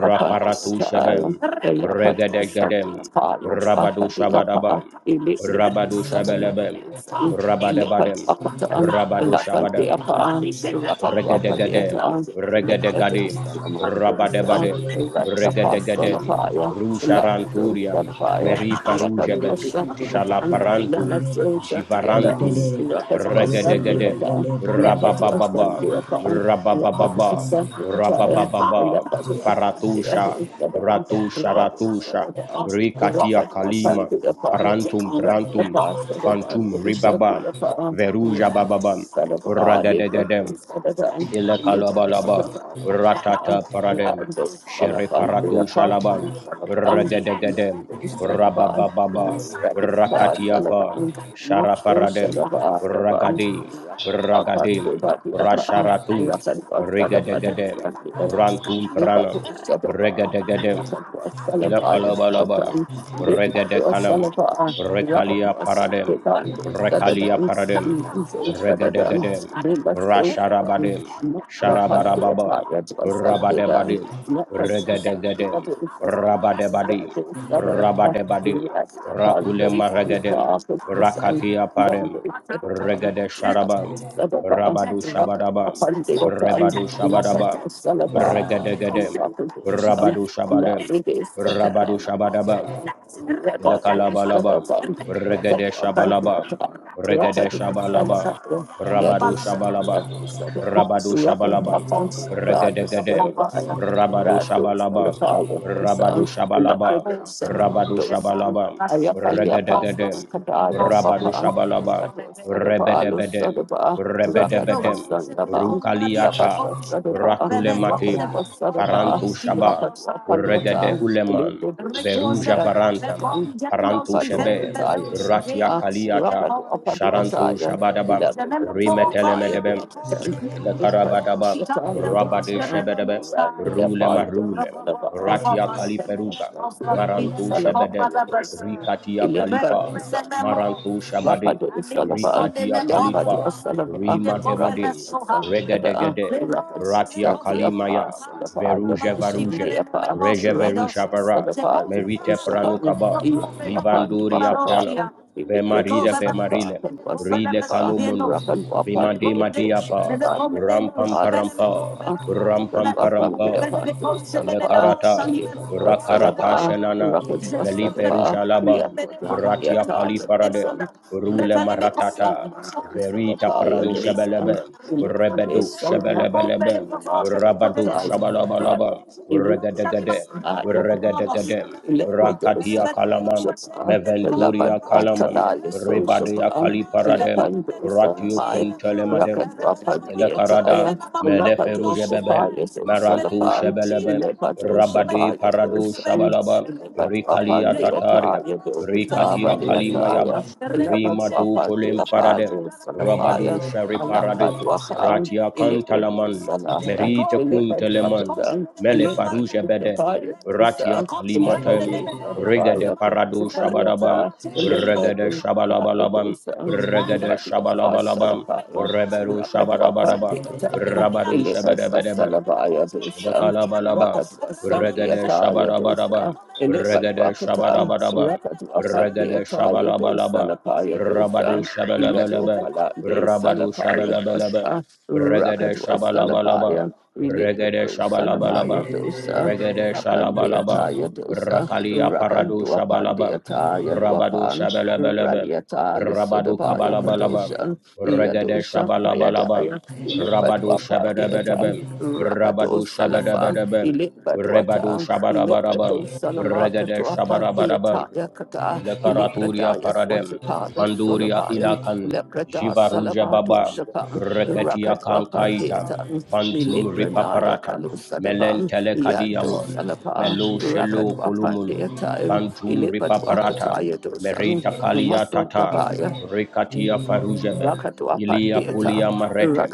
Speaker 2: Rapadua
Speaker 1: Shebem,
Speaker 2: Padiataya, La Padua
Speaker 1: Regede Gedem,
Speaker 2: Sandia Paya,
Speaker 1: Rabadu
Speaker 2: Pakadia Pa,
Speaker 1: Shabadabam,
Speaker 2: Ilipri
Speaker 1: Rabadu Shebelebem,
Speaker 2: Salamandosa,
Speaker 1: Rabadabadem,
Speaker 2: Ilipadua Patan, La
Speaker 1: Rabadu Shabadam.
Speaker 2: Pandia Pa, Rapadua
Speaker 1: Regedegadem,
Speaker 2: Padiata, Lepato
Speaker 1: Regedegadim,
Speaker 2: Salamandosa,
Speaker 1: Rabadebadem,
Speaker 2: Radia
Speaker 1: Regedegadem,
Speaker 2: Pasolapaya, La Padosa
Speaker 1: Rusharanturiam,
Speaker 2: Paya, Rapadua
Speaker 1: Merifarujabem,
Speaker 2: Sandia Pan, La
Speaker 1: Shalaparantum,
Speaker 2: Maso
Speaker 1: Jivarantum,
Speaker 2: Shatia Rapid
Speaker 1: Regedegadem, rababababa, rababababa, rababababa. Faratusha, Ratusha, Ratusha, Rikatia Kalima, Parantum, Prantum, Fantum, Ribabam, Veruja Bababam, ragadegadem, ile kalabalaba ratata paradem shere paratu shalabam regedegedem rabababa rakatiapa
Speaker 2: Button,
Speaker 1: shara
Speaker 2: Luxo
Speaker 1: paradem
Speaker 2: Shadaba, the Button,
Speaker 1: ragadi ragadim
Speaker 2: Rakadwaka, the Upper,
Speaker 1: rasharatum
Speaker 2: Rakadwaka, the Button,
Speaker 1: regedegedem
Speaker 2: the Upper,
Speaker 1: rantum
Speaker 2: Lipa
Speaker 1: pranam
Speaker 2: Shadaba,
Speaker 1: regedegedem
Speaker 2: Rakadwaka, the Bias, the
Speaker 1: Ilakalabalabam,
Speaker 2: Button, Lipa
Speaker 1: Regedekanam,
Speaker 2: Salaba,
Speaker 1: Rekalia
Speaker 2: Rakadwaka, the
Speaker 1: Paradem,
Speaker 2: Button,
Speaker 1: Rekalia
Speaker 2: the
Speaker 1: Paradem,
Speaker 2: Saddam, Nanzo Saddam,
Speaker 1: Regedegadem,
Speaker 2: Lipa
Speaker 1: Rasharabadem,
Speaker 2: Shadaba, Rapid
Speaker 1: Sharabarababam, Rabadebadim, Regedegadem, Rabadebadim, Rabadebadim, Rakulema Regedem, Rakatia Parem, Regede Sharabam, Rabadu Shabadabam, Rebadu Shabadabam, Regedegadem,
Speaker 2: Rapid,
Speaker 1: Rabadu Shabadem, Rabado Shabadaba. Ilakalabalabam, Regade Shabalabam, Regade Shabalabam, Rabadu Shabalabam, Rabadu Shabalabam, Regade Gadem, Rabadu Shabalabam, Rabadu
Speaker 2: Rapat
Speaker 1: Shabalabam, Rabadu Shabalabam, Regade Gadem, Rabadu Shabalabam, Rebede Bedem, Rebede Bedem, Rukaliata, Rakulematim,
Speaker 3: you.
Speaker 1: Farantu Shabam, Regade Uleman, Veruja Varantam, paranto shebe ratia kaliata sharanto shabadaba
Speaker 2: Ilipad
Speaker 1: rimetelemedebe Ile karabadaba, rabade shebedebe, rule marule, ratia kaliferuga, maranto shebede, rikatia kalifa, maranto shabade,
Speaker 2: Rapado Salaba,
Speaker 1: rikatia kalifa,
Speaker 2: Yapado Salaba, Rapado
Speaker 1: rimademadim,
Speaker 2: Sandiada,
Speaker 1: regedegede,
Speaker 2: Rapado
Speaker 1: ratia
Speaker 2: Sandia
Speaker 1: kalimaya,
Speaker 2: Pass, Salaba,
Speaker 1: veruje
Speaker 2: Yadu
Speaker 1: varuje,
Speaker 2: Sandia Pass,
Speaker 1: reje
Speaker 2: Rapado
Speaker 1: verusha vara,
Speaker 2: Salaba,
Speaker 1: merite
Speaker 2: Usahan,
Speaker 1: pranukaba,
Speaker 2: Yapan to
Speaker 1: livanduria pranam,
Speaker 2: Apapaya, Imitro
Speaker 1: vemarida vemarile,
Speaker 2: Salaba, and was
Speaker 1: rile
Speaker 2: Salaba,
Speaker 1: kanumunum,
Speaker 2: Rapan Wapan
Speaker 1: Vimade
Speaker 2: de Etos,
Speaker 1: Madeapa,
Speaker 2: Rapan
Speaker 1: Rampam parampa, Rampamparampa,
Speaker 2: Wapan de
Speaker 1: Rampamparampa,
Speaker 2: Apanto Salaba,
Speaker 1: Lekarata,
Speaker 2: Yapan
Speaker 1: Rakarata
Speaker 2: Salaba,
Speaker 1: Shenana,
Speaker 2: Rapid Salaba,
Speaker 1: Meliferujalaba,
Speaker 2: Yapan
Speaker 1: Ratia Kali Paradem,
Speaker 2: Yatan,
Speaker 1: Rule
Speaker 2: Thank
Speaker 1: Maratata, Verita Pranu Shebelebe, Rebedu Shebelebelebe, Rabadu Shabalabalaba, Regadegade, Regadegade, Rakatia Kalaman, Meventuria Kalaman, Rebadia Kali Paradem, Ratio kuntelemadem, Ele karada mele feruje bebe marantu shebelebe rabadi parado shabalaba rikalia tataria rikatia kalima
Speaker 2: you.
Speaker 1: yaba rimadu
Speaker 2: Salafa,
Speaker 1: kolem faradem rabadu shari paradim ratia
Speaker 2: Ilipid
Speaker 1: kantalaman
Speaker 2: Salah,
Speaker 1: merite
Speaker 2: Ilipid
Speaker 1: kunteleman
Speaker 2: Wakatan,
Speaker 1: mele
Speaker 2: Rakadwa
Speaker 1: faruje bedem ratia kalimatem regede parado shabadabam regede shabalabalabam regede shabalabalabam Reberu Shabadabadabam. Rabadu Shabadabadabam. Lakalabalabam, Regade Shabarabarabam, Regade Shabarabarabam, Regade Shabalabalabam, Rabadu Shabalabalabam, Rabadu Shabalabalabam,
Speaker 2: Salabaya,
Speaker 1: Regade Shabalabalabam,
Speaker 2: Ilibra
Speaker 1: Regade
Speaker 2: dosa namaya
Speaker 1: Shabalabalabam,
Speaker 2: dosa,
Speaker 1: Regade
Speaker 2: rakandea
Speaker 1: Shalabalabam,
Speaker 2: taya dosa,
Speaker 1: Rakalia Paradu
Speaker 2: rakandua
Speaker 1: Shabalabam,
Speaker 2: pandea taya
Speaker 1: Rabadu
Speaker 2: luapan,
Speaker 1: Shabalabalabam,
Speaker 2: raliata
Speaker 1: Rabadu
Speaker 2: lisodabaya
Speaker 1: Kabalabalabam,
Speaker 2: kadoshan,
Speaker 1: Regade
Speaker 2: yadoshan
Speaker 1: Shabalabalabam,
Speaker 2: payadaya,
Speaker 1: Rabadu
Speaker 2: ilibadua pandea tan,
Speaker 1: Shabalabalabam, Rabado
Speaker 2: rakadosa lafan,
Speaker 1: Shabadabadabam,
Speaker 2: ilibadua
Speaker 1: Rebado
Speaker 2: tan, ilibra
Speaker 1: Shabarabarabam,
Speaker 2: dosa namaka
Speaker 1: Regade
Speaker 2: tua pandea
Speaker 1: Shabarabarabam,
Speaker 2: taya kata, ilibra
Speaker 1: Lekaraturia
Speaker 2: daya
Speaker 1: Paradem,
Speaker 2: swatipada
Speaker 1: Vanduria
Speaker 2: solapayam,
Speaker 1: Ilakan,
Speaker 2: ilibra da
Speaker 1: Jivaruja
Speaker 2: salabato
Speaker 1: Baba,
Speaker 2: shapan,
Speaker 1: Reketia
Speaker 2: rakadua
Speaker 1: Kankaita,
Speaker 2: pandea
Speaker 1: Vantum
Speaker 2: Ilipranaya
Speaker 1: Ripaparata,
Speaker 2: Kalusadaban,
Speaker 1: Melentele
Speaker 2: Yando
Speaker 1: Kadiamon,
Speaker 2: Salapa,
Speaker 1: Melo Shelo
Speaker 2: Rakatwa
Speaker 1: Kolumulum,
Speaker 2: Pandea Time,
Speaker 1: Vantum
Speaker 2: Ilipatwa
Speaker 1: Ripaparata,
Speaker 2: Kataya Dosan,
Speaker 1: Merita Kalia
Speaker 2: Maso
Speaker 1: Tata,
Speaker 2: Dabaya,
Speaker 1: Rekatia Farujebem, Ilia
Speaker 2: Rakatwapandeata,
Speaker 1: Kulia Maretem,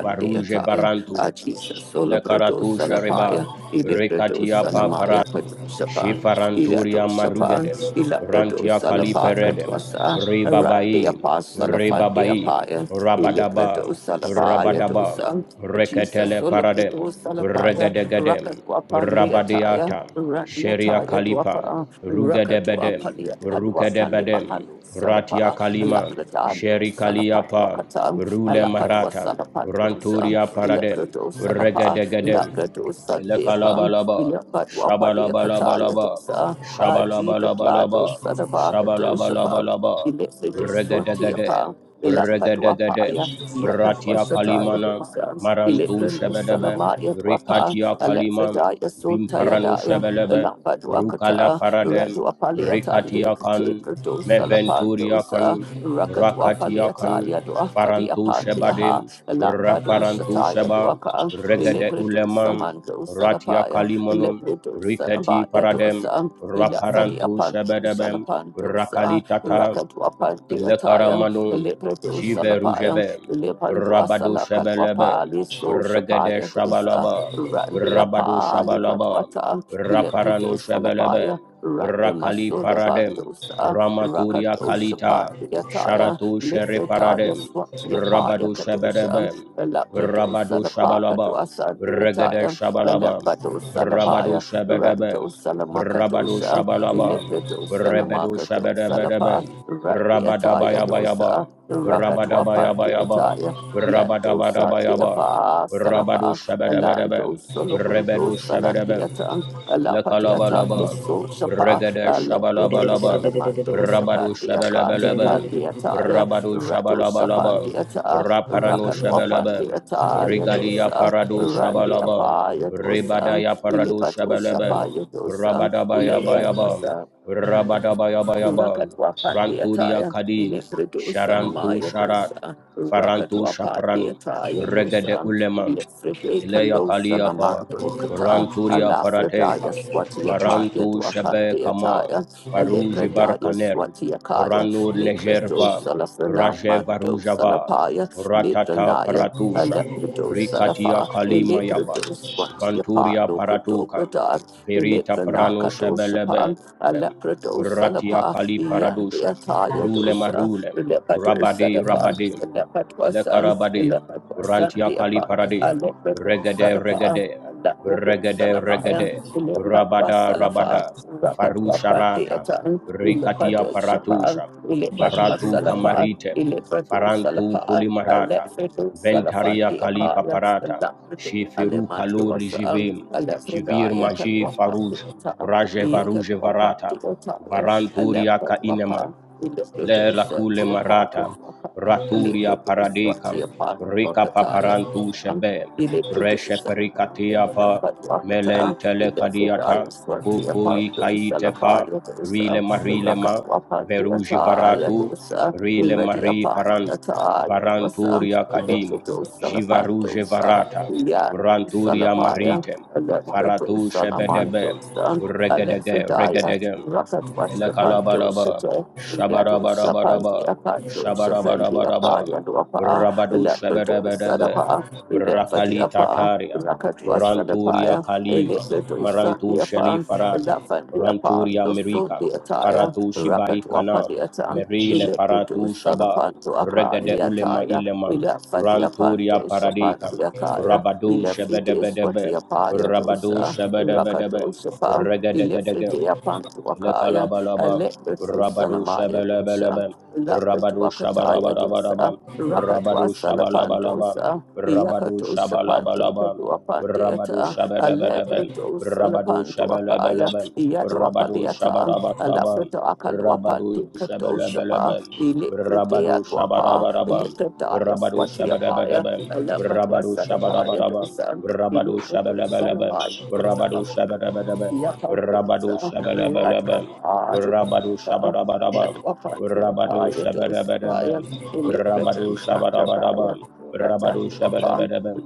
Speaker 1: Varuje Barantum,
Speaker 2: Ah, Jesus, Solobrado
Speaker 1: Lekaratu Shariba,
Speaker 2: Salamaya, Ilibrado
Speaker 1: Rekatia
Speaker 2: Salamaya,
Speaker 1: Paparatu,
Speaker 2: Padushapan, Ilado
Speaker 1: Shifaranturia
Speaker 2: Shapan,
Speaker 1: Marugedem,
Speaker 2: Ilabrado
Speaker 1: Rantia Kali Peredem,
Speaker 2: Salapakatwasa,
Speaker 1: Ribabai,
Speaker 2: Randiapa
Speaker 1: Ribabai,
Speaker 2: Salafandiapaya, Ilibrado
Speaker 1: rabadabam,
Speaker 2: Salabaya Dosa,
Speaker 1: rabadabam,
Speaker 2: Ah, Jesus,
Speaker 1: Reketele Paradem,
Speaker 2: Solobrado Salapaya,
Speaker 1: Regedegedem,
Speaker 2: Rakatwapandeataya,
Speaker 1: Rabadiata, Sheria
Speaker 2: Randiataya
Speaker 1: Kalipa,
Speaker 2: Dwapa,
Speaker 1: Rugedebedem, Rukedebedem,
Speaker 2: Rakatwapaliapalwapandimahanu
Speaker 1: Ratia
Speaker 2: Salapa,
Speaker 1: Kalima,
Speaker 2: Alakratando
Speaker 1: Sheri
Speaker 2: Salapatwa
Speaker 1: Kaliapa,
Speaker 2: Katam,
Speaker 1: Rule
Speaker 2: Alapatwa
Speaker 1: Marata,
Speaker 2: Salapandosa,
Speaker 1: Ranturia Paradem,
Speaker 2: Ilakrato Salapa,
Speaker 1: Regedegedem,
Speaker 2: Lakrato Sandeapam,
Speaker 1: Elekalabalaba.
Speaker 2: Ilapatwa Padia Kataya
Speaker 1: Shabalabalabalaba.
Speaker 2: Dosa, I plead the blood
Speaker 1: Shabalabalabalaba.
Speaker 2: of Sadavaka Doshapam,
Speaker 1: Shabalabalabalaba.
Speaker 2: Ilakade
Speaker 1: Regedegede.
Speaker 2: Swantiapa. Ilakatwa
Speaker 1: Regedegede.
Speaker 2: Paya, Yakatwa
Speaker 1: Ratia
Speaker 2: Shataya
Speaker 1: kalimana.
Speaker 2: Dosa,
Speaker 1: Marantu
Speaker 2: Ilakrano
Speaker 1: shebedebe.
Speaker 2: Salamaya Dwapa,
Speaker 1: Rikatia kalimam.
Speaker 2: Alakradaya
Speaker 1: Vimparanu
Speaker 2: Sotayadaya,
Speaker 1: shebelebe.
Speaker 2: Ilakatwa
Speaker 1: Rukala
Speaker 2: Kata,
Speaker 1: paradem.
Speaker 2: Radwa Paliatande,
Speaker 1: Rikatia kan.
Speaker 2: Kateprato
Speaker 1: Meventuria
Speaker 2: Salapandosa,
Speaker 1: kan.
Speaker 2: Rakadwa
Speaker 1: Rakatia
Speaker 2: Paliata
Speaker 1: kan.
Speaker 2: Yadwa Fadi
Speaker 1: Farantu
Speaker 2: Apandiaha,
Speaker 1: shebadem.
Speaker 2: Lambado
Speaker 1: Raparantu
Speaker 2: Shata
Speaker 1: sheba.
Speaker 2: Yadwaka,
Speaker 1: Regede
Speaker 2: Elebrido
Speaker 1: ulemam.
Speaker 2: Samando
Speaker 1: Ratia
Speaker 2: Salapaya,
Speaker 1: Kalimonum,
Speaker 2: Elebrido
Speaker 1: Riketi
Speaker 2: Sanabaya
Speaker 1: Paradem,
Speaker 2: Dosa, Elafadi
Speaker 1: Raparantu
Speaker 2: Apando
Speaker 1: Shebedebem,
Speaker 2: Salapandosa,
Speaker 1: Rakalitata,
Speaker 2: Rakadwa
Speaker 1: Le
Speaker 2: Pandiataya,
Speaker 1: Lekaramanun,
Speaker 2: Elebrido
Speaker 1: Jive
Speaker 2: Salapaya,
Speaker 1: Rujebe,
Speaker 2: Elebando
Speaker 1: Rabadu
Speaker 2: Salakadwa
Speaker 1: Shebelebe,
Speaker 2: Pali, So
Speaker 1: Regede
Speaker 2: Shapaya Dosa,
Speaker 1: Shabalaba,
Speaker 2: Randia
Speaker 1: Rabadu
Speaker 2: Pali
Speaker 1: Shabalaba,
Speaker 2: Patwata, Elecrite
Speaker 1: Raparano Shebelebe,
Speaker 2: Salapaya,
Speaker 1: Rakali
Speaker 2: Randamasola
Speaker 1: Paradem,
Speaker 2: Bandosa.
Speaker 1: Ramaturia
Speaker 2: Rakadosha
Speaker 1: Kalita,
Speaker 2: Pandiyataya,
Speaker 1: Sharatu Shere
Speaker 2: Lifredaya
Speaker 1: Paradem,
Speaker 2: Swatiyapaya
Speaker 1: Rabadu
Speaker 2: Kadosha,
Speaker 1: Shebelebe,
Speaker 2: Lakradosa
Speaker 1: Rabadu
Speaker 2: Lapaka
Speaker 1: Shabalaba,
Speaker 2: Dwasa
Speaker 1: Regede
Speaker 2: Diyataya,
Speaker 1: Shabalaba,
Speaker 2: Lampadosa
Speaker 1: Rabadu
Speaker 2: Lapaya,
Speaker 1: Shebedebe,
Speaker 2: Randosa
Speaker 1: Rabadu
Speaker 2: Lamakadosha,
Speaker 1: Shabalaba,
Speaker 2: Ilifredosa
Speaker 1: Rebedu
Speaker 2: Namakadosa Lapa,
Speaker 1: Shebedebedebe,
Speaker 2: Randiyataya
Speaker 1: Rabadabayaba,
Speaker 2: Dosa, Rakadwapa
Speaker 1: Rabadabayaba,
Speaker 2: Diyataya, Yandosa
Speaker 1: Rabadabayaba,
Speaker 2: Diyapa
Speaker 1: Rabadu
Speaker 2: Salapa,
Speaker 1: Shabadabadabam,
Speaker 2: Elando
Speaker 1: Rebedu
Speaker 2: Soloburudosa
Speaker 1: Shabadabam,
Speaker 2: Landiatan, Alapadiata
Speaker 1: Lakalabalabam,
Speaker 2: Yeso Shapa,
Speaker 1: Regada
Speaker 2: Alebrado
Speaker 1: Shabalabalabam,
Speaker 2: Salamando
Speaker 1: Rabadu
Speaker 2: Sapandia Kate
Speaker 1: Shabalabalabam,
Speaker 2: Pandia Taya
Speaker 1: Rabadu
Speaker 2: Rato
Speaker 1: Shabalabalabam,
Speaker 2: Sapandia Ta
Speaker 1: Raparano
Speaker 2: Rakalwapandia
Speaker 1: Shabalabam,
Speaker 2: Taya
Speaker 1: Rigadia
Speaker 2: Dosa
Speaker 1: Paradu
Speaker 2: Randia
Speaker 1: Shabalabam,
Speaker 2: Paya Dosa
Speaker 1: Ribadaya Paradu
Speaker 2: Ilipatosa
Speaker 1: Shabalabam,
Speaker 2: Paya Dosa
Speaker 1: Rabadabayabayabam,
Speaker 2: Ilipatosa
Speaker 1: Rabadabayabayabam, Ranturia
Speaker 2: Rakatwapandiataya,
Speaker 1: Kadim, Sharantu
Speaker 2: Ilifridusanamaya
Speaker 1: Sharat,
Speaker 2: Husa,
Speaker 1: Farantu Shapranu,
Speaker 2: Rakatwapandiataya
Speaker 1: Regade
Speaker 2: Husa,
Speaker 1: uleman.
Speaker 2: Ilifride
Speaker 1: Ileya Kaliapa,
Speaker 2: Kalosanamando Kata,
Speaker 1: Ranturia Parateka,
Speaker 2: Alafridaya Swatiapaya
Speaker 1: Marantu Shebe Kama,
Speaker 2: Dwakandiataya,
Speaker 1: Faruji
Speaker 2: Alipradaya
Speaker 1: Barkaner,
Speaker 2: Swatiakaya,
Speaker 1: Ranur
Speaker 2: Likrado
Speaker 1: Nejerva, Rajeva
Speaker 2: Salafranamando
Speaker 1: Rujava,
Speaker 2: Salapaya,
Speaker 1: Ratata
Speaker 2: Nitranaya,
Speaker 1: Paratusha,
Speaker 2: Aleprido
Speaker 1: Rikatia
Speaker 2: Salafa,
Speaker 1: Kalima Yaba,
Speaker 2: Iliprido Swatiapa,
Speaker 1: Vanturia
Speaker 2: Lokodo
Speaker 1: Paratuka,
Speaker 2: Pradar,
Speaker 1: Verita Prano
Speaker 2: Ilipranakato Shapan,
Speaker 1: Shebelebe,
Speaker 2: Alaprato
Speaker 1: Ratia
Speaker 2: Salapa,
Speaker 1: Kali Paradusha,
Speaker 2: Yandia Taya
Speaker 1: Rule
Speaker 2: Dosa,
Speaker 1: Marule,
Speaker 2: Elepato
Speaker 1: Rabade
Speaker 2: Sadapa,
Speaker 1: Rabade,
Speaker 2: Elepatwasan,
Speaker 1: Ilekarabadia,
Speaker 2: Elepatwasan
Speaker 1: Rantia Kali
Speaker 2: Diapa,
Speaker 1: Paradia,
Speaker 2: Alaprato
Speaker 1: Regade
Speaker 2: Sadapa,
Speaker 1: Regade,
Speaker 2: Alaprato
Speaker 1: Regade
Speaker 2: Salamaya,
Speaker 1: Regade,
Speaker 2: Elepatua
Speaker 1: Rabada
Speaker 2: Salafa,
Speaker 1: Rabada, Faru
Speaker 2: Rakatwapa
Speaker 1: Sharata,
Speaker 2: Deatan,
Speaker 1: Rikatia
Speaker 2: Elepato Shapa,
Speaker 1: Paratusha,
Speaker 2: Elepatua
Speaker 1: Varatu
Speaker 2: Salapa,
Speaker 1: Kamarite,
Speaker 2: Elepato
Speaker 1: Farantu
Speaker 2: Salapa,
Speaker 1: Kulimarata,
Speaker 2: Alepato Salafa
Speaker 1: Ventaria Kali
Speaker 2: Diapaya,
Speaker 1: Paparata,
Speaker 2: Alaprato
Speaker 1: Shifiru Kaluri
Speaker 2: Alematuasan,
Speaker 1: Jivim, Jivir
Speaker 2: Alepredaya
Speaker 1: Maji
Speaker 2: Kalwapa
Speaker 1: Faruj,
Speaker 2: Deatan.
Speaker 1: Raje Varuje
Speaker 2: Yakatuapa, the
Speaker 1: Varata,
Speaker 2: Otaya, a
Speaker 1: Varanturia Kainema,
Speaker 2: Lapatuapa, the
Speaker 1: le
Speaker 2: Leprodosa,
Speaker 1: rakule
Speaker 2: the
Speaker 1: marata
Speaker 2: Apakatuapa,
Speaker 1: raturia
Speaker 2: Leprodosa, the
Speaker 1: paradikam rika
Speaker 2: Apakataya,
Speaker 1: paparantu shebe
Speaker 2: the
Speaker 1: reshe
Speaker 2: Leprodosa,
Speaker 1: perikatia pa
Speaker 2: Lapatuakata, the
Speaker 1: melentele kadiata
Speaker 2: Lefrodaya, the
Speaker 1: kukuli
Speaker 2: Apakatusa,
Speaker 1: kaite pa
Speaker 2: Lapaya
Speaker 1: rile
Speaker 2: dosa, the
Speaker 1: marile ma
Speaker 2: Rakatuapa, the
Speaker 1: veruji
Speaker 2: Ataya
Speaker 1: varatu
Speaker 2: dosa, the
Speaker 1: rile
Speaker 2: Ready
Speaker 1: mari
Speaker 2: upon
Speaker 1: parand
Speaker 2: the Ataya dosa,
Speaker 1: varanturia
Speaker 2: the
Speaker 1: kadim
Speaker 2: Leprodosa,
Speaker 1: jivaruje
Speaker 2: Lapandosa,
Speaker 1: varata
Speaker 2: the Yandosa,
Speaker 1: ranturia
Speaker 2: Lapaya,
Speaker 1: marite
Speaker 2: the
Speaker 1: faratu
Speaker 2: Leprodosa,
Speaker 1: shebedebe
Speaker 2: Lamandosa,
Speaker 1: regedege
Speaker 2: Alephidaya,
Speaker 1: regedege
Speaker 2: Rakat was the Pando
Speaker 1: Elekalabalaba,
Speaker 2: Sita, Yadu
Speaker 1: Shabarabaraba,
Speaker 2: Sapandia Pando Sapendia
Speaker 1: Shabarabaraba,
Speaker 2: Paya Dwapa,
Speaker 1: Rabadu
Speaker 2: Lepido
Speaker 1: Shabarabadaba,
Speaker 2: Sadapa,
Speaker 1: Rakali
Speaker 2: Lephatiapa,
Speaker 1: Tataria,
Speaker 2: Rakat was
Speaker 1: Ranturia
Speaker 2: Sadapaya,
Speaker 1: Kalima,
Speaker 2: Elepido
Speaker 1: Marantu
Speaker 2: Satiapa,
Speaker 1: Sheli Farata,
Speaker 2: Laphandiapa,
Speaker 1: Ranturia Mirika,
Speaker 2: Losundiataya,
Speaker 1: Faratu
Speaker 2: Rakat
Speaker 1: Shibai Kanam,
Speaker 2: Wapadiatan,
Speaker 1: Merile
Speaker 2: Elepido
Speaker 1: Paratu Shabam,
Speaker 2: Sadapanto
Speaker 1: Regade Ulema
Speaker 2: Akaliataya,
Speaker 1: Ilemam, Ranturia
Speaker 2: Elephandiapanto
Speaker 1: Paradikam,
Speaker 2: Sapandiakaya,
Speaker 1: Rabadu
Speaker 2: Elephides
Speaker 1: Shabadabadabem,
Speaker 2: Watiapaya
Speaker 1: Rabadu
Speaker 2: Dosa,
Speaker 1: Shabadabadabem,
Speaker 2: Rakatosapa,
Speaker 1: Regadegadegem,
Speaker 2: Ilifritia Pantuakaya, a
Speaker 1: Lekalabalaba,
Speaker 2: leprato
Speaker 1: Rabado
Speaker 2: sanamaya dosa,
Speaker 1: Shabalabalaba, Rabado
Speaker 2: Lapratuakataya dosa,
Speaker 1: Shabarabaraba,
Speaker 2: Rakatwa
Speaker 1: Rabado Shabalabalaba,
Speaker 2: salapantosa,
Speaker 1: Rabado
Speaker 2: Yakatosa pante
Speaker 1: Shabalabalaba, Rabado
Speaker 2: patuapandiata, a
Speaker 1: Shabarabaraba,
Speaker 2: leprato
Speaker 1: Rabado
Speaker 2: salapantuakaya,
Speaker 1: Shabalabalaba, Rabado
Speaker 2: Yaduapaliata, a
Speaker 1: Shabarabaraba, Rabado Shabalabalaba, Rabado
Speaker 2: lafrituakaluapandi katoshapa,
Speaker 1: Shabarabaraba, Rabado
Speaker 2: Ilifritia guapa,
Speaker 1: Shabarabaraba,
Speaker 2: Ilifritaya
Speaker 1: Rabado
Speaker 2: swatiapaya,
Speaker 1: Shabarabaraba,
Speaker 2: a lamatwa sanapaya dosa,
Speaker 1: Rabado
Speaker 2: Ilifrito
Speaker 1: Shabalabalaba,
Speaker 2: sanamaya
Speaker 1: Rabado
Speaker 2: dosa.
Speaker 1: Shabarabaraba,
Speaker 2: Rani upon the
Speaker 1: Rabado
Speaker 2: social upon the little
Speaker 1: Shabalabalabam, Rabado Shabarabarabam, Rabado Shabarabarabam, Rabado Shabarabarabam, Rabado Shabarabarabam,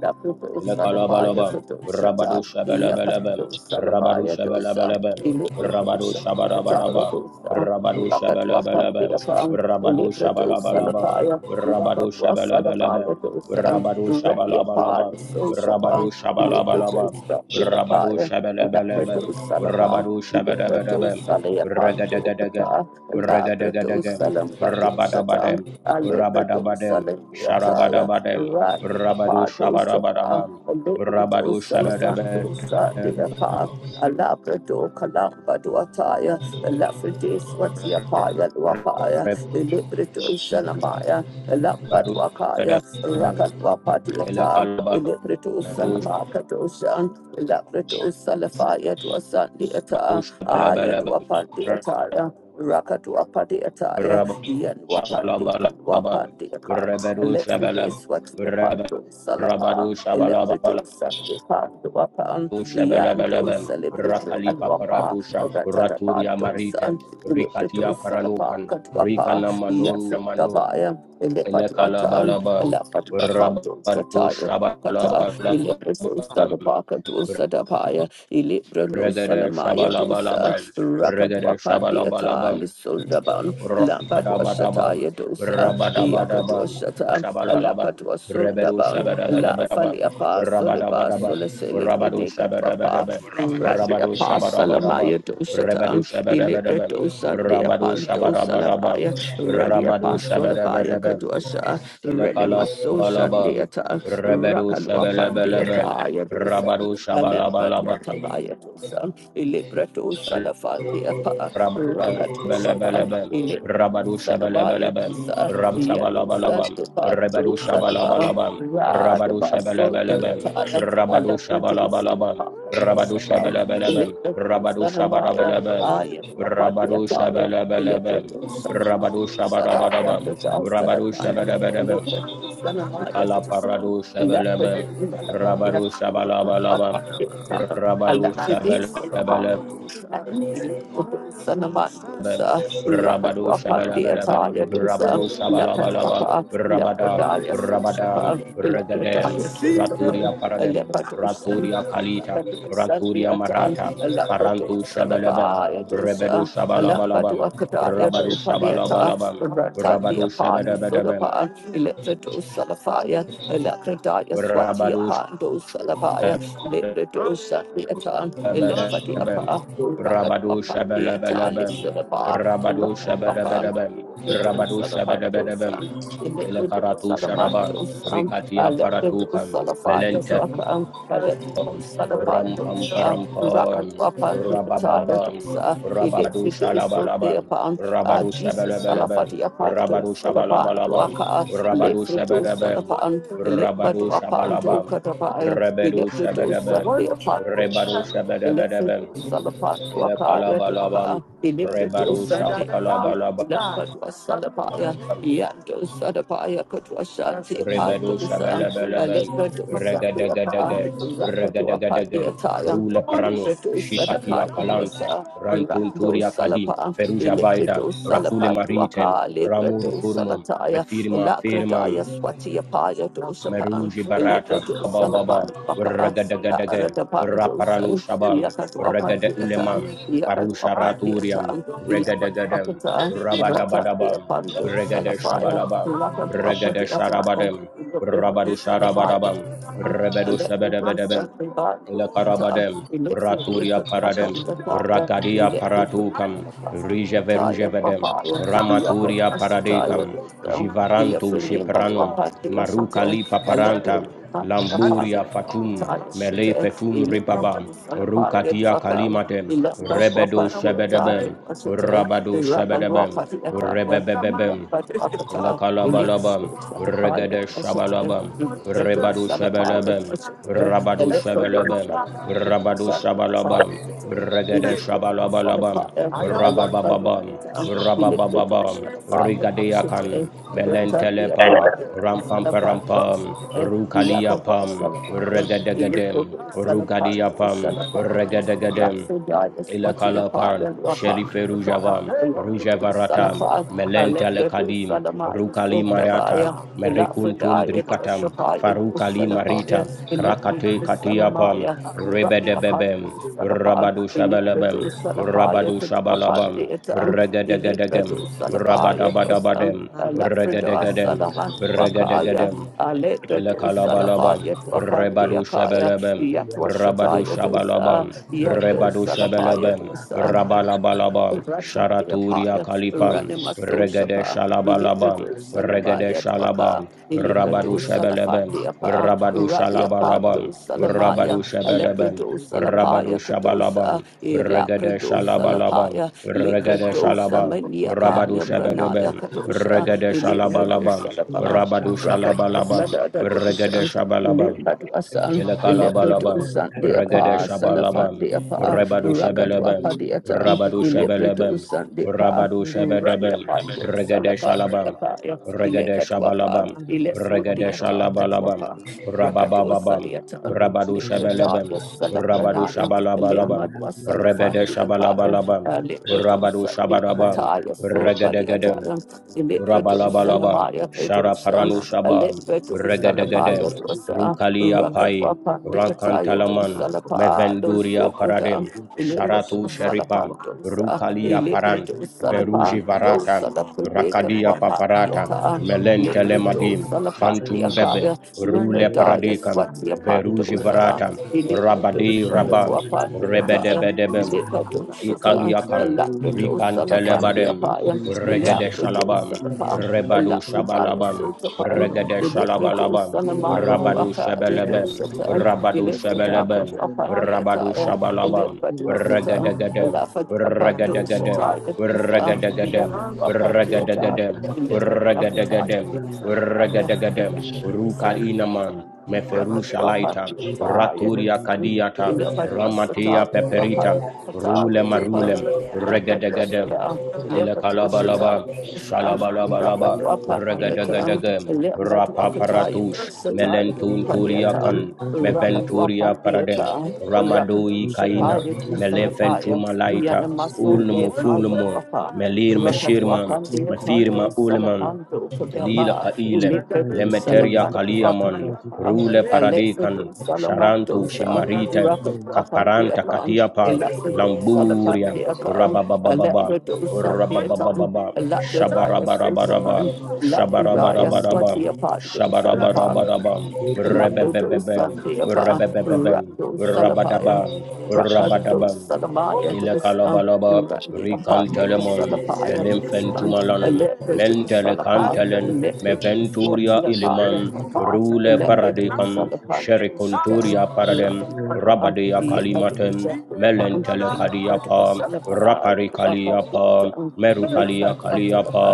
Speaker 1: Ilakalabalabam, Rabadu Shabalabalabam, Rabadu Shabalabalabam, Rabadu Shabarabarabam, Rabadu Shabalabalabam, Rabadu Shabalabalabam, Rabadu Shabalabalabam, Rabadu Shabalabalabam, Rabadu
Speaker 2: days
Speaker 1: Shabalabalabam,
Speaker 2: that we
Speaker 1: Rabadu Shabalabalabam,
Speaker 2: Labradosalapa,
Speaker 1: Rabadu Shabalabalabam, Ragadagadagam,
Speaker 2: Ilepradosaleapandokata,
Speaker 1: Ragadagadagam,
Speaker 2: Labradosalampadoshata,
Speaker 1: Rabadabadam, Rabadabadam,
Speaker 2: Alebradosalambiataya,
Speaker 1: Sharabadabadam, Rabado
Speaker 2: Randiapadosapa,
Speaker 1: Shabarabadabam. Rabado Shabarabadabam.
Speaker 2: Alebradosalapandosadiapa, Alabradokalambaduataya, Lafrideswatiapaya luapaya, Ilebradoshalamaya,
Speaker 1: Rabado
Speaker 2: Lampatwakaya,
Speaker 1: Shabarabadabam.
Speaker 2: Rakatwapadiata,
Speaker 1: Elekalabam. Rabado
Speaker 2: Ilebradosalamakadosha, Labrato Salafaya to a Sandiata, Aya to a
Speaker 1: Shabarabadabam.
Speaker 2: Pandiataya, Raka to a Padiataya, Ian Wapandi,
Speaker 1: Rabalabalabam.
Speaker 2: Katwapandiaka.
Speaker 1: Rabado
Speaker 2: Electric
Speaker 1: Shabalabam.
Speaker 2: is what the
Speaker 1: Rab-
Speaker 2: Pando
Speaker 1: Rabado
Speaker 2: Salapa, Electrito
Speaker 1: Shabalabalabam.
Speaker 2: Sandi Pando Wapan, Ianto
Speaker 1: Shabalabalabam.
Speaker 8: Shora bakora bakora bakiriya
Speaker 2: Celebrity and
Speaker 1: Rakalipa
Speaker 2: Wapa,
Speaker 1: Paratusham.
Speaker 2: Ratata
Speaker 1: Raturia
Speaker 2: Pando
Speaker 1: Maritem.
Speaker 2: San, Electrito
Speaker 1: Rikatia
Speaker 2: Salapa,
Speaker 1: Paranukan.
Speaker 2: Katwapa,
Speaker 1: Rikana Manon
Speaker 2: Yasu
Speaker 1: Namanon.
Speaker 2: Dabaya, Elepatuatan,
Speaker 1: Elekalabalabam,
Speaker 2: Elapatuakanto,
Speaker 1: Rabadu
Speaker 2: Satara, Wakata,
Speaker 1: Shabalabalabam,
Speaker 2: Ilibroso Sadabaka dosa Dabaya, Ilibrono
Speaker 1: Regada
Speaker 2: Salamaya dosa,
Speaker 1: Shabalabalabam, Regada
Speaker 2: Rakadwapandi Atali
Speaker 1: Shabalabalabam,
Speaker 2: Sundaban, Lampatwa Shataya
Speaker 1: Rabadabadabam,
Speaker 2: dosa, Yakadwa
Speaker 1: Rabadabadabam,
Speaker 2: Shata,
Speaker 1: Shabalabam,
Speaker 2: Lapatwa
Speaker 1: Rebedu
Speaker 2: Sundaban, La
Speaker 1: Shabadabadabam,
Speaker 2: Faliapa, Soliba,
Speaker 1: Rabadabadabam, Rabadu
Speaker 2: Soleselibrinekatwapa,
Speaker 1: Shabadabadabam, Rabadu
Speaker 2: Radiapa
Speaker 1: Shabadabadabam,
Speaker 2: Maya Dosatan,
Speaker 1: Rebedu Shabadabadabam,
Speaker 2: Ilibreto Sunday
Speaker 1: Rabadu
Speaker 2: Apando
Speaker 1: Shabadabadabam,
Speaker 2: Salabaya, Radia
Speaker 1: Rabadu
Speaker 2: Pasolabaya
Speaker 1: Shabadabadabam,
Speaker 2: Kaduasha, Renemaso
Speaker 1: Elekalabalabam,
Speaker 2: Shandeata,
Speaker 1: Rebedu Shabalabalabam,
Speaker 2: Rakaluapandeata Yadosan,
Speaker 1: Rabadu
Speaker 2: Alemba
Speaker 1: Shabalabalabam,
Speaker 2: Duatabaya Dosan, Ilibreto Salafandeapa,
Speaker 1: Rabu
Speaker 2: Rakatosapa,
Speaker 1: Shabalabalabam,
Speaker 2: Ilibreto
Speaker 1: Rabadu
Speaker 2: Salabaya
Speaker 1: Shabalabalabam,
Speaker 2: Dosa,
Speaker 1: Rabu
Speaker 2: Yadosan
Speaker 1: Shabalabalabam, Rebedu
Speaker 2: Depato Salaba,
Speaker 1: Shabalabalabam, Rabadu
Speaker 2: Radabaso
Speaker 1: Shabalabalabam,
Speaker 2: Deataya,
Speaker 1: Rabadu
Speaker 2: Alemba
Speaker 1: Shabalabalabam,
Speaker 2: Dosalapa.
Speaker 1: Rabadu Shabalabalabam,
Speaker 2: Ilip
Speaker 1: Rabadu
Speaker 2: Sanamaya,
Speaker 1: Shabarabalabam,
Speaker 2: Aya,
Speaker 1: Rabadu
Speaker 2: Apadiataya,
Speaker 1: Shabalabalabam,
Speaker 2: Ilepratus,
Speaker 1: Rabadu
Speaker 2: Sanamaya, Salaya,
Speaker 1: Shabarabalabam,
Speaker 2: Pratas,
Speaker 1: Rabadu
Speaker 2: Sanataya,
Speaker 1: Shabarabalabam,
Speaker 2: Ilepratus, Sanamaya,
Speaker 1: Ikala
Speaker 2: Pratas,
Speaker 1: parado shabalabam.
Speaker 2: Ilepratus,
Speaker 1: Rabado
Speaker 2: Sanamaya,
Speaker 1: shabalabalabam.
Speaker 2: Apadiataya,
Speaker 1: Rabado
Speaker 2: Alapratus,
Speaker 1: shabalabalabam.
Speaker 2: Sanamaya, Rakat
Speaker 1: Rabado shabalabalabam.
Speaker 2: Wapandiataya, Dusa,
Speaker 1: Rabado
Speaker 2: Lakat
Speaker 1: shabalabalabam.
Speaker 2: Wapa,
Speaker 1: Rabadam.
Speaker 2: Lepradaya,
Speaker 1: Rabadam.
Speaker 2: Sishapa, Ilepradaya,
Speaker 1: Regadem.
Speaker 2: Sishapa,
Speaker 1: Raturia paradem.
Speaker 2: Ilepratus,
Speaker 1: Raturia kalita.
Speaker 2: Rakat
Speaker 1: Raturia
Speaker 2: Sadiataya,
Speaker 1: marata.
Speaker 2: Alabado
Speaker 1: Farantu shabalabam.
Speaker 2: Salabaya
Speaker 1: Rebedu
Speaker 2: Dosha, Alabado
Speaker 1: shabalabalabam.
Speaker 2: Akadaya
Speaker 1: Rabado
Speaker 2: Paliata,
Speaker 1: shabalabalabam.
Speaker 2: Ratandi
Speaker 1: Rabado
Speaker 2: Apata
Speaker 1: shabadabadabam.
Speaker 2: Sodapa, Electrado Salafaya, Electradaya Swati
Speaker 1: Rabado
Speaker 2: Apando Salabaya,
Speaker 1: shabadabadabam.
Speaker 2: Lebrado Shatiata, Elefati
Speaker 1: Rabadabam,
Speaker 2: Apa, Rapadu
Speaker 1: Rabado
Speaker 2: Apandi Atali
Speaker 1: Shabalabalabam,
Speaker 2: Sodapa,
Speaker 1: Rabado
Speaker 2: Rapadu Apan,
Speaker 1: Shabadabadabam,
Speaker 2: Lebrado
Speaker 1: Rabado Shabadabadabam,
Speaker 2: Salapandosa, Electrado
Speaker 1: Elekaratu Sharabam,
Speaker 2: Salamandosa, Ah,
Speaker 1: Rikatia
Speaker 2: Jesus,
Speaker 1: Paratukam,
Speaker 2: Salafati
Speaker 1: Melente Rampam Parampam, Rabababam, Rabado Shalabalabam, Rabado Shabalabalabam,
Speaker 2: Apanto,
Speaker 1: Rabado
Speaker 2: Salapan,
Speaker 1: Shabalabalabam,
Speaker 2: Duaka,
Speaker 1: Rabado
Speaker 2: Lefredo,
Speaker 1: Shabadabam,
Speaker 2: Salapan, Eleba
Speaker 1: Rabado
Speaker 2: Duapanto,
Speaker 1: Shabalabam,
Speaker 2: Katabaya,
Speaker 1: Rebedo
Speaker 2: Electrodos,
Speaker 1: Shabadabam,
Speaker 2: Sandia
Speaker 1: Rebado
Speaker 2: Pantos, Salapa,
Speaker 1: Shabadabadabam,
Speaker 2: Leprato Salapan Waka
Speaker 1: Elekalabalabam, Rebadu Shabalabalabam, Rebadu Shabalabalabam, Regadegadege, Regadegadege, Rula Paranun, Shikati Akalanta, Rantunturia Kadim, Feruja Vaida, Rakule Maritem, Ramur Furmum, Mefirma Firmam, Meruji Barata, Abababa,
Speaker 2: La
Speaker 1: Ragadagadagam,
Speaker 2: Ratapandos and
Speaker 1: Raparanu Shabam, Ragada
Speaker 2: Yakatuapatiatam,
Speaker 1: Uleman, Farusha Raturiam,
Speaker 2: Yakatuapatiatam,
Speaker 1: Regadagadam,
Speaker 2: Ilakatuapata,
Speaker 1: Rabadabadabam,
Speaker 2: Ratatiapando,
Speaker 1: Regada
Speaker 2: Salafaya,
Speaker 1: Shabalabam, Regada
Speaker 2: Rakatuapatiatam,
Speaker 1: Sharabadam, Rabadu
Speaker 2: Ilobrito Salamaya,
Speaker 1: Sharabadabam, Rebedu
Speaker 2: Alephidus,
Speaker 1: Shabadabadabam, Ila
Speaker 2: Sacribatus,
Speaker 1: karabadem, raturia paradem,
Speaker 2: Ilexidekatuapatapaya,
Speaker 1: rakadia
Speaker 2: Ilexidus,
Speaker 1: paratukam,
Speaker 2: Salapastukataya,
Speaker 1: rijeverujevedem,
Speaker 2: Papaya,
Speaker 1: ramaturia
Speaker 2: Yakatuasataya,
Speaker 1: paradekam, jivaranto
Speaker 2: Ilexidus,
Speaker 1: shipranum,
Speaker 2: Ilexidus,
Speaker 1: marukali
Speaker 2: a
Speaker 1: paparanta
Speaker 2: leopard might be a
Speaker 1: lamburia
Speaker 2: fire, a
Speaker 1: fatum,
Speaker 2: tire
Speaker 1: mele
Speaker 2: shitter, a
Speaker 1: fetum ribabam,
Speaker 2: little salapaya to
Speaker 1: rukatia
Speaker 2: a gun,
Speaker 1: kalimatem,
Speaker 2: a lumber
Speaker 1: rebedo
Speaker 2: wapa, a tire to
Speaker 1: shebedebem,
Speaker 2: a shitter,
Speaker 1: rabado
Speaker 2: a rapper
Speaker 1: shebedebem,
Speaker 2: wapa to a tire, a
Speaker 1: rebebebebem,
Speaker 2: a
Speaker 1: Ilakalabalabam,
Speaker 2: little salapaya
Speaker 1: Regade
Speaker 2: to a
Speaker 1: Shabalabam,
Speaker 2: shitter, a little
Speaker 1: Rebadu
Speaker 2: salapaya to a
Speaker 1: Shabalabam,
Speaker 2: shitter, and
Speaker 1: Rabadu
Speaker 2: let's go to the
Speaker 1: Shabalabam,
Speaker 2: sun, the
Speaker 1: Rabadu
Speaker 2: sun, the fire,
Speaker 1: Shabalabam,
Speaker 2: the sun. We
Speaker 1: Regade
Speaker 2: lift up the sun of
Speaker 1: Shabalabalabam,
Speaker 2: fire, and let's go
Speaker 1: Rabababam,
Speaker 2: to the sun. We lift up the
Speaker 1: Rabababam,
Speaker 2: sun of fire, the sun today.
Speaker 1: Rigadeakan,
Speaker 2: And let's have the
Speaker 1: Melentelepam,
Speaker 2: apartment, the sun of fire, the
Speaker 1: Rampamparampam,
Speaker 2: sun today. We have up the
Speaker 1: Rukaliapam,
Speaker 2: sun of fire. We lift
Speaker 1: Regadegadem,
Speaker 2: up the sun of fire, the
Speaker 1: Rugadiapam,
Speaker 2: sun of fire. And
Speaker 1: Regadegadem,
Speaker 2: that's the guy that's what the
Speaker 1: Ilakala Paran,
Speaker 2: apartment, the
Speaker 1: Sherife
Speaker 2: apartment, the
Speaker 1: Rujavam,
Speaker 2: apartment. We lift up the sun of
Speaker 1: Rujavaratam,
Speaker 2: fire.
Speaker 1: Melentele
Speaker 2: Alepredu
Speaker 1: Kadim,
Speaker 2: Salamaya
Speaker 1: Rukali Mariata,
Speaker 2: Sotabaya,
Speaker 1: Merikuntum
Speaker 2: Elafredaya
Speaker 1: Brikatam,
Speaker 2: Shapaya
Speaker 1: Farukali
Speaker 2: Salapaya,
Speaker 1: Marita, Krakate
Speaker 2: Elipredu
Speaker 1: Katiapam,
Speaker 2: Salamaya, Rabi Apat
Speaker 1: Rebedebebem,
Speaker 2: Salapan,
Speaker 1: Rabadu
Speaker 2: Elipredu
Speaker 1: Shabalabem,
Speaker 2: Salapaya,
Speaker 1: Rabadu
Speaker 2: Apat
Speaker 1: Shabalabam,
Speaker 2: Deatan,
Speaker 1: Regedegedegem,
Speaker 2: Elipredu Salapaya, Dwasan,
Speaker 1: Rabadabadabadem,
Speaker 2: Elafreda
Speaker 1: Regedegedem,
Speaker 2: Salaman Wakaya,
Speaker 1: Regedegedem,
Speaker 2: Alepredu
Speaker 1: Elekalabalabam,
Speaker 2: Salafaya, Dwapan
Speaker 1: Rebadu
Speaker 2: Deakaya,
Speaker 1: Shebelebem, Rabadu
Speaker 2: Yatwashataya Dosa,
Speaker 1: Shabalabam,
Speaker 2: Yado
Speaker 1: Rebadu
Speaker 2: Salapaya
Speaker 1: Shebelebem,
Speaker 2: Dosa.
Speaker 1: Rabalabalabam,
Speaker 2: Ratandia
Speaker 1: Sharaturia
Speaker 2: Paya,
Speaker 1: Kalipam,
Speaker 2: Ranima
Speaker 1: Regede
Speaker 2: Sosapa,
Speaker 1: Shalabalabam,
Speaker 2: Elipido
Speaker 1: Regede
Speaker 2: Salamaya Dwaka,
Speaker 1: Shalabam, Rabadu
Speaker 2: Elipido
Speaker 1: Shebelebem,
Speaker 2: Salafandia Pa,
Speaker 1: Rabadu
Speaker 2: Radia Pando
Speaker 1: Shalabalabam,
Speaker 2: Salamaya,
Speaker 1: Rabadu Shebelebem,
Speaker 2: Alepido
Speaker 1: Rabadu
Speaker 2: Salapaya Kadosa,
Speaker 1: Shabalabam, Regade
Speaker 2: Elapido
Speaker 1: Shalabalabam,
Speaker 2: Salapaya,
Speaker 1: Regade
Speaker 9: and
Speaker 2: Likrado
Speaker 1: Shalabam,
Speaker 2: Samaniaka,
Speaker 1: Rabadu
Speaker 9: Rakati
Speaker 2: Lebranaya
Speaker 1: Shabadabam,
Speaker 2: Kadosa,
Speaker 1: Regade
Speaker 9: rakakatanda
Speaker 2: Elipido
Speaker 1: Shalabalabam,
Speaker 2: Salapa,
Speaker 1: Rabadu
Speaker 9: rakakati
Speaker 2: Raka
Speaker 1: Shalabalabam,
Speaker 2: Sadada
Speaker 1: Regade
Speaker 2: Dosa,
Speaker 1: Shabalabam.
Speaker 2: Limbadwasan,
Speaker 9: rakakatanda
Speaker 1: Elekalabalabam,
Speaker 9: rakakatandi rakakati rakakatandi
Speaker 2: Elebredosan, the
Speaker 9: rakakatanda
Speaker 1: Regede
Speaker 2: Apa, Salafan,
Speaker 1: Shabalabam,
Speaker 2: the Apa,
Speaker 1: Rebadu Shebelebem,
Speaker 2: Rakadwapa, the Atam,
Speaker 1: Rabadu Shebelebem,
Speaker 2: Elebredosan, the Pa,
Speaker 1: Rabadu Shebedebem,
Speaker 2: Radiapan,
Speaker 1: Regede
Speaker 2: Salapan, the
Speaker 1: Shalabam,
Speaker 2: Apa,
Speaker 1: Regede
Speaker 2: Elekatwapa,
Speaker 1: Shabalabam,
Speaker 2: Elesut, the
Speaker 1: Regede
Speaker 2: Atayat
Speaker 1: Shalabalabam,
Speaker 2: Wapa, Rakatosa,
Speaker 1: Rababababam,
Speaker 2: the Atam,
Speaker 1: Rabadu
Speaker 9: rakakatandi
Speaker 1: Shebelebem,
Speaker 2: Likradaya,
Speaker 1: Rabadu
Speaker 2: Salapranaya,
Speaker 1: Shabalabalabam,
Speaker 2: Elimadwa,
Speaker 1: Rebede
Speaker 2: Salafan, the
Speaker 9: rakakatanda
Speaker 2: Akaya,
Speaker 1: Shabalabalabam, Rabadu
Speaker 2: Elebredosan, the
Speaker 1: Shabarabam,
Speaker 2: Apataya, Sopa, the
Speaker 1: Regedegedem,
Speaker 2: Atayam, Elebradosan,
Speaker 1: Rabalabalaba,
Speaker 2: Amaya, Produsan,
Speaker 1: Sharaparanu Shabam,
Speaker 2: Alepha to Salapa
Speaker 1: Regadegadem,
Speaker 9: rakakatanda
Speaker 2: Yadosa,
Speaker 1: Rukalia
Speaker 2: Rakadwa
Speaker 1: Pai,
Speaker 2: Pandi
Speaker 8: bakora
Speaker 2: Ataya to
Speaker 1: Rankantalaman,
Speaker 8: bakora
Speaker 2: Salapa, Lo
Speaker 1: Mevenduria
Speaker 2: Sobrata,
Speaker 1: Paradem,
Speaker 2: Elepha to
Speaker 1: Sharatu
Speaker 8: Shona
Speaker 1: Sheripam,
Speaker 2: Salapandosa,
Speaker 8: Bhakwan
Speaker 1: Rukalia
Speaker 2: Elepha
Speaker 1: Parand,
Speaker 2: to
Speaker 1: Veruji
Speaker 2: Salapando,
Speaker 1: Varata,
Speaker 2: Salapadekan
Speaker 1: Rakadia
Speaker 8: Bhaktivinoda
Speaker 1: Paparata,
Speaker 8: Bhaktivinoda
Speaker 2: Wapandiata, Lepha to
Speaker 1: Melentelemadin, Fantum Bebe,
Speaker 2: Salapandiakaya, Lepha
Speaker 1: Rule
Speaker 2: Daya
Speaker 1: Paradikam,
Speaker 2: Swatia
Speaker 8: Shona
Speaker 9: Thank
Speaker 1: Veruji
Speaker 9: you.
Speaker 2: Pandosala,
Speaker 1: Varata,
Speaker 2: Elepha to
Speaker 1: Rabadi Rabam,
Speaker 2: Sakatwa Pandiataya,
Speaker 1: Rebedebedebem,
Speaker 2: Elepha to Shata,
Speaker 1: Ikaliakan,
Speaker 2: Alapha to
Speaker 1: Rikantelebadem,
Speaker 2: Salapandiapaya,
Speaker 1: Regede
Speaker 2: Elepha to
Speaker 1: Shalabam,
Speaker 2: Salapa,
Speaker 1: Rebadu
Speaker 2: Alapha
Speaker 1: Shabalabam,
Speaker 2: Sotapan.
Speaker 1: Regede
Speaker 2: The Electrical
Speaker 1: Shalabalabam,
Speaker 2: Sanamaya
Speaker 1: Rabadu
Speaker 2: Waka, Little
Speaker 1: Shebelebem,
Speaker 2: Satan,
Speaker 1: Rabadu
Speaker 2: Electrica to
Speaker 1: Shebelebem,
Speaker 8: Bhaktivinoda
Speaker 1: Rabadu
Speaker 2: Apayataya,
Speaker 1: Shabalabam,
Speaker 2: Electra to a Satan,
Speaker 1: Regedegadem,
Speaker 2: Elapha
Speaker 8: Iriada Bhaktivinoda Shona
Speaker 2: Apando
Speaker 1: Regedegadem,
Speaker 2: Shataya Dosa,
Speaker 8: Bhaktivinoda Bhaktivinoda
Speaker 2: the
Speaker 1: Regedegadem,
Speaker 2: Apayata,
Speaker 1: Regedegadem,
Speaker 2: Electra to
Speaker 8: Shona
Speaker 1: Regedegadem,
Speaker 2: Apataya
Speaker 8: Bhaktivinoda Bhaktivinoda
Speaker 2: Sanamaya,
Speaker 1: Regedegadem, Rukal Inaman, Meferu
Speaker 8: Bhaktivinoda
Speaker 2: Rocket Wapan
Speaker 1: Shalaita,
Speaker 2: Taya
Speaker 1: Raturia
Speaker 2: Dosa,
Speaker 1: Kadiata, Ramatia
Speaker 2: Rakadwapa
Speaker 1: Peperita, Rulem Rulem Regadegadem Ilakalabalaba, Shalabalabalaba, Regadegadegem, Rapaparatush, Melenturiakan, Meventuria Paradem,
Speaker 2: theatre, Rakadu
Speaker 1: Ramadoi
Speaker 9: and the president.
Speaker 1: Kaina,
Speaker 2: Shapaya,
Speaker 9: And this
Speaker 2: Salapaya,
Speaker 1: Melefentumalaita,
Speaker 2: Yana
Speaker 9: is the
Speaker 2: muscle de
Speaker 1: Ulmu Fulmu,
Speaker 2: Pawapa,
Speaker 1: Melir
Speaker 9: Thank
Speaker 2: Rakat
Speaker 9: you.
Speaker 1: Meshirman,
Speaker 2: Wapan de Tondo,
Speaker 1: Mefirma
Speaker 9: will
Speaker 1: Ulman,
Speaker 2: Salapando,
Speaker 1: lila
Speaker 2: Kadaba,
Speaker 1: ka ilem
Speaker 2: Ulipedo,
Speaker 1: lemeteria
Speaker 2: Salapando,
Speaker 1: kaliamon rule
Speaker 2: Akadiapa,
Speaker 1: paradikan
Speaker 2: Alexido,
Speaker 9: you
Speaker 1: sharantu
Speaker 2: Salamandosa,
Speaker 1: shimaritem
Speaker 2: Rakat Wapan de
Speaker 1: kaparanta
Speaker 2: Apan,
Speaker 1: katiapa
Speaker 2: Alexido, Salapan
Speaker 1: lamburia
Speaker 2: de Apan,
Speaker 1: rabababababa
Speaker 2: Alexido, Satiatan,
Speaker 1: rabababababa
Speaker 2: Alakadaya, Sosapan,
Speaker 1: shabarabarabaraba
Speaker 9: do
Speaker 2: Lakadaya,
Speaker 1: shabarabarabaraba
Speaker 9: with you
Speaker 2: Swatiapando,
Speaker 9: and try to
Speaker 2: Salapa.
Speaker 9: keep
Speaker 1: shabarabarabaraba
Speaker 9: and
Speaker 2: Lapido
Speaker 1: rebebebebe
Speaker 2: Satiapa,
Speaker 1: rebebebebe
Speaker 2: Rado Salapayam,
Speaker 1: rabadabam
Speaker 2: Rakado
Speaker 1: rabadabam
Speaker 2: Salamaya to
Speaker 1: ile
Speaker 2: the sun,
Speaker 1: kalabalaba
Speaker 2: Randy Apando
Speaker 1: rikantelemon
Speaker 2: Salapaya to
Speaker 9: in
Speaker 2: the sun,
Speaker 9: reality.
Speaker 1: melimfentumalan
Speaker 2: Electric
Speaker 1: mentele
Speaker 9: And
Speaker 2: Salapa,
Speaker 1: kantelen
Speaker 2: Electric
Speaker 9: I
Speaker 1: meventuria
Speaker 9: think that
Speaker 2: Swatiapaya,
Speaker 1: iliman rule
Speaker 9: I have a
Speaker 2: Electric
Speaker 9: little
Speaker 1: paradikam
Speaker 9: bit
Speaker 2: Salapaya to the sun.
Speaker 1: sherikunturia paradem
Speaker 9: very good.
Speaker 2: Rakapa,
Speaker 1: rabadia
Speaker 9: Very
Speaker 2: Yakadu
Speaker 1: kalimatem
Speaker 2: Salapa,
Speaker 1: melentele
Speaker 2: Yakadu
Speaker 1: kadiapa
Speaker 2: Salapa,
Speaker 1: rapari
Speaker 2: Yakadu
Speaker 1: kaliapa
Speaker 2: Salapa, Thank
Speaker 1: merukalia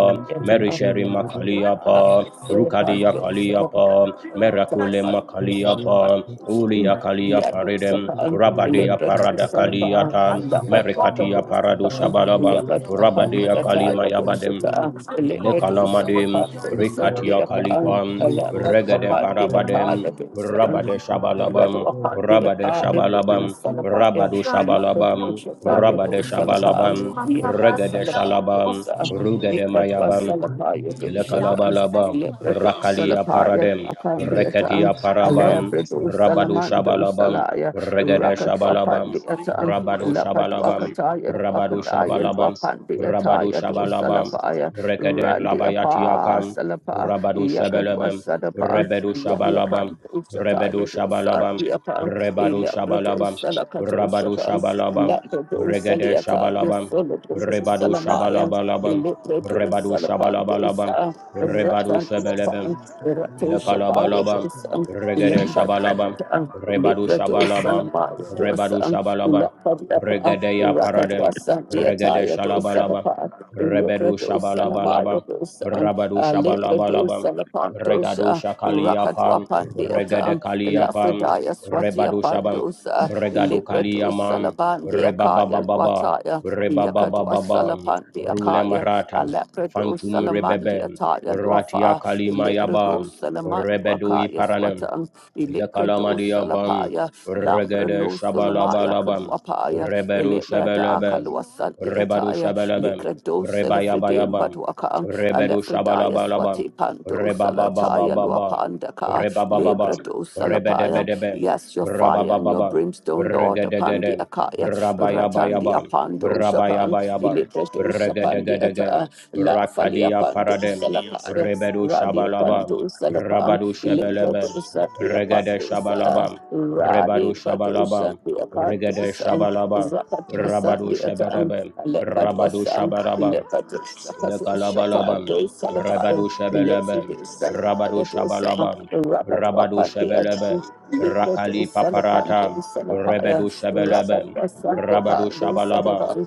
Speaker 9: good.
Speaker 1: merisherima
Speaker 9: And the
Speaker 1: kaliapa rukadia kaliapa merakule
Speaker 9: Thank
Speaker 1: makaliapa ulia kaliapa redem rabadia parada kaliata Merikatiya parado shabalabam, rabadeya kalima yabadem, lekalamadem, rikatiya kalipam, regedem parabadem,
Speaker 2: you.
Speaker 1: rabade shabalabam,
Speaker 2: Randi
Speaker 1: rabade shabalabam, rabado shabalabam, rabade shabalabam, regede shalabam, rugede mayabam, Ilekalabalaba, Rakalia Paradem, Rekedia Parabam, Rabadu Shabalabam, Regede Shabalabam, Rabadu Shabalabam,
Speaker 9: you.
Speaker 1: Rabadu Shabalabam,
Speaker 9: That's
Speaker 1: Rabadu
Speaker 9: very
Speaker 1: Shabalabam, Rekede
Speaker 2: apa salapa
Speaker 1: Labayatiakam, Rabadu
Speaker 2: Yakatwa
Speaker 1: Shabalabam,
Speaker 2: Sadapan,
Speaker 1: Rebedu Shabalabam,
Speaker 2: Yaniapan,
Speaker 1: Rebedu
Speaker 2: Ushataya to
Speaker 1: Shabalabam,
Speaker 2: Sadiapan,
Speaker 1: Rebadu
Speaker 2: Elabrato
Speaker 1: Shabalabam,
Speaker 2: Salakato
Speaker 1: Rabadu
Speaker 2: Shapan,
Speaker 1: Shabalabam,
Speaker 2: Labrato
Speaker 1: Regede
Speaker 2: Saliata,
Speaker 1: Shabalabam,
Speaker 2: Yosolato
Speaker 1: Rebadu
Speaker 2: Salamaya,
Speaker 1: Shabalabalabam,
Speaker 2: Elabrato
Speaker 1: Rebadu
Speaker 2: Salapanto
Speaker 1: Shabalabalaba,
Speaker 2: Sa,
Speaker 1: Rebadu
Speaker 2: Ratan
Speaker 1: Shebelebe,
Speaker 2: Yapan, Rato Shapaya
Speaker 1: Ilakalabalabam,
Speaker 2: to Sam,
Speaker 1: Regede
Speaker 2: Ilamba
Speaker 1: Shabalabam, Rebadu
Speaker 2: Labrato
Speaker 1: Shabalabam,
Speaker 2: Salamaya to
Speaker 1: Rebadu
Speaker 2: Sam,
Speaker 1: Shabalabam,
Speaker 2: Lapadiapa,
Speaker 1: Regede Yaparadem,
Speaker 2: Rakadwasa,
Speaker 1: Regede
Speaker 2: Diataya
Speaker 1: Shalabalabam,
Speaker 2: dosadapa,
Speaker 1: Rebedu
Speaker 2: Leprados, Sanamaro
Speaker 1: Shabalabalabam,
Speaker 2: dosan,
Speaker 1: Rabadu
Speaker 2: Leprados,
Speaker 1: Shabalabalabam,
Speaker 2: Salapandos,
Speaker 1: Regadu Shakaliyapam,
Speaker 2: Rakadwapan
Speaker 1: Regede
Speaker 2: deatan,
Speaker 1: Kaliyapam,
Speaker 2: Lafredaya Swatia
Speaker 1: Rebadu Shabam,
Speaker 2: Pandos,
Speaker 1: Regadu
Speaker 2: Leprados,
Speaker 1: Kaliyamam,
Speaker 2: Salaban deakaya,
Speaker 1: Rebababababam,
Speaker 2: Wataya, Yakadwas
Speaker 1: Rebababababam,
Speaker 2: Salapan
Speaker 1: Rule
Speaker 2: deakaya,
Speaker 1: Marata,
Speaker 2: Leprados,
Speaker 1: phantom
Speaker 2: Salaman
Speaker 1: Rebebem,
Speaker 2: deataya,
Speaker 1: Ratia
Speaker 2: Wafa,
Speaker 1: Kalimayabam,
Speaker 2: Leprados, Salaman,
Speaker 1: Rebedui
Speaker 2: Wakaya
Speaker 1: Paranum,
Speaker 2: Swatan, Leprados,
Speaker 1: Lekalamadiabam,
Speaker 2: Salapaya, Lambra
Speaker 1: Regede
Speaker 2: no solomaya
Speaker 1: Shabalabalabam,
Speaker 2: kadwapaya,
Speaker 1: Rebedu
Speaker 2: elebrada
Speaker 1: Shabalabam,
Speaker 2: akalua
Speaker 1: Rebadu
Speaker 2: sandiataya,
Speaker 1: Shabalabam,
Speaker 2: likrado selefridem
Speaker 1: Rebayabayabam,
Speaker 2: badwaka,
Speaker 1: Rebedu
Speaker 2: alefridaya
Speaker 1: Shabalabalabam,
Speaker 2: swati pando salataya
Speaker 1: Rebababababam,
Speaker 2: luapandaka,
Speaker 1: Rebabababam,
Speaker 2: lebrado salapaya.
Speaker 1: Rebedebedebem,
Speaker 2: Yes, your fire and your
Speaker 1: Rababababam,
Speaker 2: brimstone, Lord, upon the
Speaker 1: Regedegedem,
Speaker 2: akaya, ratandi
Speaker 1: Rabayabayabam,
Speaker 2: apando shapan,
Speaker 1: Rabayabayabam,
Speaker 2: elebrado sapandi
Speaker 1: Regedegedegem,
Speaker 2: ata, la falia
Speaker 1: Rakadia
Speaker 2: pando
Speaker 1: Paradem,
Speaker 2: salapaya,
Speaker 1: Rebedu
Speaker 2: radio
Speaker 1: Shabalabam,
Speaker 2: pando salapan,
Speaker 1: Rabadu
Speaker 2: elebrado
Speaker 1: Shabalabam,
Speaker 2: satia
Speaker 1: Regade
Speaker 2: pando sala.
Speaker 1: Shabalabam, Rebadu
Speaker 2: Radi Badusa,
Speaker 1: Shabalabam,
Speaker 2: the
Speaker 1: Regade
Speaker 2: Akatosan,
Speaker 1: Shabalabam,
Speaker 2: Rakatwasan,
Speaker 1: Rabadu
Speaker 2: the Atan,
Speaker 1: Shabarabam, Rabadu
Speaker 2: Lepatwasan,
Speaker 1: Shabarabam,
Speaker 2: Lepatushakatushata,
Speaker 1: Ilakalabalabam,
Speaker 2: Do Salabaya,
Speaker 1: Rabadu Shabalabam,
Speaker 2: Lepidusan,
Speaker 1: Rabadu
Speaker 2: Mayatusa,
Speaker 1: Shabalabam, Rabadu
Speaker 2: Rakatwapan, the
Speaker 1: Shabalabam,
Speaker 2: Atan,
Speaker 1: Rakali
Speaker 2: Lepatusan, the Adang, Libra to Salapan, Day
Speaker 1: Paparatam,
Speaker 2: Salapaya,
Speaker 1: Rebedu Shabalabam,
Speaker 2: Rakatwasan, the
Speaker 1: Rabadu
Speaker 2: Badu
Speaker 1: Shabalabam,
Speaker 2: Salaban,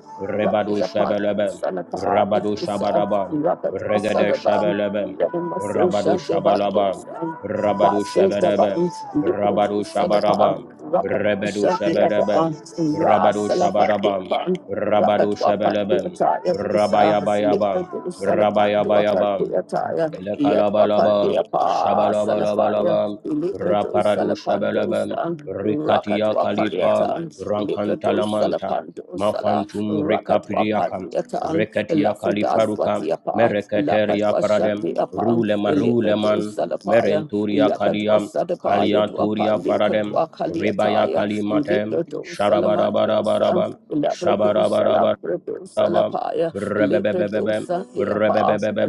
Speaker 2: Randi
Speaker 1: Rebadu
Speaker 2: upon
Speaker 1: Shabalabam,
Speaker 2: Salapaya,
Speaker 1: Rabadu Shabalabam,
Speaker 2: Rakatwasan,
Speaker 1: Regede
Speaker 2: the Badu.
Speaker 1: Shabalabam, Rabadu
Speaker 2: Radamasosha, the Badu,
Speaker 1: Shabalabam,
Speaker 2: Sang.
Speaker 1: Rabadu
Speaker 2: Masoda
Speaker 1: Shabalabam,
Speaker 2: Button,
Speaker 9: Thank
Speaker 2: Lipodu
Speaker 1: Rabadu
Speaker 2: of
Speaker 1: Shabalabam,
Speaker 9: you.
Speaker 2: Rocket
Speaker 1: Rebedu
Speaker 2: Russia, the
Speaker 1: Shabalabam,
Speaker 2: Eva, Ra
Speaker 1: Rabadu
Speaker 2: Salapa, the
Speaker 1: Shabalabam,
Speaker 2: Upon, Rocket
Speaker 1: Rabadu
Speaker 2: Wapan, the
Speaker 1: Shabalabam,
Speaker 2: Attire, Vusa,
Speaker 1: Rabayabayabam,
Speaker 2: Lipodu Salapan, the Upper,
Speaker 1: Rabayabayabam,
Speaker 2: the Attire, Yet Wapan, the
Speaker 1: Elekalabalabam,
Speaker 2: Apa, Salafire,
Speaker 1: Shabalabalabalabam,
Speaker 2: Lipodu
Speaker 1: Raparadu
Speaker 2: Salapan,
Speaker 1: Shabalabam,
Speaker 2: Dosa, Rocket
Speaker 1: Rikatia
Speaker 2: Wapan, the
Speaker 1: Kalipa,
Speaker 2: Attire, Lipodu
Speaker 1: Rankantalamanta,
Speaker 2: Salapan, Dosala,
Speaker 1: Mafantum
Speaker 2: Rocket Wapan,
Speaker 1: Rikapidiakam,
Speaker 2: the Attire,
Speaker 1: Rekatia
Speaker 2: Lafidas,
Speaker 1: Kalifaruka,
Speaker 2: Watiapa, Lapat
Speaker 1: Mereketeria
Speaker 2: Washa,
Speaker 1: Paradem,
Speaker 2: the Upon,
Speaker 1: Rulema
Speaker 2: Lipodu
Speaker 1: Ruleman,
Speaker 2: Salapaya,
Speaker 1: Merenturia
Speaker 2: Yakadwa
Speaker 1: Kadiam,
Speaker 2: Sadapaya
Speaker 1: Kalianturia
Speaker 2: Dwapandi
Speaker 1: Faradem,
Speaker 2: Kadwa
Speaker 1: Ribaya
Speaker 2: Kaliataya,
Speaker 1: Kalimatem,
Speaker 2: Librado Salamandosa,
Speaker 1: Shabarabarabarabam,
Speaker 2: Labrado
Speaker 1: Shabarabarabarabam,
Speaker 2: Salabrado
Speaker 1: Rabba,
Speaker 2: Salapaya,
Speaker 1: rabba,
Speaker 2: Librado
Speaker 1: rabba, rabba, rabba,
Speaker 2: Sandiapa,
Speaker 1: rabba, rabba,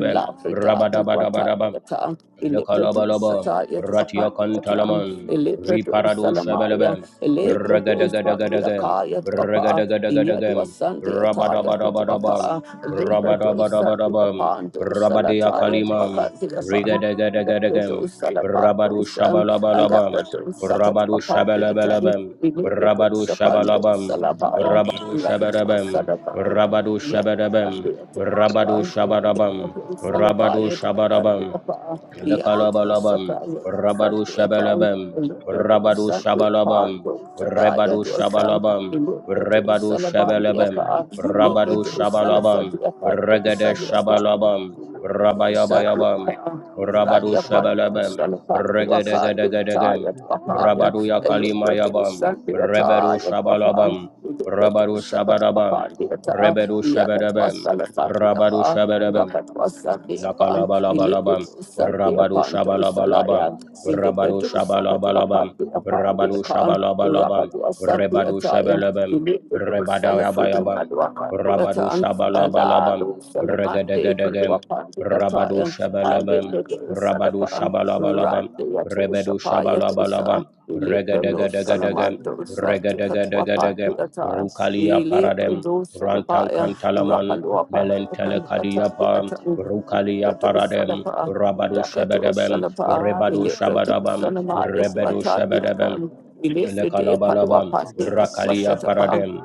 Speaker 1: rabba, rabba,
Speaker 2: Lafrida
Speaker 1: rabba, rabba, rabba,
Speaker 2: Kalwataniata, Librado
Speaker 1: Lekalabalaba,
Speaker 2: Sataya
Speaker 1: Ratiakan
Speaker 2: Dwapandiata,
Speaker 1: Talaman,
Speaker 2: Librado
Speaker 1: Riparado
Speaker 2: Salamaya,
Speaker 1: Shabelebem,
Speaker 2: Librado
Speaker 1: Regadagadagadagam,
Speaker 2: Sandiakaya Dwapa, Yadwa
Speaker 1: Regadagadagadagam,
Speaker 2: Sandiataya
Speaker 9: Thank you.
Speaker 1: Rabadabadabadabam,
Speaker 2: Kadwapa, Librado
Speaker 1: Rabadabadabadabam,
Speaker 2: Sandiapando
Speaker 1: Rabadia
Speaker 2: Salataya
Speaker 1: Kalimam,
Speaker 2: Dwakandiapan. Labrador
Speaker 1: Rigadagadagam, Rabadu
Speaker 2: Salapandos, um, a
Speaker 1: Shabalabalabam,
Speaker 2: Labrador Sakat
Speaker 1: Rabadu
Speaker 2: Apatiatam,
Speaker 1: Shabalabalabam,
Speaker 2: Viniprador
Speaker 1: Rabadu
Speaker 2: Sapandos
Speaker 1: Shabalabam,
Speaker 2: Salabaya,
Speaker 1: Rabadu
Speaker 2: Rakatwa
Speaker 1: Shabadabam,
Speaker 2: Salabaya,
Speaker 1: Rabadu Shabadabam, Rabadu
Speaker 2: Yatwapandiatapan,
Speaker 1: Shabadabam, Rabadu
Speaker 2: Salabaya,
Speaker 1: Shabadabam,
Speaker 2: Dwapatiapa, Yakatwa
Speaker 1: Lekalabalabam,
Speaker 2: Sakaya,
Speaker 1: Rabadu
Speaker 2: Satiapan,
Speaker 1: Shabalabam,
Speaker 2: Labrador
Speaker 1: Rabadu
Speaker 2: Satiapan,
Speaker 1: Shabalabam,
Speaker 2: Salaya
Speaker 1: Rebadu
Speaker 2: Dwasam,
Speaker 1: Shabalabam,
Speaker 2: Viniprador
Speaker 1: Rebadu Shabalabam,
Speaker 2: Salabandiaka,
Speaker 1: Rabadu
Speaker 2: Labrador
Speaker 1: Shabalabam,
Speaker 2: Salafadiapan,
Speaker 1: Regade
Speaker 2: Salakaya.
Speaker 1: Shabalabam,
Speaker 2: Rakadwa
Speaker 1: Rabayabayabam, Rabadu Shabalabam,
Speaker 2: Sunday
Speaker 9: Thank
Speaker 1: Regadegadagam, Rabadu Yakalimayabam, Rebedu Shabalabam, Rabadu Shabalabam, Rebedu Shabalabam, Rabadu Shabalabam, Lakalabalabam, Rabadu Shabalabalabam, Rabadu Shabalabalabam, Rabadu Shabalabalabam, Rebadu
Speaker 2: attire, the
Speaker 1: Shabalabam,
Speaker 2: little Salafredo
Speaker 1: Rebadayabayabam, Rabadu
Speaker 2: Madwaka, Ala
Speaker 1: Shabalabalabam,
Speaker 2: do salamande
Speaker 1: Regadagadagan,
Speaker 2: kalua pandi
Speaker 1: Rabadu
Speaker 2: ataya. Ale
Speaker 1: Shabalabam,
Speaker 2: do
Speaker 1: Rabadu
Speaker 2: salapan.
Speaker 1: Shabalabalabam,
Speaker 2: Rande ato
Speaker 1: Rebedu
Speaker 2: shapaya dosa.
Speaker 1: Shabalabalabam,
Speaker 2: Ile prano
Speaker 1: Regadagadagan,
Speaker 2: salamando sa tikatwa pandi
Speaker 1: Regadagadagan,
Speaker 2: ataya.
Speaker 1: Rukalia
Speaker 2: Ile
Speaker 1: Paradem,
Speaker 2: prano
Speaker 1: Rantan
Speaker 2: salabaya.
Speaker 1: Kantalaman,
Speaker 2: Rakalua pandi kalua tandi
Speaker 1: Melentelekadiapa,
Speaker 2: ataya.
Speaker 1: Rukalia
Speaker 2: Prado
Speaker 1: paradem,
Speaker 2: salapa.
Speaker 1: Rabado
Speaker 2: Yakato
Speaker 1: shabadabem,
Speaker 2: salapa.
Speaker 1: Rebado
Speaker 2: Ile prado
Speaker 1: shabadabam,
Speaker 2: salamaya
Speaker 1: Rebedo
Speaker 2: swatandi ataya.
Speaker 1: shabadabem.
Speaker 2: Ile fride palua
Speaker 1: Lekalabalabam,
Speaker 2: pandi katwa
Speaker 1: Rakalia
Speaker 2: shatapa.
Speaker 1: paradem,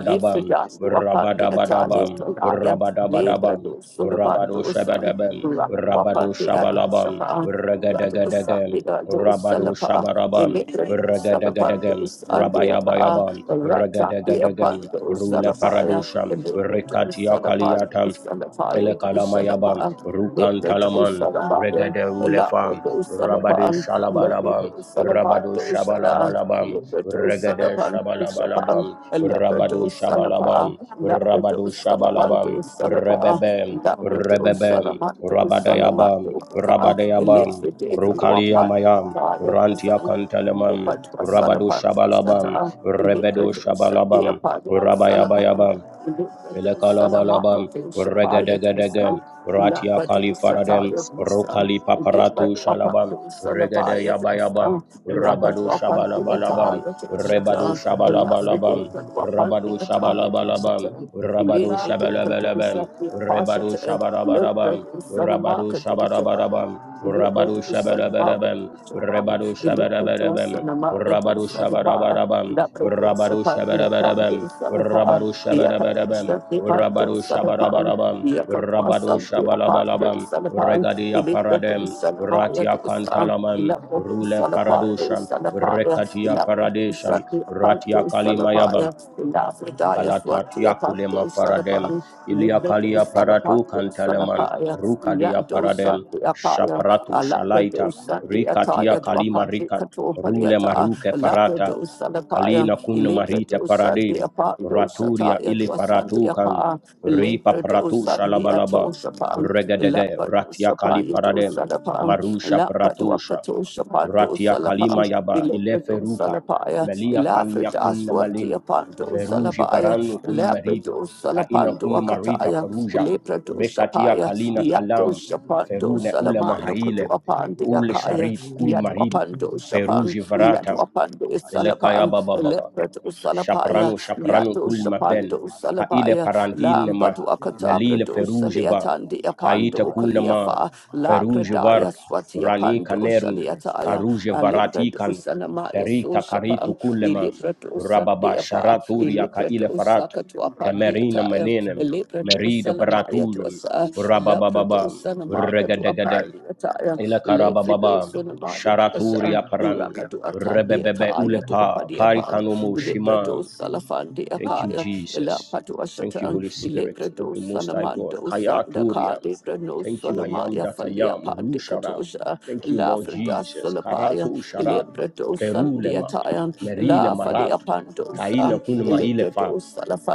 Speaker 2: Lift it up to upon the Italian
Speaker 1: Rabadabadabam,
Speaker 2: Tonaya, Libra
Speaker 1: Rabadabadabam,
Speaker 2: do
Speaker 1: Rabado
Speaker 2: Sulabandosan,
Speaker 1: shabadabam,
Speaker 2: Rakan
Speaker 1: Rabado
Speaker 2: Wapan the
Speaker 1: shabalabam,
Speaker 2: Adosapa, Radosa, the
Speaker 1: Regadegadegem, Rabado
Speaker 2: Adosalapa, the
Speaker 1: shabarabam,
Speaker 2: Libra do
Speaker 1: Regadegadegem,
Speaker 2: Salapandos and the Aka,
Speaker 1: Rabayabayabam,
Speaker 2: Rata the
Speaker 1: Regadegadegem,
Speaker 2: Apando
Speaker 1: Rule
Speaker 2: Salapaya,
Speaker 1: paradusham,
Speaker 2: the Libra do
Speaker 1: Rekatia
Speaker 2: Salapando
Speaker 1: kaliatam,
Speaker 9: you.
Speaker 2: Salapaya do
Speaker 9: Jesus, we
Speaker 1: Elekalamayabam,
Speaker 2: Salapa. Libra do
Speaker 1: Rukantalaman,
Speaker 2: Salamaya,
Speaker 1: Regede
Speaker 2: Labra
Speaker 1: Ulefam,
Speaker 2: do
Speaker 1: Rabadu
Speaker 2: Salapan, Libra do
Speaker 1: Shalabalabam,
Speaker 2: Salapan
Speaker 1: Rabadu
Speaker 2: do Salah,
Speaker 1: Shabalabalabam,
Speaker 2: Libra do
Speaker 1: Regede
Speaker 2: Salapan do Sapan,
Speaker 1: Shabalabalabam,
Speaker 2: Labrador
Speaker 1: Rabadu
Speaker 2: Salapa,
Speaker 1: Shabalabam,
Speaker 2: Labrador
Speaker 1: Rabadu
Speaker 2: Salamando
Speaker 1: Shabalabam,
Speaker 2: Salapa,
Speaker 1: Rebebem,
Speaker 2: Labrador
Speaker 1: Rebebem,
Speaker 2: Salamando
Speaker 1: Rabadayabam,
Speaker 2: Salamando Pata,
Speaker 1: Rabadayabam,
Speaker 2: Electric Luapa,
Speaker 1: Rukaliyamayam,
Speaker 2: Sun, the
Speaker 1: Rantiakantelemam,
Speaker 2: Patwa
Speaker 1: Rabadu
Speaker 2: Salapanto
Speaker 1: Shabalabam,
Speaker 2: Sata,
Speaker 1: Rebedu
Speaker 2: Electric Satia
Speaker 1: Shabalabam,
Speaker 2: Padia Salapan,
Speaker 1: Rabayabayabam,
Speaker 2: Electric
Speaker 1: Elekalabalabam,
Speaker 2: Salamaka Shapaya to the Sun,
Speaker 1: regedegelegem, ratia
Speaker 2: Labrador
Speaker 1: kalifaradem,
Speaker 2: Sataya to the Sun.
Speaker 1: rokali
Speaker 2: Lapad
Speaker 1: paparatu
Speaker 2: wapan
Speaker 1: shalabam,
Speaker 2: tu
Speaker 1: regede
Speaker 2: salabaya tu sa,
Speaker 1: yabayabam,
Speaker 2: lapad
Speaker 1: rabadu
Speaker 2: wapan tu
Speaker 1: shabalabalabam,
Speaker 2: ataya tu
Speaker 1: rebadu
Speaker 2: sa,
Speaker 1: shabalabalabam,
Speaker 9: can
Speaker 2: Elafridated Wapan, the
Speaker 1: rabadu
Speaker 9: Thank
Speaker 2: Italian
Speaker 1: shabalabalabam,
Speaker 2: Washington,
Speaker 1: rabadu
Speaker 2: Immediately
Speaker 1: shabalabalabam,
Speaker 2: Kadusha, the Apostle,
Speaker 1: rebadu
Speaker 2: Milk
Speaker 1: shabarabarabam,
Speaker 2: Producer, the
Speaker 1: rabadu
Speaker 2: Market Dushapan,
Speaker 1: shabarabarabam,
Speaker 2: Milk
Speaker 1: rabadu
Speaker 2: Producer, the Market
Speaker 1: shabalabalabam,
Speaker 2: Dushapan,
Speaker 1: rebadu
Speaker 2: Milk Producer,
Speaker 1: shabarabarabam,
Speaker 2: the Market
Speaker 1: rabadu
Speaker 2: Dushapan,
Speaker 1: shabarabarabam,
Speaker 2: La Producer,
Speaker 1: rabadu
Speaker 2: Pandia
Speaker 1: shabarabarabam,
Speaker 2: Kandi, Sanapa,
Speaker 1: rabadu shabarabarabam,
Speaker 2: Yakatwasha, the Pandu,
Speaker 1: Rabado
Speaker 2: Sanapan,
Speaker 1: Shabarabarabam, Rabado
Speaker 2: Yakatwasa, the Apandu,
Speaker 1: Shabalabalabam,
Speaker 2: Sanapan,
Speaker 1: Regadia
Speaker 2: Milk
Speaker 1: Paradem,
Speaker 2: Producer, the Maya
Speaker 1: Ratia
Speaker 2: Dusa,
Speaker 1: Cantalamam,
Speaker 2: Ila
Speaker 1: Rule
Speaker 2: Producer, the Pandu,
Speaker 1: Paradosham,
Speaker 2: Sanapaya,
Speaker 1: Rekatia Paradesham,
Speaker 2: Ilabradosapaya
Speaker 1: Ratia Kalimayabam, Kalatat kulema Faradem, Iliakalia Paratu Kanteleman, Rukadia Paradem, Shaparatu Shalaita, Rikatia Kalima Rika, Rule Maruke Farata, Kalina Kun Marita Paradim, Raturia Ili Faratukan, Ripa Paratu Shalabalaba, Regedege Ratia Kali Paradem,
Speaker 2: dosalapan,
Speaker 1: Marusha Paratusha,
Speaker 2: Lapaduakato Shapando
Speaker 1: Ratia Kalima
Speaker 2: Salapang,
Speaker 1: Yaba Ile
Speaker 2: Elebrado
Speaker 1: Feruka
Speaker 2: Salapaya,
Speaker 1: Melia Kanya
Speaker 2: Elafridas
Speaker 1: Kun Malin
Speaker 2: Watiapando
Speaker 1: Feruji
Speaker 2: Salabaya,
Speaker 1: Varanu Kun marid
Speaker 2: Labrado
Speaker 1: Kaina
Speaker 2: Salapando
Speaker 1: Kun Marita
Speaker 2: Akataya,
Speaker 1: Feruja
Speaker 2: Elebrado
Speaker 1: Rekatia
Speaker 2: Shapaya,
Speaker 1: Kalina
Speaker 2: Yato
Speaker 1: Kalam
Speaker 2: Shapando
Speaker 1: Ferune Ule
Speaker 2: Salamaya Kutu
Speaker 1: Mahaile
Speaker 2: apandi
Speaker 1: Ule
Speaker 2: Akaya,
Speaker 1: Sharit Kun Maril
Speaker 2: Yatuapando Shapan,
Speaker 1: Feruji Varata
Speaker 2: Yatuapandi
Speaker 1: Ile Kaya
Speaker 2: Salapang,
Speaker 1: Baba Baba
Speaker 2: Elebrado Salapaya,
Speaker 1: Shapranu shapranu
Speaker 2: Yato
Speaker 1: kul
Speaker 9: you.
Speaker 1: maven.
Speaker 2: Shapando
Speaker 1: Ka ile
Speaker 2: Salabaya,
Speaker 1: parandil
Speaker 9: Thank
Speaker 1: nema. Melile
Speaker 2: Lambaduakatabrado
Speaker 1: ferujiva.
Speaker 2: Saliatandi
Speaker 1: Kaita
Speaker 2: Apando
Speaker 1: kul nema.
Speaker 2: Kaliafa, La Kradaya
Speaker 1: Ferujivar.
Speaker 2: Swati
Speaker 1: Rani
Speaker 2: Apando
Speaker 1: kanern.
Speaker 2: Shaliataya,
Speaker 1: Karuje
Speaker 2: Alimbred
Speaker 1: varatikan.
Speaker 2: Usanamaya
Speaker 1: Perita karitu
Speaker 2: Soshapan,
Speaker 1: kulema.
Speaker 2: Ilibred
Speaker 1: Rababa
Speaker 2: Usandiapa,
Speaker 1: sharaturia ka
Speaker 2: Ilibred
Speaker 1: ile farat.
Speaker 2: Usakatuapa
Speaker 1: Kemerina
Speaker 2: Diataya,
Speaker 1: manenem.
Speaker 2: Ilibred
Speaker 1: Merida
Speaker 2: Usanamaya
Speaker 1: baratujem.
Speaker 2: Tuasa, Lapred
Speaker 1: Rababababa.
Speaker 2: Usanamaka Tuapa
Speaker 1: Regadagade.
Speaker 2: Diataya,
Speaker 1: Ila
Speaker 2: Ilibred
Speaker 1: karababa
Speaker 2: Usanamaya
Speaker 1: sharaturi
Speaker 2: Tuasa,
Speaker 1: aparan
Speaker 2: Rakatu
Speaker 1: rebebebe
Speaker 2: Atandiataya Tuapa
Speaker 1: ulepa
Speaker 2: Diapan,
Speaker 1: parikanomo
Speaker 2: Ilibred
Speaker 1: shimam.
Speaker 2: Usalafan
Speaker 1: Thank you,
Speaker 2: Diakaya,
Speaker 1: Jesus. Thank you,
Speaker 2: Lapatu
Speaker 1: Holy Spirit of
Speaker 2: Ilebrado
Speaker 1: the Most High God.
Speaker 2: Salamando Sandaka
Speaker 1: Kayaturiam.
Speaker 2: Lebrano
Speaker 1: Thank you, I am
Speaker 2: Solamaya
Speaker 1: that I
Speaker 2: Falia
Speaker 1: am. Rusharam.
Speaker 2: Pandikatosha
Speaker 1: Thank you, Lord
Speaker 2: Lafrida
Speaker 1: Jesus.
Speaker 2: Solapaya
Speaker 1: Karato sharad.
Speaker 2: Ilebrado
Speaker 1: Ferulema.
Speaker 2: Sandiatayan
Speaker 1: Merile
Speaker 2: La Falia
Speaker 1: marat. Kaina
Speaker 2: Pandosan
Speaker 1: kunma ilefa.
Speaker 2: Ilebrado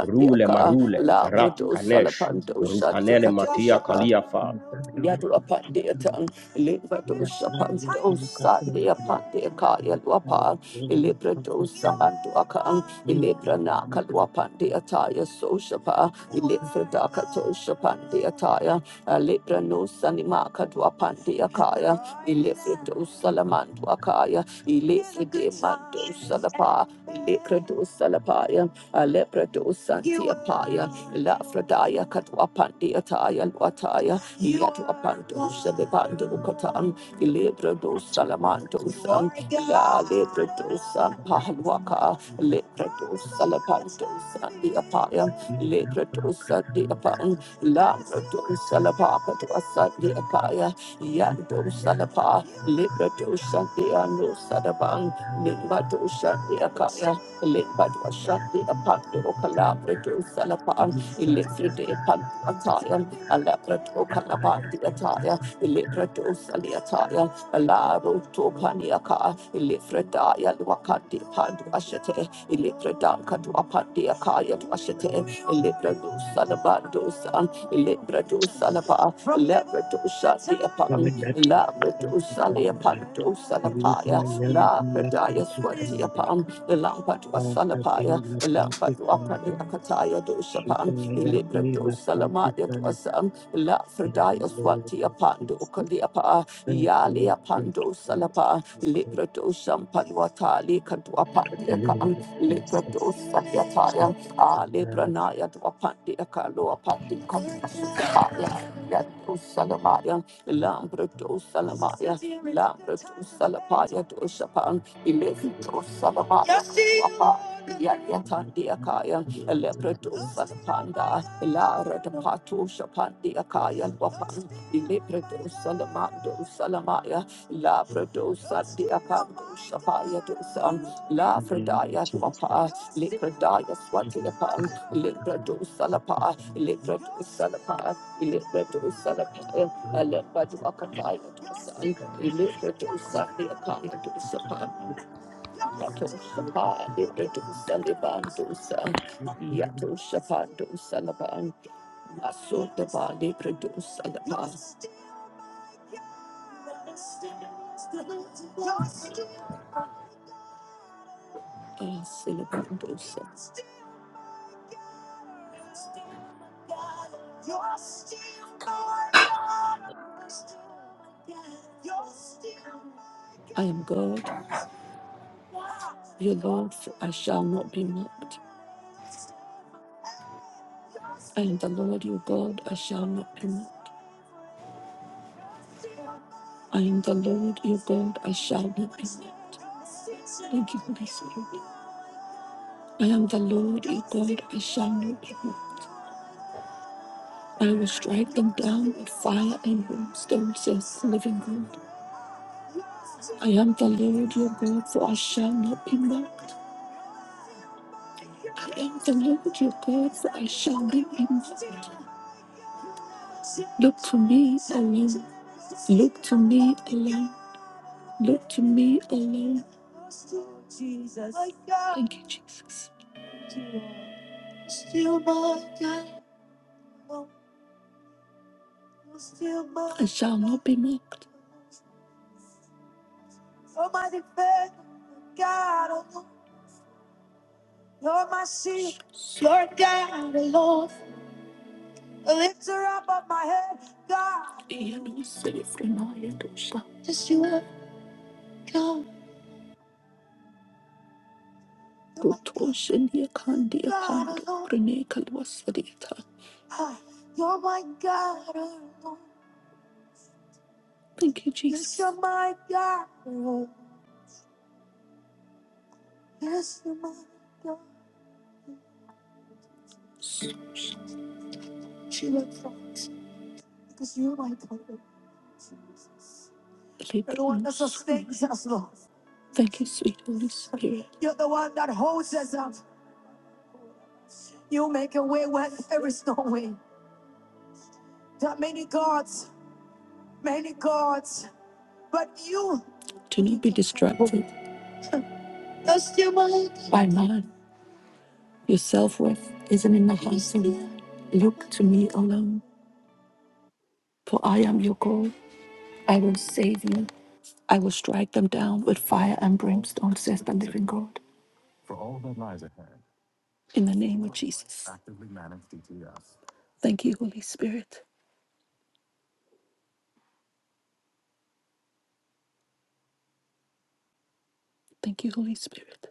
Speaker 1: Rule marule.
Speaker 2: La
Speaker 9: you.
Speaker 1: Farat
Speaker 2: Brodo
Speaker 1: kanesh.
Speaker 2: Salapando
Speaker 1: Rukanene matia
Speaker 2: Shatikatosha
Speaker 1: kaliafa.
Speaker 2: Yadu upon the tongue, Livados upon those Sunday upon the Akaya Luapa, Ilibrados Samantu Akan, Ilibranaka Luapan the Attire Soshapa, Ilifredaka Toshapan the Attire, Alibrano Sanimaka Duapan the Akaya, Ilifredos Salamantu Akaya, Ilifrede Mando Salapa, Ilikrados Salapaya, Aleprados Santiapaya, Lafradaya Katwapan the Attire, Luataya. Yatu
Speaker 9: Thank
Speaker 2: Apanto, Selepando
Speaker 9: you.
Speaker 2: Catan, Ilebra dos Salamantosan, Ya Lebra dosa Pahaluaka, Lebra dos Salapantosan, the Apaya, Lebra dosa the Apan, Labra dos Salapaka to Asan, the Akaya, Yando Salapa, Lebra dosa the Anu Sadaban, Limba dosa the Akaya, Limba dosa the Apanto, Calabra Salapan, Electric Pan Aleprato Kalabandi Ataya, Iliprato Saliataya, Alaro Topaniaka, Ilifredaya Luakati Pandu Ashate, Ilipradanka Duapati Akaya Duashate, Ilipradu Salabando San, Ilipradu Salaba, Aleprato Shatiapan, Labrato Saliapanto
Speaker 9: Television
Speaker 2: Salapaya,
Speaker 9: and
Speaker 2: Labradaya
Speaker 9: Lapakitandri,
Speaker 2: Swatiapan, Lampatu
Speaker 9: Pata
Speaker 2: Salapaya,
Speaker 9: Devi
Speaker 2: Lampatu Apadi
Speaker 9: Lapakitandana,
Speaker 2: Akataya Doshapan, Ilibra
Speaker 9: Shipanagati
Speaker 2: do salama ya do
Speaker 9: Lapakitandana,
Speaker 2: asam la
Speaker 9: in
Speaker 2: frida
Speaker 9: The
Speaker 2: swati
Speaker 9: name of
Speaker 2: apando
Speaker 9: Jesus.
Speaker 2: ukali apa
Speaker 9: Thank
Speaker 2: ya
Speaker 9: you.
Speaker 2: le
Speaker 9: Lord. Thank
Speaker 2: apando
Speaker 9: you,
Speaker 2: salapa
Speaker 9: God.
Speaker 2: libra
Speaker 9: In
Speaker 2: do shampalwata le kadu apande ya
Speaker 9: the name
Speaker 2: kan
Speaker 9: of
Speaker 2: libra do
Speaker 9: Jesus.
Speaker 2: satyata ya
Speaker 9: So,
Speaker 2: a libra
Speaker 9: Sandana,
Speaker 2: na ya do apande ya kalo apande kadu asuti salamaya. ya ya lambra do salama lambra do salapa ya do shapan
Speaker 9: in
Speaker 2: ilibra
Speaker 9: the name
Speaker 2: do
Speaker 9: of Jesus.
Speaker 2: salama apa ya ya tandi ya
Speaker 9: In
Speaker 2: Lepratus Salapanda, Lara de Patusha Pandia Kayan Wapan, Lepratus Salamando Salamaya, Labrados Sandia Pandus Apaya Dosam,
Speaker 9: the name
Speaker 2: Lafredaya Wapa, Lepradaya Swatiapan, Lepratus Salapa, Lepratus Salapa, Lepratus Salapa, Alepa Wakataya Dosan, Lepratus Sandia Kaya
Speaker 9: of Jesus. Thank
Speaker 2: Yatoshapa, Libidu Saliban Dosa, Yatoshapa Dosalaban, Asotapa, Libidu Salapa. Ah, Saliban I am God, your Lord, so I shall not be mocked. I am the Lord your God, I shall not be moved. I am the Lord your God, I shall not be moved. Thank you, Holy Spirit. I am the Lord your God, I shall not be moved. I will strike them down with fire and brimstone, says the living God. I am the Lord your God, for I shall not be mocked. I am the Lord your God, for I shall be infinite. Look to me alone. Look to me alone. Look to me alone. Thank you, Jesus. I shall not be mocked. Lifter up on my head, God. Yanoselifrenayadosha. Yes, you are God. Kutoshendiakandia God pando alone. prenekalwasadiata. Ah, You're my God alone. Thank you, Yes, Jesus. you're my God alone. Yes, you're my God. She looks up because you're my God, alone, Jesus. You're the one that sustains us, Lord. Thank you, sweet Holy Spirit. You're the one that holds us up. You make a way where there is no way. There are many gods, many gods, but you do not be distracted Lost your mind. by man. Your self worth isn't in the hands of man. Look to me alone, for I am your God. I will save you. I will strike them down with fire and brimstone, says the living God. In the name of Jesus. Thank you, Holy Spirit. Thank you, Holy Spirit.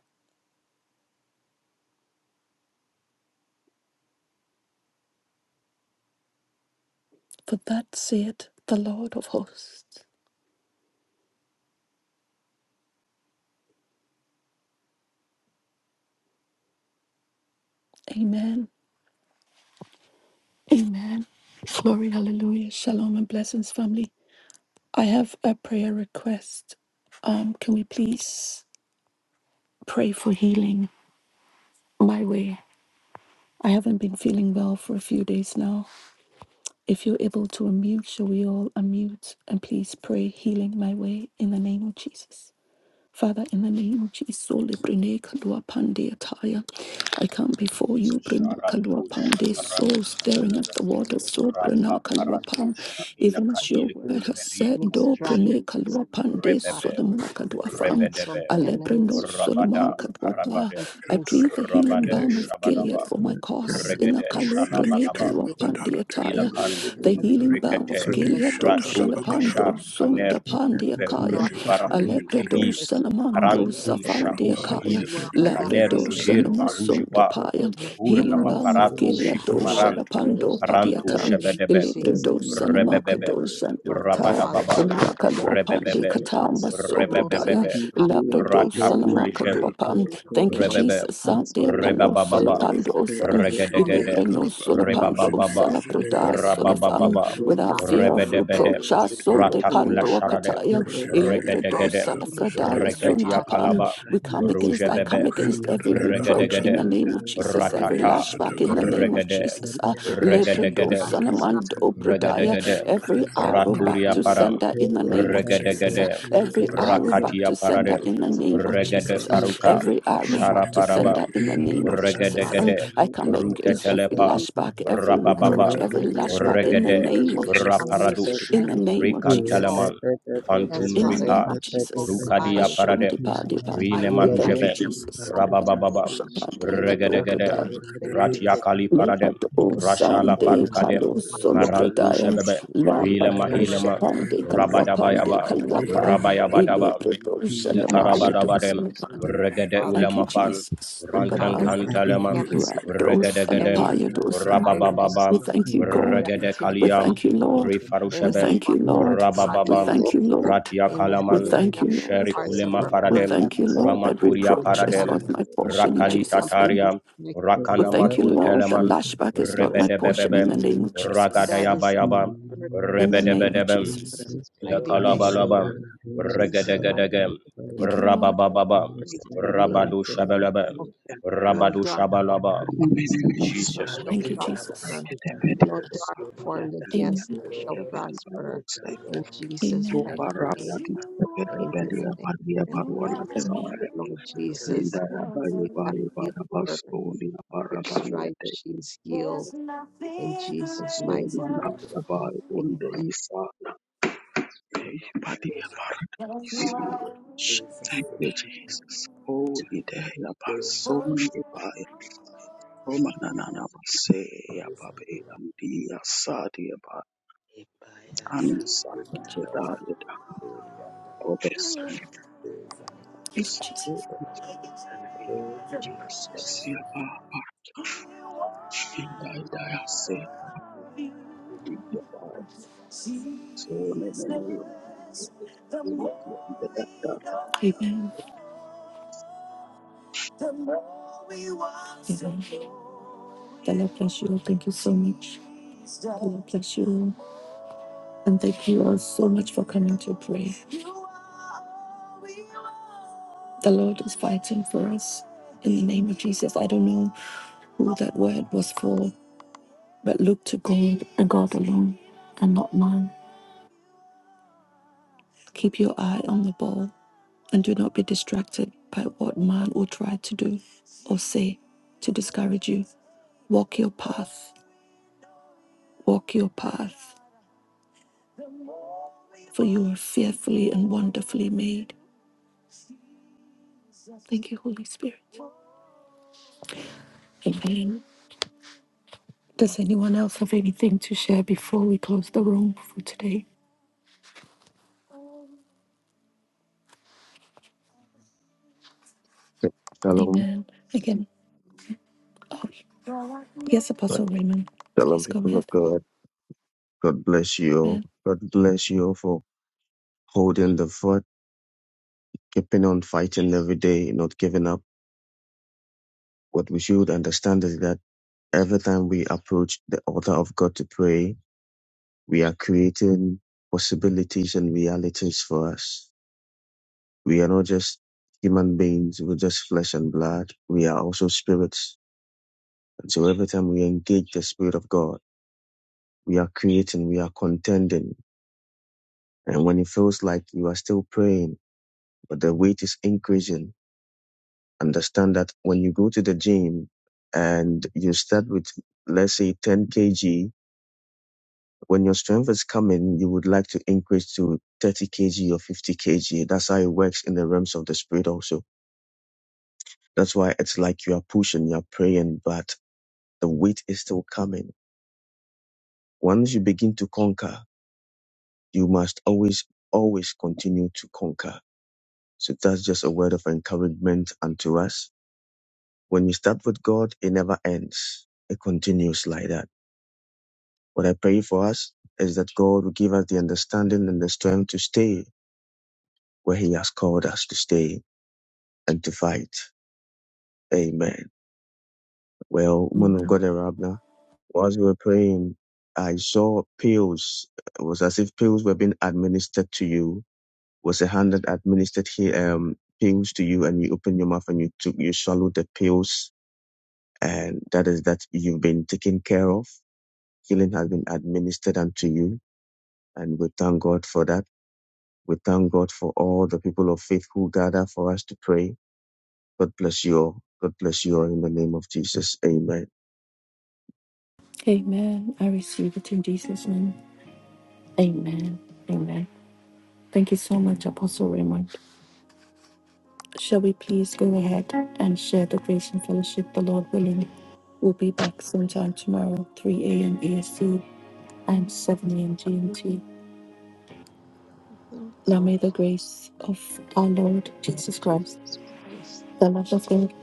Speaker 2: For that saith the Lord of hosts. Amen. Amen. Glory, hallelujah. Shalom and blessings, family. I have a prayer request. Um, can we please pray for healing my way? I haven't been feeling well for a few days now. If you're able to unmute, shall we all unmute and please pray healing my way in the name of Jesus? Father, in the name of Jesus, Sole Brene Kalua Pande Ataya, I come
Speaker 1: the name of
Speaker 2: before you,
Speaker 1: Jesus.
Speaker 2: Brene Kalua
Speaker 1: Sharatusha
Speaker 2: Pande, so
Speaker 1: paradusha
Speaker 2: staring at
Speaker 1: belebe.
Speaker 2: the water, so Brene
Speaker 1: Rapa
Speaker 2: Kalua Pa,
Speaker 1: paratusha
Speaker 2: even
Speaker 8: Bhaktivinoda
Speaker 1: inaka
Speaker 2: as your
Speaker 1: ili
Speaker 2: word has
Speaker 1: meri
Speaker 2: said,
Speaker 8: enemy
Speaker 2: Do
Speaker 1: kulishil.
Speaker 2: Brene
Speaker 8: strategies
Speaker 2: Kalua
Speaker 8: that
Speaker 2: Pande,
Speaker 10: Thank
Speaker 8: I
Speaker 1: Rebebe.
Speaker 2: Solomon Kadua
Speaker 11: Rada
Speaker 2: Fam,
Speaker 8: cancel
Speaker 1: Rebedebe.
Speaker 8: the enemy
Speaker 2: Alebreno Solomon
Speaker 1: Rabada
Speaker 8: strategies
Speaker 2: Kadua Pa.
Speaker 1: parabadem.
Speaker 11: da
Speaker 2: I
Speaker 11: da
Speaker 8: against
Speaker 2: plead the healing
Speaker 8: you.
Speaker 1: Rabade
Speaker 2: balm of
Speaker 1: shabadaba.
Speaker 2: Gilead for my
Speaker 8: But
Speaker 2: cause, in a
Speaker 1: Regede
Speaker 11: da,
Speaker 2: Kalua
Speaker 11: sit
Speaker 2: Brene
Speaker 11: it, it,
Speaker 1: shalabalaba.
Speaker 2: Kalua
Speaker 8: you, Father
Speaker 2: Pande
Speaker 8: God,
Speaker 2: Ataya,
Speaker 1: Ilakan
Speaker 2: the
Speaker 8: no dark
Speaker 1: kun
Speaker 2: healing balm
Speaker 1: rikete.
Speaker 2: of
Speaker 8: that
Speaker 11: it,
Speaker 2: Gilead,
Speaker 11: shut
Speaker 2: Do
Speaker 11: up,
Speaker 8: keeps her
Speaker 1: Ratur
Speaker 8: shall
Speaker 1: leshar
Speaker 2: Shalabando, Son
Speaker 8: prosper,
Speaker 1: kaner.
Speaker 2: Dapandia Kaya.
Speaker 1: Veruj
Speaker 8: dark one that
Speaker 1: varakun
Speaker 8: casts
Speaker 1: eli.
Speaker 8: her
Speaker 2: Alebrados and
Speaker 8: shall
Speaker 1: Paran
Speaker 2: Amandos,
Speaker 8: prosper.
Speaker 1: kun sharut
Speaker 8: She would
Speaker 2: Afandiakaya,
Speaker 1: lahil.
Speaker 8: dwell in the
Speaker 1: Kaner
Speaker 8: house of
Speaker 2: Labrados
Speaker 1: nojer
Speaker 2: and
Speaker 8: the Lord
Speaker 1: varuj va.
Speaker 2: Amasundapaya,
Speaker 8: forever and
Speaker 1: Kurna
Speaker 2: Healing
Speaker 8: ever.
Speaker 2: Balm of
Speaker 1: mafaratu
Speaker 8: She will
Speaker 2: Gilead,
Speaker 8: have,
Speaker 1: Shikamarand,
Speaker 2: Shalapando,
Speaker 8: she
Speaker 1: Parantu
Speaker 8: knows
Speaker 2: Padiatan,
Speaker 8: your
Speaker 1: shebedebem.
Speaker 8: mercies.
Speaker 2: Elebrados and
Speaker 8: You have
Speaker 1: Rebebebem.
Speaker 2: Amakados
Speaker 8: mercy
Speaker 2: and
Speaker 8: for her,
Speaker 2: Lata,
Speaker 8: Father
Speaker 1: Rabadababam.
Speaker 8: God.
Speaker 2: Rakadwapandi
Speaker 8: She
Speaker 1: Rebebebem.
Speaker 2: Katamba
Speaker 8: dwells in
Speaker 10: you.
Speaker 8: the most
Speaker 2: Sobradaya,
Speaker 8: high
Speaker 1: Rebebebebem.
Speaker 10: Thank
Speaker 8: God with
Speaker 10: you.
Speaker 2: Labrados and
Speaker 8: Jesus.
Speaker 1: Ratakulijem.
Speaker 2: Amakadwapan.
Speaker 8: now,
Speaker 2: Thank you,
Speaker 8: Father
Speaker 1: Rebebe,
Speaker 2: Jesus.
Speaker 8: God, so
Speaker 2: Sandia Palos,
Speaker 1: Rebababa,
Speaker 8: Jesus,
Speaker 2: Alapandos, and
Speaker 8: we call
Speaker 1: Regedegede,
Speaker 8: him
Speaker 2: Elebranos, Alapandos,
Speaker 8: healing,
Speaker 1: Rebababa,
Speaker 8: Father God,
Speaker 2: Alabradas,
Speaker 1: Rabababa,
Speaker 8: we
Speaker 2: without
Speaker 8: have
Speaker 2: fear
Speaker 8: her
Speaker 2: of
Speaker 1: Rebedebedem,
Speaker 2: reproach.
Speaker 8: the
Speaker 2: Asunde
Speaker 1: Ratakula
Speaker 8: bottom of
Speaker 2: Pandua
Speaker 8: her
Speaker 1: Sharadem,
Speaker 2: Kataya,
Speaker 8: feet. We
Speaker 2: Ilebredo
Speaker 8: call
Speaker 1: Regedegedem,
Speaker 8: healing,
Speaker 2: Salafradaya
Speaker 8: Father
Speaker 1: Regetia
Speaker 8: God,
Speaker 2: Suntapan.
Speaker 1: Kalaba,
Speaker 2: We come
Speaker 8: yes,
Speaker 2: against, I
Speaker 8: Father
Speaker 2: come
Speaker 1: Rugebebem,
Speaker 8: God,
Speaker 10: Thank
Speaker 2: against every
Speaker 8: your
Speaker 2: reproach
Speaker 8: daughter,
Speaker 2: in the
Speaker 1: Regedegedem,
Speaker 2: name of Jesus, every
Speaker 8: Ravina,
Speaker 1: Ratata,
Speaker 8: she
Speaker 2: lashback
Speaker 8: will
Speaker 2: in
Speaker 8: not
Speaker 2: the
Speaker 8: be
Speaker 2: name of
Speaker 1: Regedem,
Speaker 8: alone,
Speaker 2: Jesus. Ah,
Speaker 8: but she
Speaker 2: Lebredo
Speaker 1: Regedegedem,
Speaker 8: rises up
Speaker 2: Salamando pradaya.
Speaker 1: Regadegade,
Speaker 2: every arrow
Speaker 8: walking,
Speaker 2: back
Speaker 1: Raturia
Speaker 2: to
Speaker 1: Param,
Speaker 2: sender in the
Speaker 8: walking.
Speaker 2: name of Jesus. Ah,
Speaker 1: Regadegade,
Speaker 2: Every
Speaker 8: Yes, she
Speaker 2: arrow
Speaker 8: will
Speaker 2: back
Speaker 1: Rakatia
Speaker 2: to sender
Speaker 8: rise
Speaker 1: Paradem,
Speaker 2: in the
Speaker 8: up,
Speaker 2: name of
Speaker 1: Regade
Speaker 2: Jesus. Ah,
Speaker 8: she will
Speaker 1: Faruka,
Speaker 2: Every
Speaker 8: rise
Speaker 2: arrow
Speaker 8: up,
Speaker 1: Shara
Speaker 2: back to
Speaker 1: Paraba,
Speaker 2: sender in the name
Speaker 11: it,
Speaker 2: of
Speaker 8: yes,
Speaker 11: it,
Speaker 2: Jesus.
Speaker 8: Father
Speaker 2: Ah.
Speaker 8: God,
Speaker 1: regedegede
Speaker 2: I come
Speaker 11: Deba
Speaker 9: you.
Speaker 2: against
Speaker 8: she
Speaker 2: every
Speaker 8: will
Speaker 1: ruketelepa
Speaker 8: be
Speaker 2: lashback, every
Speaker 9: Thank
Speaker 8: and
Speaker 1: rabababa
Speaker 2: reproach,
Speaker 8: thank
Speaker 2: every
Speaker 8: you,
Speaker 11: Haradadikate
Speaker 2: lashback
Speaker 8: Lord.
Speaker 2: in the
Speaker 1: regede
Speaker 2: name
Speaker 8: She
Speaker 2: of
Speaker 8: will have
Speaker 2: Jesus.
Speaker 8: new
Speaker 1: raparadush
Speaker 2: In
Speaker 8: strength
Speaker 2: the
Speaker 8: to
Speaker 11: Yaradadabositiba
Speaker 2: name of
Speaker 8: go.
Speaker 2: Jesus.
Speaker 1: rikanteleman
Speaker 8: Yes,
Speaker 1: fantum
Speaker 2: In the
Speaker 8: Father
Speaker 2: name
Speaker 1: ripa
Speaker 8: God,
Speaker 2: of
Speaker 8: she will
Speaker 2: Jesus.
Speaker 10: you.
Speaker 1: rukadia
Speaker 8: fly.
Speaker 2: Ashom
Speaker 1: paradem
Speaker 10: In
Speaker 2: depa
Speaker 10: the
Speaker 8: She will
Speaker 2: depa.
Speaker 10: name
Speaker 8: fly
Speaker 1: rine
Speaker 10: of
Speaker 2: We
Speaker 8: the
Speaker 10: the
Speaker 8: like
Speaker 2: thank
Speaker 10: Lord
Speaker 2: you,
Speaker 1: marujeve
Speaker 10: Jesus,
Speaker 2: Jesus.
Speaker 8: home.
Speaker 10: we
Speaker 2: Salvando
Speaker 1: rabababa
Speaker 10: say we
Speaker 8: She will
Speaker 2: shabandi
Speaker 10: pray
Speaker 2: kato
Speaker 1: regedegede
Speaker 10: after
Speaker 2: prada.
Speaker 10: the Lord,
Speaker 11: Ratadabositiba
Speaker 10: for
Speaker 8: faint.
Speaker 10: the
Speaker 1: ratiakali paradem
Speaker 2: Levato
Speaker 8: God,
Speaker 1: rashala
Speaker 2: sande
Speaker 10: name of
Speaker 1: farukadem
Speaker 2: palo
Speaker 10: the Lord
Speaker 8: Lord, you
Speaker 1: marantu
Speaker 10: Jesus.
Speaker 2: solabradaya.
Speaker 1: shebebe
Speaker 8: are
Speaker 1: hile
Speaker 2: Lambato
Speaker 1: mahile
Speaker 8: Lord,
Speaker 1: mam
Speaker 2: shabandi
Speaker 8: you
Speaker 2: kalwa
Speaker 8: are her Lord,
Speaker 2: pande
Speaker 1: rabadabayaba
Speaker 8: God
Speaker 2: kalwapa.
Speaker 8: Almighty,
Speaker 1: rabayabadaba
Speaker 2: Ilebrato
Speaker 1: ile
Speaker 8: and she
Speaker 2: shalamaya to
Speaker 11: Ratadabositiba
Speaker 1: karabadabadem
Speaker 8: looks
Speaker 2: salapa.
Speaker 8: to you,
Speaker 1: regede
Speaker 8: Father
Speaker 2: Thank you,
Speaker 8: God.
Speaker 1: ulemafan
Speaker 2: Jesus.
Speaker 1: ranten
Speaker 8: Father
Speaker 2: Ugaba.
Speaker 8: God, we
Speaker 1: kanteleman
Speaker 8: cancel
Speaker 2: Rado
Speaker 8: any
Speaker 1: regedegedem
Speaker 2: salapaya dosa.
Speaker 8: virus
Speaker 1: rababababam
Speaker 2: We thank you, God.
Speaker 1: regede
Speaker 8: activity
Speaker 2: We
Speaker 11: Ratadabositiba
Speaker 1: kaliam
Speaker 2: thank you, Lord. We
Speaker 8: in her
Speaker 1: rifarushebem
Speaker 2: thank
Speaker 8: bo-
Speaker 2: you,
Speaker 8: uh,
Speaker 10: We
Speaker 2: Lord.
Speaker 9: you.
Speaker 2: We
Speaker 8: body,
Speaker 1: rabababam
Speaker 8: in
Speaker 2: thank you,
Speaker 8: her,
Speaker 2: Lord.
Speaker 1: ratia
Speaker 8: in her,
Speaker 2: We
Speaker 1: kalaman
Speaker 9: Shut
Speaker 8: in
Speaker 9: up,
Speaker 2: thank
Speaker 8: her
Speaker 2: you, Lord.
Speaker 8: parts of
Speaker 1: sherikulema
Speaker 8: her
Speaker 2: We
Speaker 1: faradem
Speaker 2: thank you,
Speaker 8: organs.
Speaker 2: Lord, that
Speaker 1: ramaturia
Speaker 8: Father
Speaker 2: reproach is
Speaker 8: God,
Speaker 1: paradem
Speaker 2: not
Speaker 8: we
Speaker 2: my
Speaker 8: come
Speaker 2: portion in
Speaker 8: against
Speaker 2: Jesus'
Speaker 8: somebody
Speaker 2: name.
Speaker 1: rakalitataria
Speaker 8: being connected
Speaker 2: We thank you,
Speaker 1: rakanamatun
Speaker 8: to
Speaker 2: Lord, that
Speaker 1: teleman
Speaker 2: lashback is not my
Speaker 8: others.
Speaker 2: portion in
Speaker 1: rebedebebebem
Speaker 2: the name of
Speaker 10: Thank
Speaker 2: Jesus.
Speaker 8: That is in
Speaker 1: ragadayabayabam
Speaker 8: the
Speaker 2: In the
Speaker 8: purpose.
Speaker 10: Thank
Speaker 2: name of
Speaker 1: rebedebedebem
Speaker 2: Jesus.
Speaker 8: Jesus' mighty name.
Speaker 1: Lekalabalabam,
Speaker 8: Jesus' mighty
Speaker 1: regedegedegeem,
Speaker 8: name.
Speaker 2: Thank you, Lord.
Speaker 1: rababababam,
Speaker 8: Great healing.
Speaker 1: rabadushabalabam,
Speaker 10: you.
Speaker 8: No, no dark formed
Speaker 1: rabadushabalabam.
Speaker 8: against them
Speaker 1: Jesus'
Speaker 8: shall
Speaker 2: Thank
Speaker 1: mighty
Speaker 2: you,
Speaker 1: name.
Speaker 2: Jesus.
Speaker 8: prosper. No dark formed against
Speaker 2: Amen.
Speaker 8: her shall prosper. In Jesus'
Speaker 2: Amen.
Speaker 8: mighty name. Amen. Amen.
Speaker 2: Amen.
Speaker 8: Lord Jesus, you have healed her. Your stripes, she is healed. In Jesus' mighty Amen.
Speaker 12: Thank you, Jesus. Holy day, Abasoni, Romanana, Say, Ababe, and Dia,
Speaker 9: Epaya,
Speaker 12: ani sana kudai da obese o
Speaker 2: Jesus.
Speaker 9: Napatani,
Speaker 12: se aba ashinda ida yase ida
Speaker 2: Jesus,
Speaker 12: So
Speaker 2: the
Speaker 12: Thank you.
Speaker 2: know, Amen. the Amen. The Lord bless you. Thank you so much. The Lord bless you. And thank you all so much for coming to pray. The Lord is fighting for us in the name of Jesus. I don't know who that word was for, but look to God and God alone and not man. Keep your eye on the ball and do not be distracted by what man will try to do or say to discourage you. Walk your path, walk your path, for you are fearfully and wonderfully made. Thank you, Holy Spirit. Amen. Does anyone else have anything to share before we close the room for today?
Speaker 13: Shalom.
Speaker 2: Amen. Again, oh, yes, Apostle Raymond,
Speaker 13: Shalom,
Speaker 2: please go
Speaker 13: people of
Speaker 2: ahead.
Speaker 13: God. God bless you.
Speaker 2: Amen.
Speaker 13: God bless you for holding the fort, keeping on fighting every day, not giving up. What we should understand is that every time we approach the altar of God to pray, we are creating possibilities and realities for us. We are not just human beings, we're just flesh and blood. We are also spirits. And so every time we engage the Spirit of God, we are creating, we are contending. And when it feels like you are still praying, but the weight is increasing. Understand that when you go to the gym and you start with, let's say, 10 kg, when your strength is coming, you would like to increase to 30 kg or 50 kg. That's how it works in the realms of the spirit also. That's why it's like you are pushing, you are praying, but the weight is still coming. Once you begin to conquer, you must always, always continue to conquer. So that's just a word of encouragement unto us When you start with God, it never ends. It continues like that. What I pray for us is that God will give us the understanding and the strength to stay where He has called us to stay and to fight. Amen. Well, woman of God, Rabna, whilst we were praying, I saw pills. It was as if pills were being administered to you. It Was a hand that administered here, um, pills to you, and you open your mouth and you took, you swallow the pills, and that is that you've been taken care of. healing has been administered unto you. And we thank God for that. We thank God for all the people of faith who gather for us to pray. God bless you all. God bless you all in the name of Jesus. Amen.
Speaker 2: Amen. I receive it in Jesus' name. Amen. Amen. Thank you so much, Apostle Raymond. Shall we please go ahead and share the grace and fellowship, the Lord willing? We'll be back sometime tomorrow, 3 a.m. EST and 7 a.m. GMT.
Speaker 8: Our
Speaker 2: Now may
Speaker 8: Lord
Speaker 2: the grace of our Lord Jesus Christ,
Speaker 8: Jesus Christ
Speaker 2: the love of
Speaker 8: and
Speaker 2: God,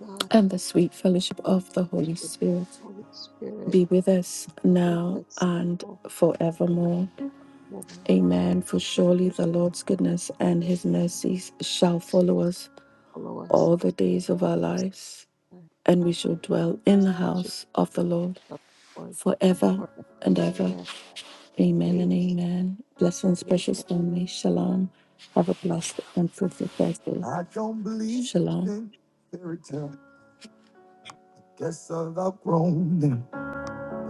Speaker 8: God,
Speaker 2: and the sweet fellowship
Speaker 8: and the
Speaker 2: of the Holy
Speaker 8: fellowship of the
Speaker 2: Spirit
Speaker 8: Holy Spirit,
Speaker 2: be with us
Speaker 8: with
Speaker 2: now
Speaker 8: us
Speaker 2: and
Speaker 8: all and
Speaker 2: forevermore.
Speaker 8: more.
Speaker 2: Amen. For surely the Lord's goodness and his mercies shall follow us
Speaker 8: Follow us
Speaker 2: all the days of our
Speaker 8: with
Speaker 2: lives
Speaker 8: our
Speaker 2: and we shall dwell in the
Speaker 8: teaching
Speaker 2: house of the Lord
Speaker 8: of the Lord
Speaker 2: forever
Speaker 8: forever
Speaker 2: and
Speaker 8: and
Speaker 2: ever.
Speaker 8: ever.
Speaker 2: Amen and
Speaker 8: Amen.
Speaker 2: amen. Blessings,
Speaker 8: Amen.
Speaker 2: precious family. Shalom. Have a blessed and fruitful Thursday. I don't believe Shalom. in fairy tale. Guess I've outgrown them.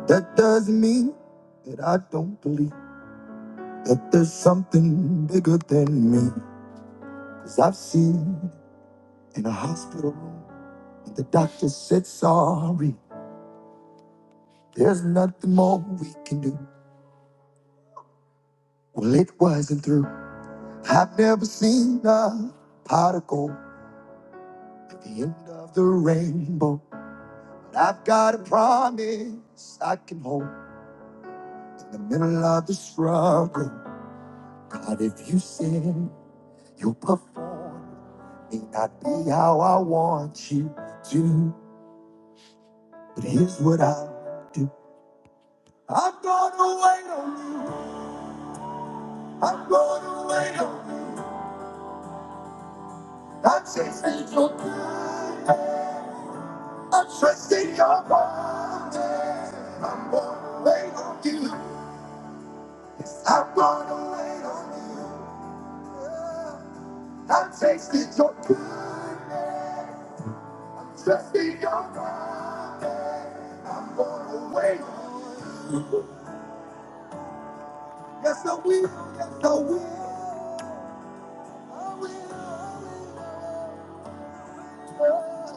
Speaker 2: That doesn't mean that I don't believe that there's something bigger than me. Cause I've seen in a hospital room when the doctor said sorry. There's nothing more we can do. Well, it wasn't through. I've never seen a particle at the end of the rainbow. But I've got a promise I can hold in the middle of the struggle. God, if you sin, you'll perform. May not be how I want you to, but here's what I'll do. I'm gonna wait on you. I'm gonna wait on you. I'm chasing your good. I trust in your promise. I'm gonna wait on you. Yes, I'm gonna wait on you. I tasted your goodness. Trust in your promise. I'm gonna wait. Yes, I will. Yes, I will. I will.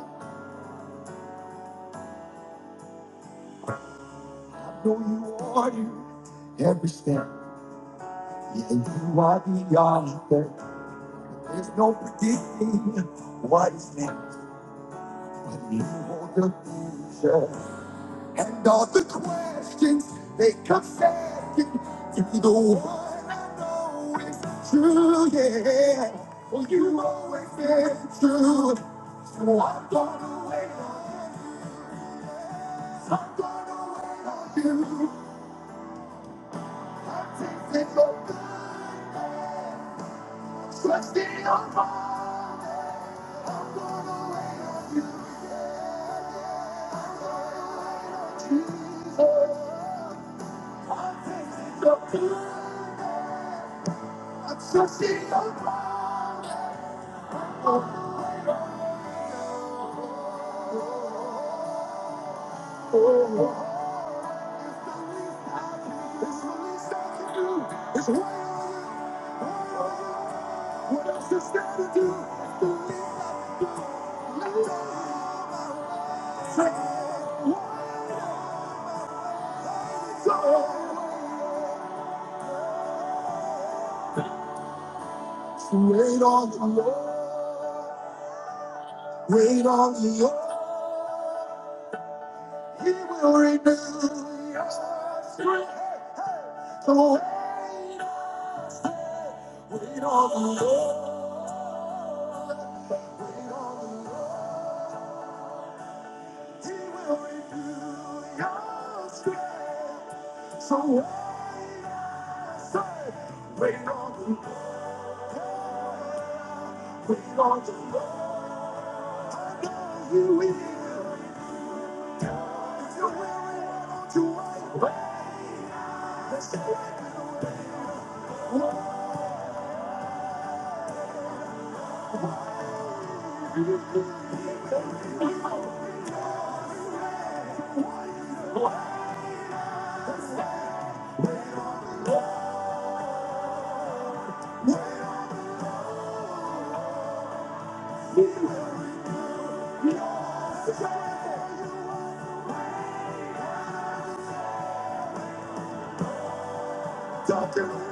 Speaker 2: I know you are you. Every step. Yeah, you are the author. There's no predicting what is next. But you hold the future. all the questions they come back to the one I know is true, yeah. Well, you always been true, so I'm gonna wait for you. Take it all the trust in all to do. Wait on the Lord, wait on the Lord, He will renew your strength. Hey, hey. So wait on. Wait on the Lord. Wait on the Lord. He will renew your strength. So wait, I say, wait on the Lord. Wait on the Lord. I know He will. If you're weary, why don't you wait? Let's get dark and